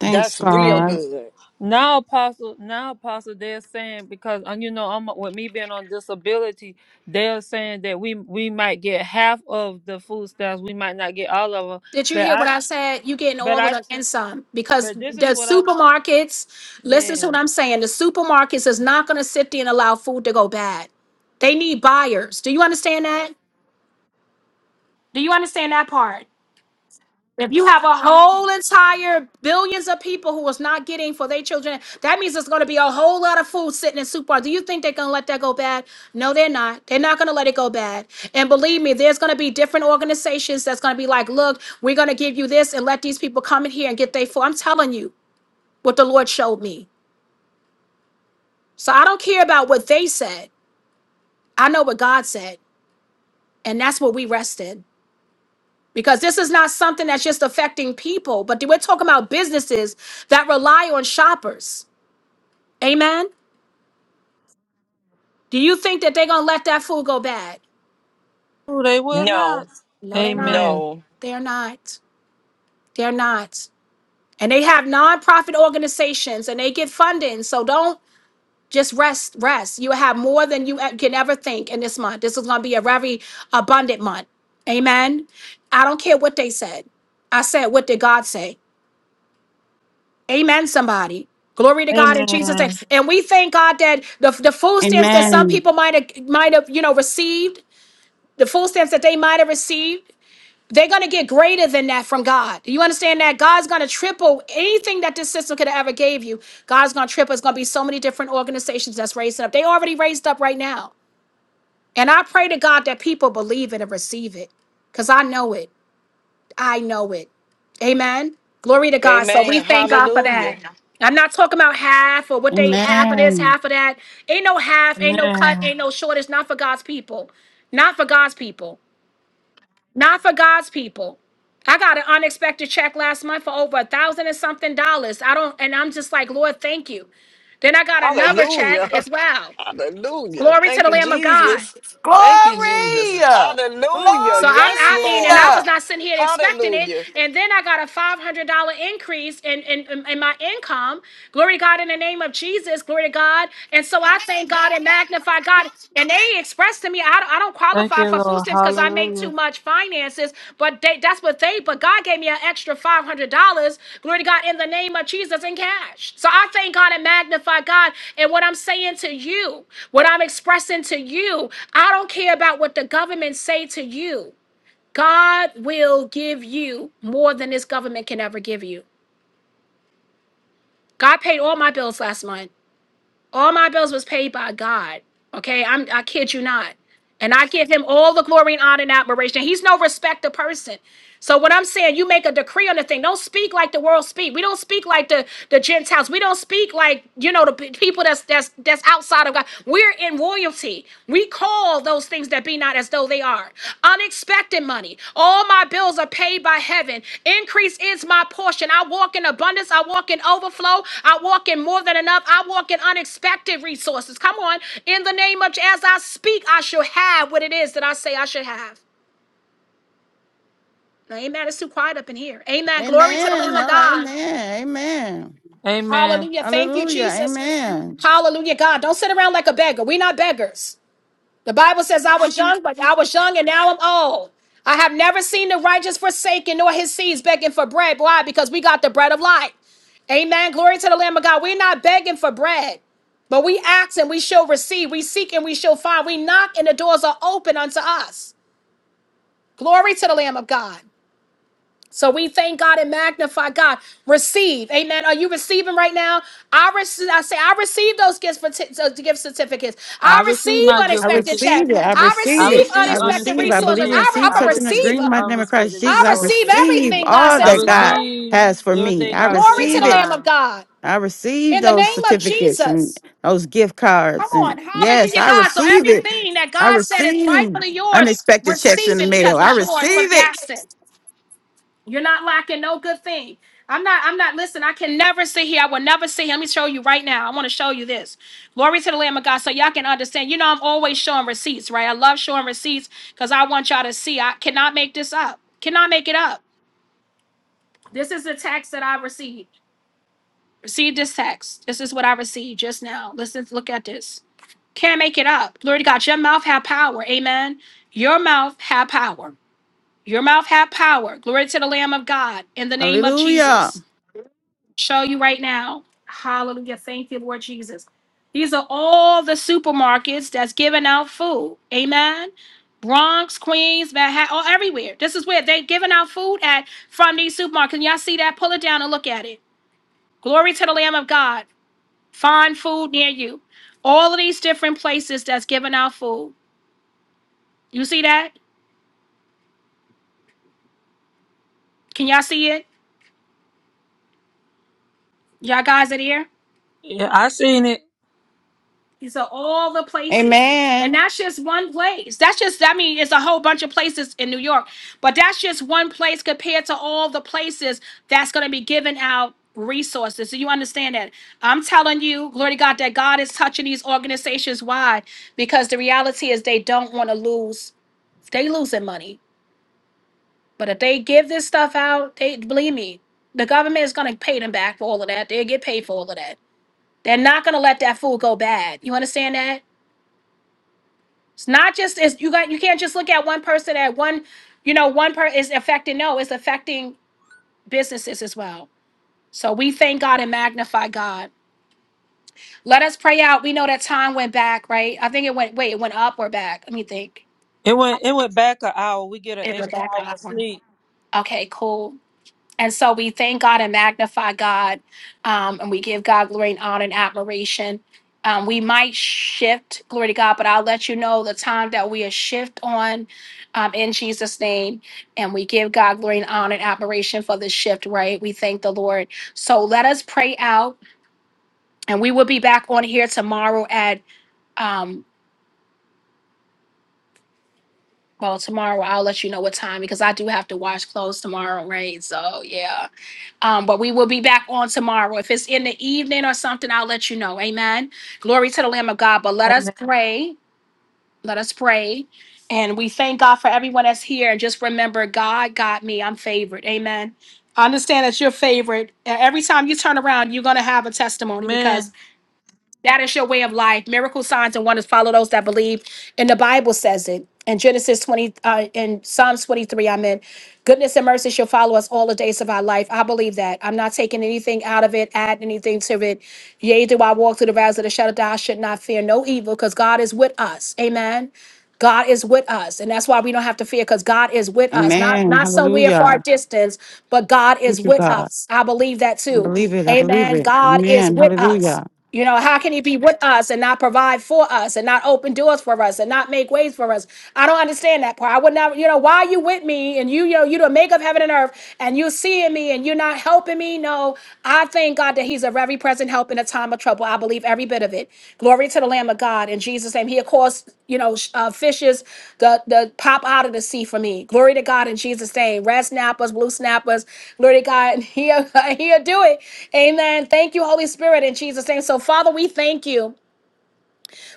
Speaker 4: Thanks,
Speaker 5: That's real
Speaker 1: Amen.
Speaker 4: God.
Speaker 5: good.
Speaker 1: Now, Apostle, now, Apostle, they're saying because uh, you know, I'm uh, with me being on disability, they're saying that we we might get half of the food stamps, we might not get all of them.
Speaker 2: Did you
Speaker 1: But
Speaker 2: hear
Speaker 1: I,
Speaker 2: what I said? You getting
Speaker 1: but
Speaker 2: all of
Speaker 1: I,
Speaker 2: the
Speaker 1: t-
Speaker 2: and some because
Speaker 1: but this is
Speaker 2: the
Speaker 1: what I,
Speaker 2: supermarkets, listen
Speaker 1: yes,
Speaker 2: to what I'm saying. The supermarkets is not going to sit there and allow food to go bad. They need buyers. Do you understand that? Do you understand that part? a whole entire billions of people who is not getting for their children. That means there's going to be a whole lot of food sitting in supermarkets. Do you think they're going to let that go bad? No, they're not. They're not going to let it go bad. And believe me, there's going to be different organizations that's going to be like, look, we're going to give you this and let these people come in here and get their food. I'm telling you what the Lord showed me. So I don't care about what they said. I know what God said. And that's what we rest in. Because this is not something that's just affecting people, but we're talking about businesses that rely on shoppers. Amen. Do you think that they're gonna let that fool go bad?
Speaker 1: oh, they will not.
Speaker 5: No,
Speaker 2: No, they're not.
Speaker 1: Amen.
Speaker 5: no.
Speaker 2: They're not. They're not. And they have nonprofit organizations and they get funding. So don't just rest, rest. You have more than you e- can ever think in this month. This is gonna be a very abundant month. Amen. I don't care what they said. I said, what did God say? Amen, somebody. Glory to God in Jesus' name.
Speaker 1: Amen.
Speaker 2: And we thank God that the, the food stamps that some
Speaker 4: Amen.
Speaker 2: people might have might have, you know, received, the food stamps that they might have received. They're going to get greater than that from God. Do you understand that? God's going to triple anything that this system could have ever gave you. God's going to triple. It's going to be so many different organizations that's raising up. They already raised up right now. And I pray to God that people believe it and receive it because I know it. I know it. Amen. Glory to God. So we
Speaker 5: Amen.
Speaker 2: thank God for
Speaker 5: Hallelujah.
Speaker 2: that. I'm not talking about half or what they half of this,
Speaker 4: Amen.
Speaker 2: half of that. Ain't no half, ain't no cut,
Speaker 1: Amen.
Speaker 2: ain't no shortage. Not for God's people. Not for God's people. Not for God's people. I got an unexpected check last month for over a thousand and something dollars. I don't, and I'm just like, Lord, thank you. Then I got another check
Speaker 5: Hallelujah. *laughs*
Speaker 2: as well.
Speaker 5: Hallelujah.
Speaker 2: Glory to
Speaker 5: Thank
Speaker 2: the
Speaker 5: you,
Speaker 2: Lamb of God.
Speaker 5: Jesus.
Speaker 4: Glory.
Speaker 5: Thank you, Jesus. Hallelujah.
Speaker 2: So I'm,
Speaker 5: Yes,
Speaker 2: I mean, and I
Speaker 5: Lord.
Speaker 2: was not sitting here expecting it.
Speaker 5: Hallelujah.
Speaker 2: And then I got a $500 increase in, in, in my income. Glory to God in the name of Jesus. Glory to God. And so I thank God and magnify God. And they expressed to me, I, don't- I don't
Speaker 1: Thank
Speaker 2: qualify
Speaker 1: you,
Speaker 2: for food
Speaker 1: Lord.
Speaker 2: stamps because I make too
Speaker 1: Hallelujah.
Speaker 2: much much finances, but they, that's what they, but God gave me an extra $500, glory to God, in the name of Jesus in cash. So I thank God and magnify God. And what I'm saying to you, what I'm expressing to you, I don't care about what the government say to you. God will give you more than this government can ever give you. God paid all my bills last month. All my bills was paid by God. Okay, I'm I kid you not. And I give him all the glory and honor and admiration. He's no respecter person. So what I'm saying, you make a decree on the thing. Don't speak like the world speak. We don't speak like the the Gentiles. We don't speak like you know the pe- people that's that's that's outside of God. We're in royalty. We call those things that be not as though Oh, they are. Unexpected money. All my bills are paid by heaven. Increase is my portion. I walk in abundance. I walk in overflow. I walk in more than enough. I walk in unexpected resources. Come on. In the name of as I speak, I shall have what it is that I say I should have. Now, amen. It's too quiet up in here. Amen. Glory to the Lamb
Speaker 4: Amen.
Speaker 2: of
Speaker 4: Oh,
Speaker 2: God.
Speaker 4: amen. Amen.
Speaker 1: Amen.
Speaker 2: Hallelujah. Thank you,
Speaker 4: Hallelujah.
Speaker 2: Jesus.
Speaker 4: Amen.
Speaker 2: Hallelujah, God. Don't sit around like a beggar. We're not beggars. The Bible says, I was young, but I was young and now I'm old. I have never seen the righteous forsaken nor his seeds begging for bread. Why? Because we got the bread of life. Amen. Glory to the Lamb of God. We're not begging for bread, but we ask and we shall receive. We seek and we shall find. We knock and the doors are open unto us. Glory to the Lamb of God. So we thank God and magnify God. Receive, Amen. Are you receiving right now? I receive. I say, I receive those gifts, parti- those gift certificates.
Speaker 1: I
Speaker 2: I
Speaker 1: receive
Speaker 2: receive
Speaker 1: my
Speaker 4: I
Speaker 1: gift
Speaker 2: unexpected checks.
Speaker 4: receive it.
Speaker 1: certificates.
Speaker 4: I
Speaker 2: I
Speaker 1: I
Speaker 4: receive
Speaker 2: receive
Speaker 4: it.
Speaker 1: receive
Speaker 4: I
Speaker 2: unexpected
Speaker 4: receive. I
Speaker 1: unexpected
Speaker 4: believe
Speaker 2: resources.
Speaker 4: and
Speaker 2: I,
Speaker 1: checks.
Speaker 2: re-
Speaker 4: receive
Speaker 1: I
Speaker 2: I'm a
Speaker 4: such an
Speaker 1: receive
Speaker 4: agreement
Speaker 2: receiver.
Speaker 4: in my name of Christ
Speaker 1: unexpected
Speaker 2: I
Speaker 4: Jesus. I
Speaker 2: receive
Speaker 1: resources.
Speaker 4: receive
Speaker 2: everything God
Speaker 4: all
Speaker 2: said
Speaker 1: I
Speaker 2: is
Speaker 4: that God
Speaker 2: mine.
Speaker 1: receive
Speaker 4: has for me.
Speaker 1: everything
Speaker 4: I
Speaker 1: God
Speaker 2: Glory
Speaker 1: says
Speaker 2: to
Speaker 4: receive
Speaker 2: the
Speaker 4: it
Speaker 2: Lamb of
Speaker 1: mine.
Speaker 2: God.
Speaker 4: I received
Speaker 2: In the
Speaker 4: those
Speaker 2: name of
Speaker 4: certificates and
Speaker 2: Jesus.
Speaker 4: those gift
Speaker 2: Come
Speaker 4: cards.
Speaker 2: on,
Speaker 4: And yes,
Speaker 2: Hallelujah,
Speaker 4: I
Speaker 2: God. So
Speaker 4: receive it.
Speaker 2: everything that
Speaker 4: I
Speaker 2: God said is
Speaker 4: receive
Speaker 2: rightfully yours.
Speaker 4: unexpected checks in
Speaker 2: Receive
Speaker 4: the
Speaker 2: it
Speaker 4: mail.
Speaker 2: because
Speaker 4: I
Speaker 2: it's yours for
Speaker 4: receive it.
Speaker 2: the You're not lacking no good thing. I'm not, I'm not, listen, I can never sit here. I will never sit here. Let me show you right now. I want to show you this. Glory to the Lamb of God. So y'all can understand. You know, I'm always showing receipts, right? I love showing receipts because I want y'all to see. I cannot make this up. Cannot make it up. This is the text that I received. Received this text. This is what I received just now. Listen, look at this. Can't make it up. Glory to God. Your mouth had power. Amen. Your mouth had power. Your mouth had power. Glory to the Lamb of God in the name of
Speaker 4: Hallelujah.
Speaker 2: Jesus. show you right now. Hallelujah. Thank you, Lord Jesus. These are all the supermarkets that's giving out food. Amen. Bronx, Queens, Manhattan, all everywhere. This is where they're giving out food at from these supermarkets. And y'all see that? Pull it down and look at it. Glory to the Lamb of God. Find food near you. All of these different places that's giving out food. You see that? Can y'all see it? Y'all guys are here?
Speaker 1: Yeah, I seen it.
Speaker 2: These are all the places. And
Speaker 4: Amen.
Speaker 2: that's just one place. That's just, I mean, it's a whole bunch of places in New York, but that's just one place compared to all the places that's going to be giving out resources. So you understand that? I'm telling you, glory to God, that God is touching these organizations. Why? Because the reality is they don't want to lose. They losing money. But if they give this stuff out, they believe me, the government is going to pay them back for all of that. They'll get paid for all of that. They're not going to let that food go bad. You understand that? It's not just it's you got you can't just look at one person at one, you know, one person is affecting. No, it's affecting businesses as well. So we thank God and magnify God. Let us pray out. We know that time went back, right? I think it went wait, it went up or back. Let me think.
Speaker 1: It went it went back an hour. We get an
Speaker 2: It went
Speaker 1: extra
Speaker 2: back
Speaker 1: hour of
Speaker 2: up.
Speaker 1: sleep.
Speaker 2: Okay, cool. And so we thank God and magnify God, um, and we give God glory and honor and admiration. Um, we might shift, glory to God, but I'll let you know the time that we are shift on um, in Jesus' name. And we give God glory and honor and admiration for this shift, right? We thank the Lord. So let us pray out, and we will be back on here tomorrow at, um, well, tomorrow I'll let you know what time because I do have to wash clothes tomorrow, right? So, yeah. Um, but we will be back on tomorrow. If it's in the evening or something, I'll let you know. Amen. Glory to the Lamb of God. But let us pray. Let us pray. And we thank God for everyone that's here. And just remember, God got me. I'm favored. Amen. I understand that you're favored. Every time you turn around, you're going to have a testimony because.
Speaker 1: Man.
Speaker 2: That is your way of life. Miracle signs and wonders follow those that believe. And the Bible says it in Genesis 20, uh, in Psalms 23, I'm in. Goodness and mercy shall follow us all the days of our life. I believe that. I'm not taking anything out of it, add anything to it. Yea, do I walk through the valleys of the shadow of death, I should not fear no evil because God is with us. Amen. God is with us, and that's why we don't have to fear because God is with us, not
Speaker 4: Amen.
Speaker 2: not somewhere
Speaker 4: Hallelujah.
Speaker 2: far distance, but God is
Speaker 4: Thank you,
Speaker 2: with
Speaker 4: God.
Speaker 2: us. I believe that
Speaker 4: I
Speaker 2: too.
Speaker 4: believe it. I believe
Speaker 2: Amen.
Speaker 4: it.
Speaker 2: God is
Speaker 4: Amen.
Speaker 2: with us.
Speaker 4: Hallelujah.
Speaker 2: You know, how can he be with us and not provide for us and not open doors for us and not make ways for us? I don't understand that part. I would not, you know, why are you with me and you, you know, you the make of heaven and earth and you seeing me and you're not helping me? No, I thank God that he's a very present help in a time of trouble. I believe every every bit of it. Glory to the Lamb of God in Jesus' name. He'll cause, you know, sh- uh, fishes to, to pop out of the sea for me. Glory to God in Jesus' name. Red snappers, blue snappers. Glory to God. And he'll, *laughs* he'll do it. Amen. Thank you, Holy Spirit, in Jesus' name. So, Father, we thank you.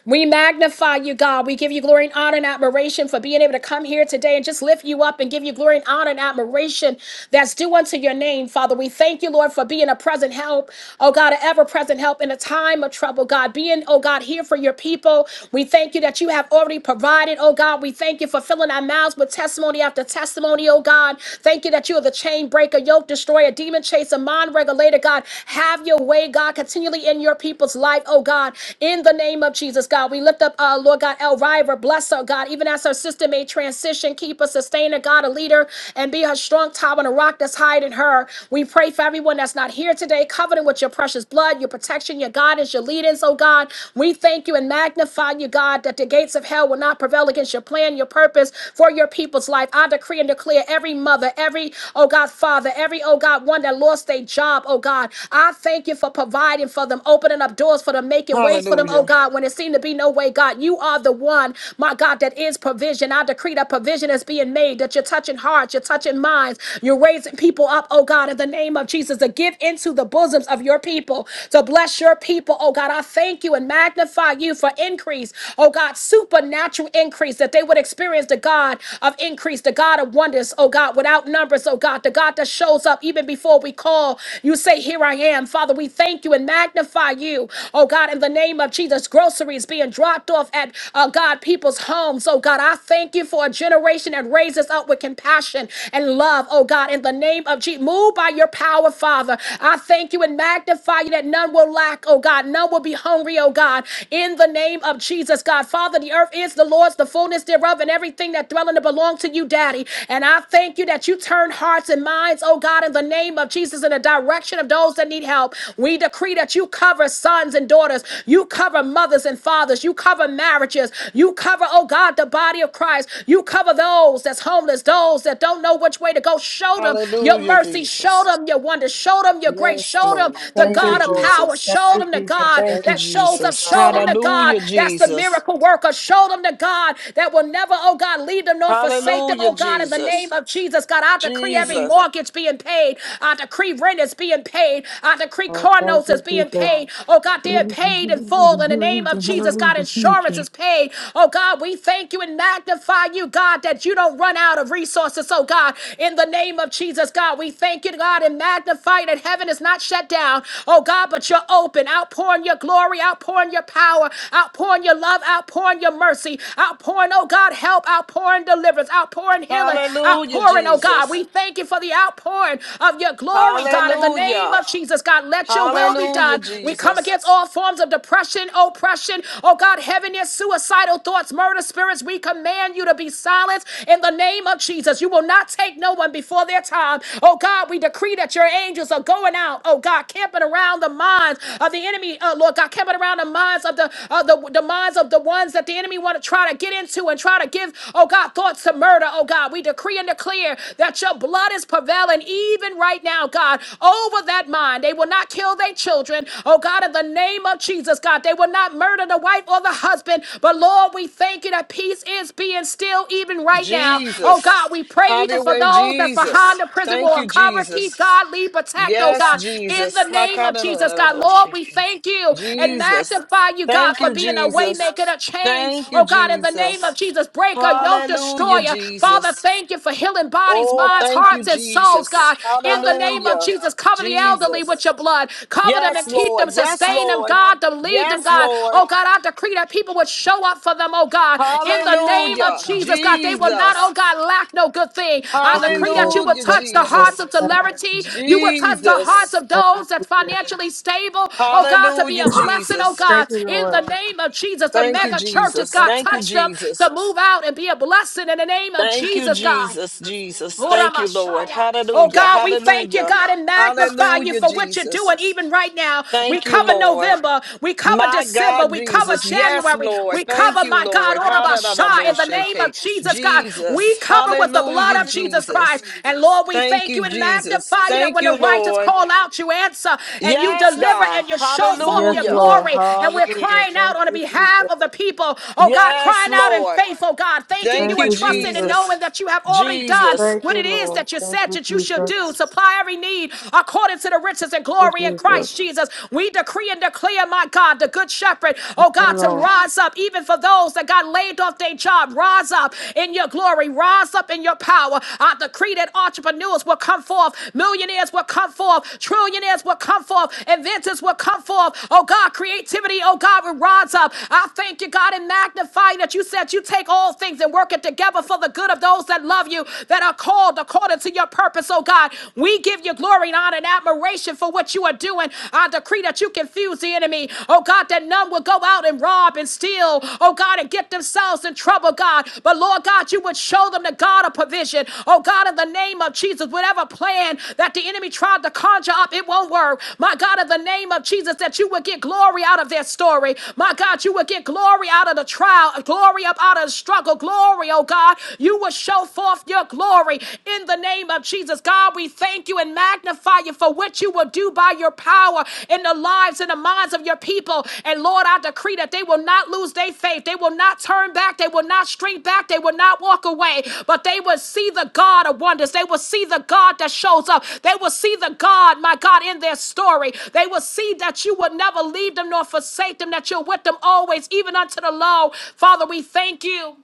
Speaker 2: We magnify you, God. We give you glory and honor and admiration for being able to come here today and just lift you up and give you glory and honor and admiration that's due unto your name, Father. We thank you, Lord, for being a present help, oh God, an ever present help in a time of trouble, God. Being, oh God, here for your people. We thank you that you have already provided, oh God. We thank you for filling our mouths with testimony after testimony, oh God. Thank you that you are the chain breaker, yoke destroyer, demon chaser, mind regulator, God. Have your way, God, continually in your people's life, oh God In in the name of Jesus, God. We lift up, uh, Lord God, Elvira, bless her, God, even as her sister may transition, keep her, sustain her, God, a leader, and be her strong tower and a rock that's hiding her. We pray for everyone that's not here today, covered with your precious blood, your protection, your guidance, your leadings, oh God. We thank you and magnify you, God, that the gates of hell will not prevail against your plan, your purpose for your people's life. I decree and declare every mother, every, oh God, father, every, oh God, one that lost their job, oh God. I thank you for providing for them, opening up doors miracles for them, making ways for them, oh
Speaker 5: Hallelujah.
Speaker 2: God, when it seemed to be no way, God. You are the one, my God, that is provision. I decree that provision is being made, that you're touching hearts, you're touching minds, you're raising people up, oh God, in the name of Jesus, to give into the bosoms of your people, to bless your people, oh God. I thank you and magnify you for increase, oh God, supernatural increase, that they would experience the God of increase, the God of wonders, oh God, without numbers, oh God, the God that shows up even before we call. You say, Here I am. Father, we thank you and magnify magnify you, oh God, in the name of Jesus. Groceries being dropped off at, uh, God, people's homes, oh God. I thank you for a generation that raises up with compassion and love, oh God, in the name of Jesus. Move by your power, Father. I thank you and magnify you that none will lack, oh God. None will be hungry, oh God, in the name of Jesus, God. Father, the earth is the Lord's, the fullness thereof, and everything that dwell in it belong to you, Daddy. And I thank you that you turn hearts and minds, oh God, in the name of Jesus, in the direction of those that need help help. We decree that you cover sons and daughters, you cover mothers and fathers, you cover marriages, you cover, oh God, the body of Christ, you cover those that's homeless, those that don't know which way to go. Show them your
Speaker 5: Hallelujah,
Speaker 2: mercy, show
Speaker 5: Jesus.
Speaker 2: them your wonder, show them your grace,
Speaker 5: Yes,
Speaker 2: show them
Speaker 5: Lord.
Speaker 2: the
Speaker 1: Thank
Speaker 5: Thank you,
Speaker 2: God
Speaker 1: you,
Speaker 2: of
Speaker 1: Lord.
Speaker 2: power,
Speaker 5: Jesus.
Speaker 1: Thank
Speaker 2: show
Speaker 1: you,
Speaker 2: them the
Speaker 1: Jesus. Thank
Speaker 2: God
Speaker 5: Thank you,
Speaker 2: that shows
Speaker 1: you,
Speaker 2: up,
Speaker 5: Jesus.
Speaker 2: show them
Speaker 1: Heavenly
Speaker 2: the God
Speaker 5: Hallelujah,
Speaker 2: that's the
Speaker 5: Jesus.
Speaker 2: miracle worker, show them the God that will never, oh God, leave them nor forsake them,
Speaker 5: Hallelujah,
Speaker 2: oh God, in the name
Speaker 5: Jesus.
Speaker 2: of Jesus. God, I decree every
Speaker 5: Jesus.
Speaker 2: mortgage being paid, I decree rent is being paid being paid. I decree
Speaker 1: Father.
Speaker 2: car
Speaker 1: Thank
Speaker 2: notes is
Speaker 1: you,
Speaker 2: being
Speaker 1: Jesus.
Speaker 2: paid. Oh God, they're
Speaker 4: Hallelujah.
Speaker 2: paid in full in the name of
Speaker 4: Hallelujah.
Speaker 2: Jesus. God,
Speaker 4: Hallelujah. Thank
Speaker 2: insurance
Speaker 4: you.
Speaker 2: is paid. Oh God, we thank you and magnify you, God, that you don't run out of resources. Oh God, in the name of Jesus, God, we thank you, God, and magnify that heaven is not shut down. Oh God, but you're open, outpouring your glory, outpouring your power, outpouring your love, outpouring your mercy, outpouring, oh God, help, outpouring deliverance, outpouring healing,
Speaker 5: Hallelujah,
Speaker 2: outpouring, oh God.
Speaker 5: Jesus.
Speaker 2: We thank you for the outpouring of your glory glory, God, in the name
Speaker 5: Hallelujah.
Speaker 2: of Jesus, God. Let your will be
Speaker 5: Hallelujah,
Speaker 2: done. We come
Speaker 5: Jesus.
Speaker 2: against all forms of depression, oppression, oh God, heaviness, suicidal thoughts, murder spirits. We command you to be silenced in the name of Jesus. You will not take no one before their time. Oh God, we decree that your angels are going out, oh God, camping around the minds of the enemy, uh, Lord God, camping around the minds of the, uh, the, the minds of the ones that the enemy want to try to get into and try to give, oh God, thoughts to murder, oh God. We decree and declare that your blood is prevailing happen even right now, God, over that mind. They will not kill their children. Oh, God, in the name of Jesus, God, they will not murder the wife or the husband. But Lord, we thank you that peace is being still even right now. Oh,
Speaker 5: Jesus.
Speaker 2: God, we pray
Speaker 5: Have
Speaker 2: even
Speaker 5: your
Speaker 2: for
Speaker 5: way,
Speaker 2: those that's behind
Speaker 5: Jesus.
Speaker 2: the prison
Speaker 5: Thank
Speaker 2: wall.
Speaker 5: you,
Speaker 2: Cover, keep,
Speaker 5: Jesus.
Speaker 2: God, lead, protect, oh,
Speaker 5: Yes,
Speaker 2: God, in
Speaker 5: Jesus.
Speaker 2: the name of Jesus, God. Lord, we
Speaker 5: Hakadadadadaboshiki.
Speaker 2: thank you and
Speaker 5: Jesus.
Speaker 2: magnify you, God,
Speaker 5: Thank
Speaker 2: for
Speaker 5: you,
Speaker 2: being a way
Speaker 5: Jesus.
Speaker 2: maker, a change.
Speaker 5: Thank you,
Speaker 2: Oh, God, in the name of
Speaker 5: Jesus.
Speaker 2: Jesus, break a yoke
Speaker 5: Hallelujah,
Speaker 2: destroyer. Father,
Speaker 5: Jesus.
Speaker 2: thank you for healing bodies,
Speaker 5: Oh,
Speaker 2: minds, minds,
Speaker 5: thank you,
Speaker 2: hearts, and souls,
Speaker 5: Jesus.
Speaker 2: God. In the name of
Speaker 5: Hallelujah,
Speaker 2: Jesus, cover the elderly
Speaker 5: Jesus.
Speaker 2: with your blood. Cover them
Speaker 5: Yes,
Speaker 2: and keep
Speaker 5: Lord.
Speaker 2: them,
Speaker 5: Yes,
Speaker 2: sustain them,
Speaker 5: Lord.
Speaker 2: God, to lead them,
Speaker 5: Yes,
Speaker 2: God.
Speaker 5: Lord.
Speaker 2: Oh, God, I decree that people would show up for them, oh, God. In the name of
Speaker 5: Hallelujah,
Speaker 2: Jesus, God, they will not, oh,
Speaker 5: Jesus.
Speaker 2: God, lack no good thing. I
Speaker 1: Thank you,
Speaker 2: decree
Speaker 1: Jesus.
Speaker 2: that you would
Speaker 5: Hallelujah,
Speaker 1: Thank
Speaker 2: touch
Speaker 1: you,
Speaker 2: the
Speaker 1: Lord.
Speaker 2: hearts
Speaker 5: Jesus.
Speaker 2: of
Speaker 1: Thank
Speaker 2: celebrity. You would touch the hearts
Speaker 5: Jesus.
Speaker 2: of
Speaker 1: you,
Speaker 2: those that's financially stable, oh, God, to be
Speaker 5: Hallelujah,
Speaker 2: a blessing, oh,
Speaker 5: Jesus.
Speaker 2: God.
Speaker 1: Thank you,
Speaker 2: In the
Speaker 1: Lord.
Speaker 2: name of Jesus, the
Speaker 5: Thank you,
Speaker 2: mega churches,
Speaker 5: Jesus.
Speaker 2: God,
Speaker 5: Thank you,
Speaker 2: touch them to
Speaker 5: Jesus.
Speaker 2: move out and be a blessing in the name of
Speaker 5: Thank you,
Speaker 2: Jesus, God.
Speaker 5: Jesus. Jesus. Thank you, Lord.
Speaker 2: Oramashaya. Oh
Speaker 5: Hallelujah.
Speaker 2: God, we thank you,
Speaker 5: Hallelujah.
Speaker 2: God, and magnify you
Speaker 5: Hallelujah,
Speaker 2: for what you're
Speaker 5: Jesus.
Speaker 2: doing even right now. We
Speaker 5: Thank you,
Speaker 2: cover
Speaker 5: Lord.
Speaker 2: November, we cover
Speaker 5: My
Speaker 2: December,
Speaker 5: God,
Speaker 2: we cover
Speaker 5: Jesus. Yes,
Speaker 2: January,
Speaker 5: Lord.
Speaker 2: we
Speaker 5: Thank
Speaker 2: cover,
Speaker 5: you,
Speaker 2: my God,
Speaker 5: Lord.
Speaker 2: Oramashaya, in the name of
Speaker 5: Hallelujah.
Speaker 2: Jesus, God. We
Speaker 5: Jesus.
Speaker 2: cover with the blood
Speaker 5: Hallelujah,
Speaker 2: of Jesus
Speaker 5: Jesus.
Speaker 2: Christ. And Lord, we
Speaker 5: Thank
Speaker 2: thank you
Speaker 5: you,
Speaker 2: and
Speaker 5: Jesus.
Speaker 2: magnify you that
Speaker 5: Thank
Speaker 2: when the
Speaker 5: you,
Speaker 2: righteous
Speaker 5: Lord.
Speaker 2: call out, you answer and you
Speaker 5: Yes,
Speaker 2: deliver
Speaker 5: God.
Speaker 2: and you show forth
Speaker 1: Yes,
Speaker 2: your
Speaker 5: Hallelujah.
Speaker 1: Lord.
Speaker 2: glory. And we're
Speaker 1: Hallelujah.
Speaker 2: crying
Speaker 1: Thank
Speaker 2: out on the
Speaker 1: you,
Speaker 2: behalf
Speaker 1: Jesus.
Speaker 2: of the people, oh God,
Speaker 5: Yes,
Speaker 2: crying out in
Speaker 5: Lord.
Speaker 2: faith, oh God, thanking
Speaker 5: Thank
Speaker 1: Thank
Speaker 2: you
Speaker 5: you,
Speaker 2: and
Speaker 1: you,
Speaker 2: trusting and
Speaker 1: Jesus.
Speaker 2: knowing
Speaker 5: Jesus.
Speaker 2: that you have already already done
Speaker 5: Jesus.
Speaker 1: Thank
Speaker 2: what
Speaker 1: you,
Speaker 2: it is
Speaker 1: Lord.
Speaker 2: that you
Speaker 1: Thank
Speaker 2: said
Speaker 1: you,
Speaker 2: that you should
Speaker 1: Jesus.
Speaker 2: do. Supply every need according to the riches and
Speaker 1: Thank
Speaker 2: glory in
Speaker 1: you, Jesus.
Speaker 2: Christ Jesus. We decree and declare, my God, the good shepherd,
Speaker 1: Thank
Speaker 2: oh
Speaker 1: you,
Speaker 2: God, to
Speaker 1: Lord.
Speaker 2: rise up, even for those that got laid off their job. Rise up in your glory, rise up in your power. I decree that entrepreneurs will come forth, millionaires will come forth, trillionaires will come forth, inventors will come forth. Oh God, creativity, oh God, will rise up. I thank you, God, and magnify that you said you take all things and work it together for the good good of those that love you, that are called according to your purpose, oh God. We give you glory and honor and admiration for what you are doing. I decree that you confuse the enemy, oh God, that none will go out and rob and steal, oh God, and get themselves in trouble, God. But Lord God, you would show them the God of provision, oh God, in the name of Jesus, whatever plan that the enemy tried to conjure up, it won't work. My God, in the name of Jesus, that you would get glory out of their story. My God, you would get glory out of the trial, glory up out of the struggle, glory, oh glory, oh God. You will show forth your glory in the name of Jesus. God, we thank you and magnify you for what you will do by your power in the lives and the minds of your people. And Lord, I decree that they will not lose their faith. They will not turn back. They will not shrink back. They will not walk away, but they will see the God of wonders. They will see the God that shows up. They will see the God, my God, in their story. They will see that you will never leave them nor forsake them, that you're with them always, even unto the low. Father, we thank you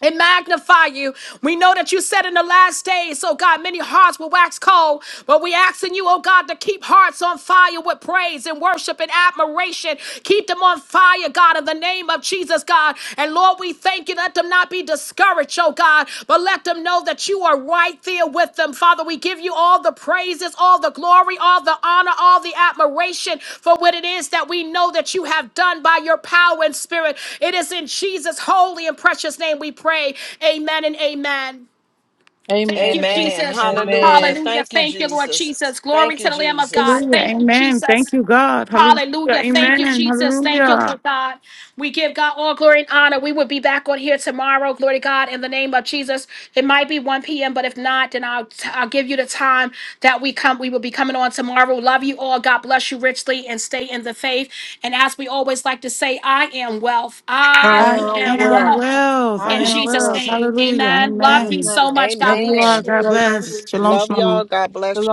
Speaker 2: and magnify you. We know that you said in the last days, oh God, many hearts will wax cold, but we asking you, oh God, to keep hearts on fire with praise and worship and admiration. Keep them on fire, God, in the name of Jesus, God. And Lord, we thank you. Let them not be discouraged, oh God. God, but let them know that you are right there with them. Father, we give you all the praises, all the glory, all the honor, all the admiration for what it is that we know that you have done by your power and spirit. It is in Jesus' holy and precious name we pray. Amen and amen. Thank you,
Speaker 1: Amen. Amen.
Speaker 5: Amen.
Speaker 2: Jesus.
Speaker 5: Hallelujah.
Speaker 1: Amen.
Speaker 2: Hallelujah.
Speaker 5: Thank you,
Speaker 2: Thank you, Lord
Speaker 5: Jesus.
Speaker 2: Jesus. Glory
Speaker 5: Thank you,
Speaker 2: to the Lamb of God.
Speaker 5: Jesus.
Speaker 4: Hallelujah.
Speaker 2: Thank you,
Speaker 4: Amen. Thank
Speaker 2: Jesus.
Speaker 4: you, God. Hallelujah.
Speaker 2: Hallelujah. Thank you,
Speaker 4: Amen.
Speaker 2: Jesus. Thank you,
Speaker 4: Hallelujah.
Speaker 2: Lord God. We give God all glory and honor. We will be back on here tomorrow. Glory to God in the name of Jesus. It might be 1 p.m., but if not, then I'll, I'll give you the time that we come. We will be coming on tomorrow. Love you all. God bless you richly and stay in the faith. And as we always like to say, I am wealth. I
Speaker 1: I
Speaker 4: I
Speaker 1: am
Speaker 2: am
Speaker 4: am
Speaker 1: well.
Speaker 2: wealth
Speaker 4: well. I
Speaker 1: I
Speaker 2: in
Speaker 4: am
Speaker 1: am
Speaker 2: Jesus'
Speaker 4: well.
Speaker 1: well.
Speaker 2: name.
Speaker 4: Hallelujah.
Speaker 1: In
Speaker 2: Amen. Love
Speaker 1: Jesus'
Speaker 2: you
Speaker 4: Amen.
Speaker 2: so
Speaker 1: name.
Speaker 2: much.
Speaker 4: Love
Speaker 2: God
Speaker 4: you
Speaker 2: bless
Speaker 4: all.
Speaker 5: Amen.
Speaker 1: We
Speaker 2: you.
Speaker 4: God
Speaker 1: love you
Speaker 4: bless.
Speaker 1: too.
Speaker 4: Shalom,
Speaker 5: Love
Speaker 4: shalom.
Speaker 5: y'all. God bless
Speaker 1: The
Speaker 5: you.
Speaker 1: Lord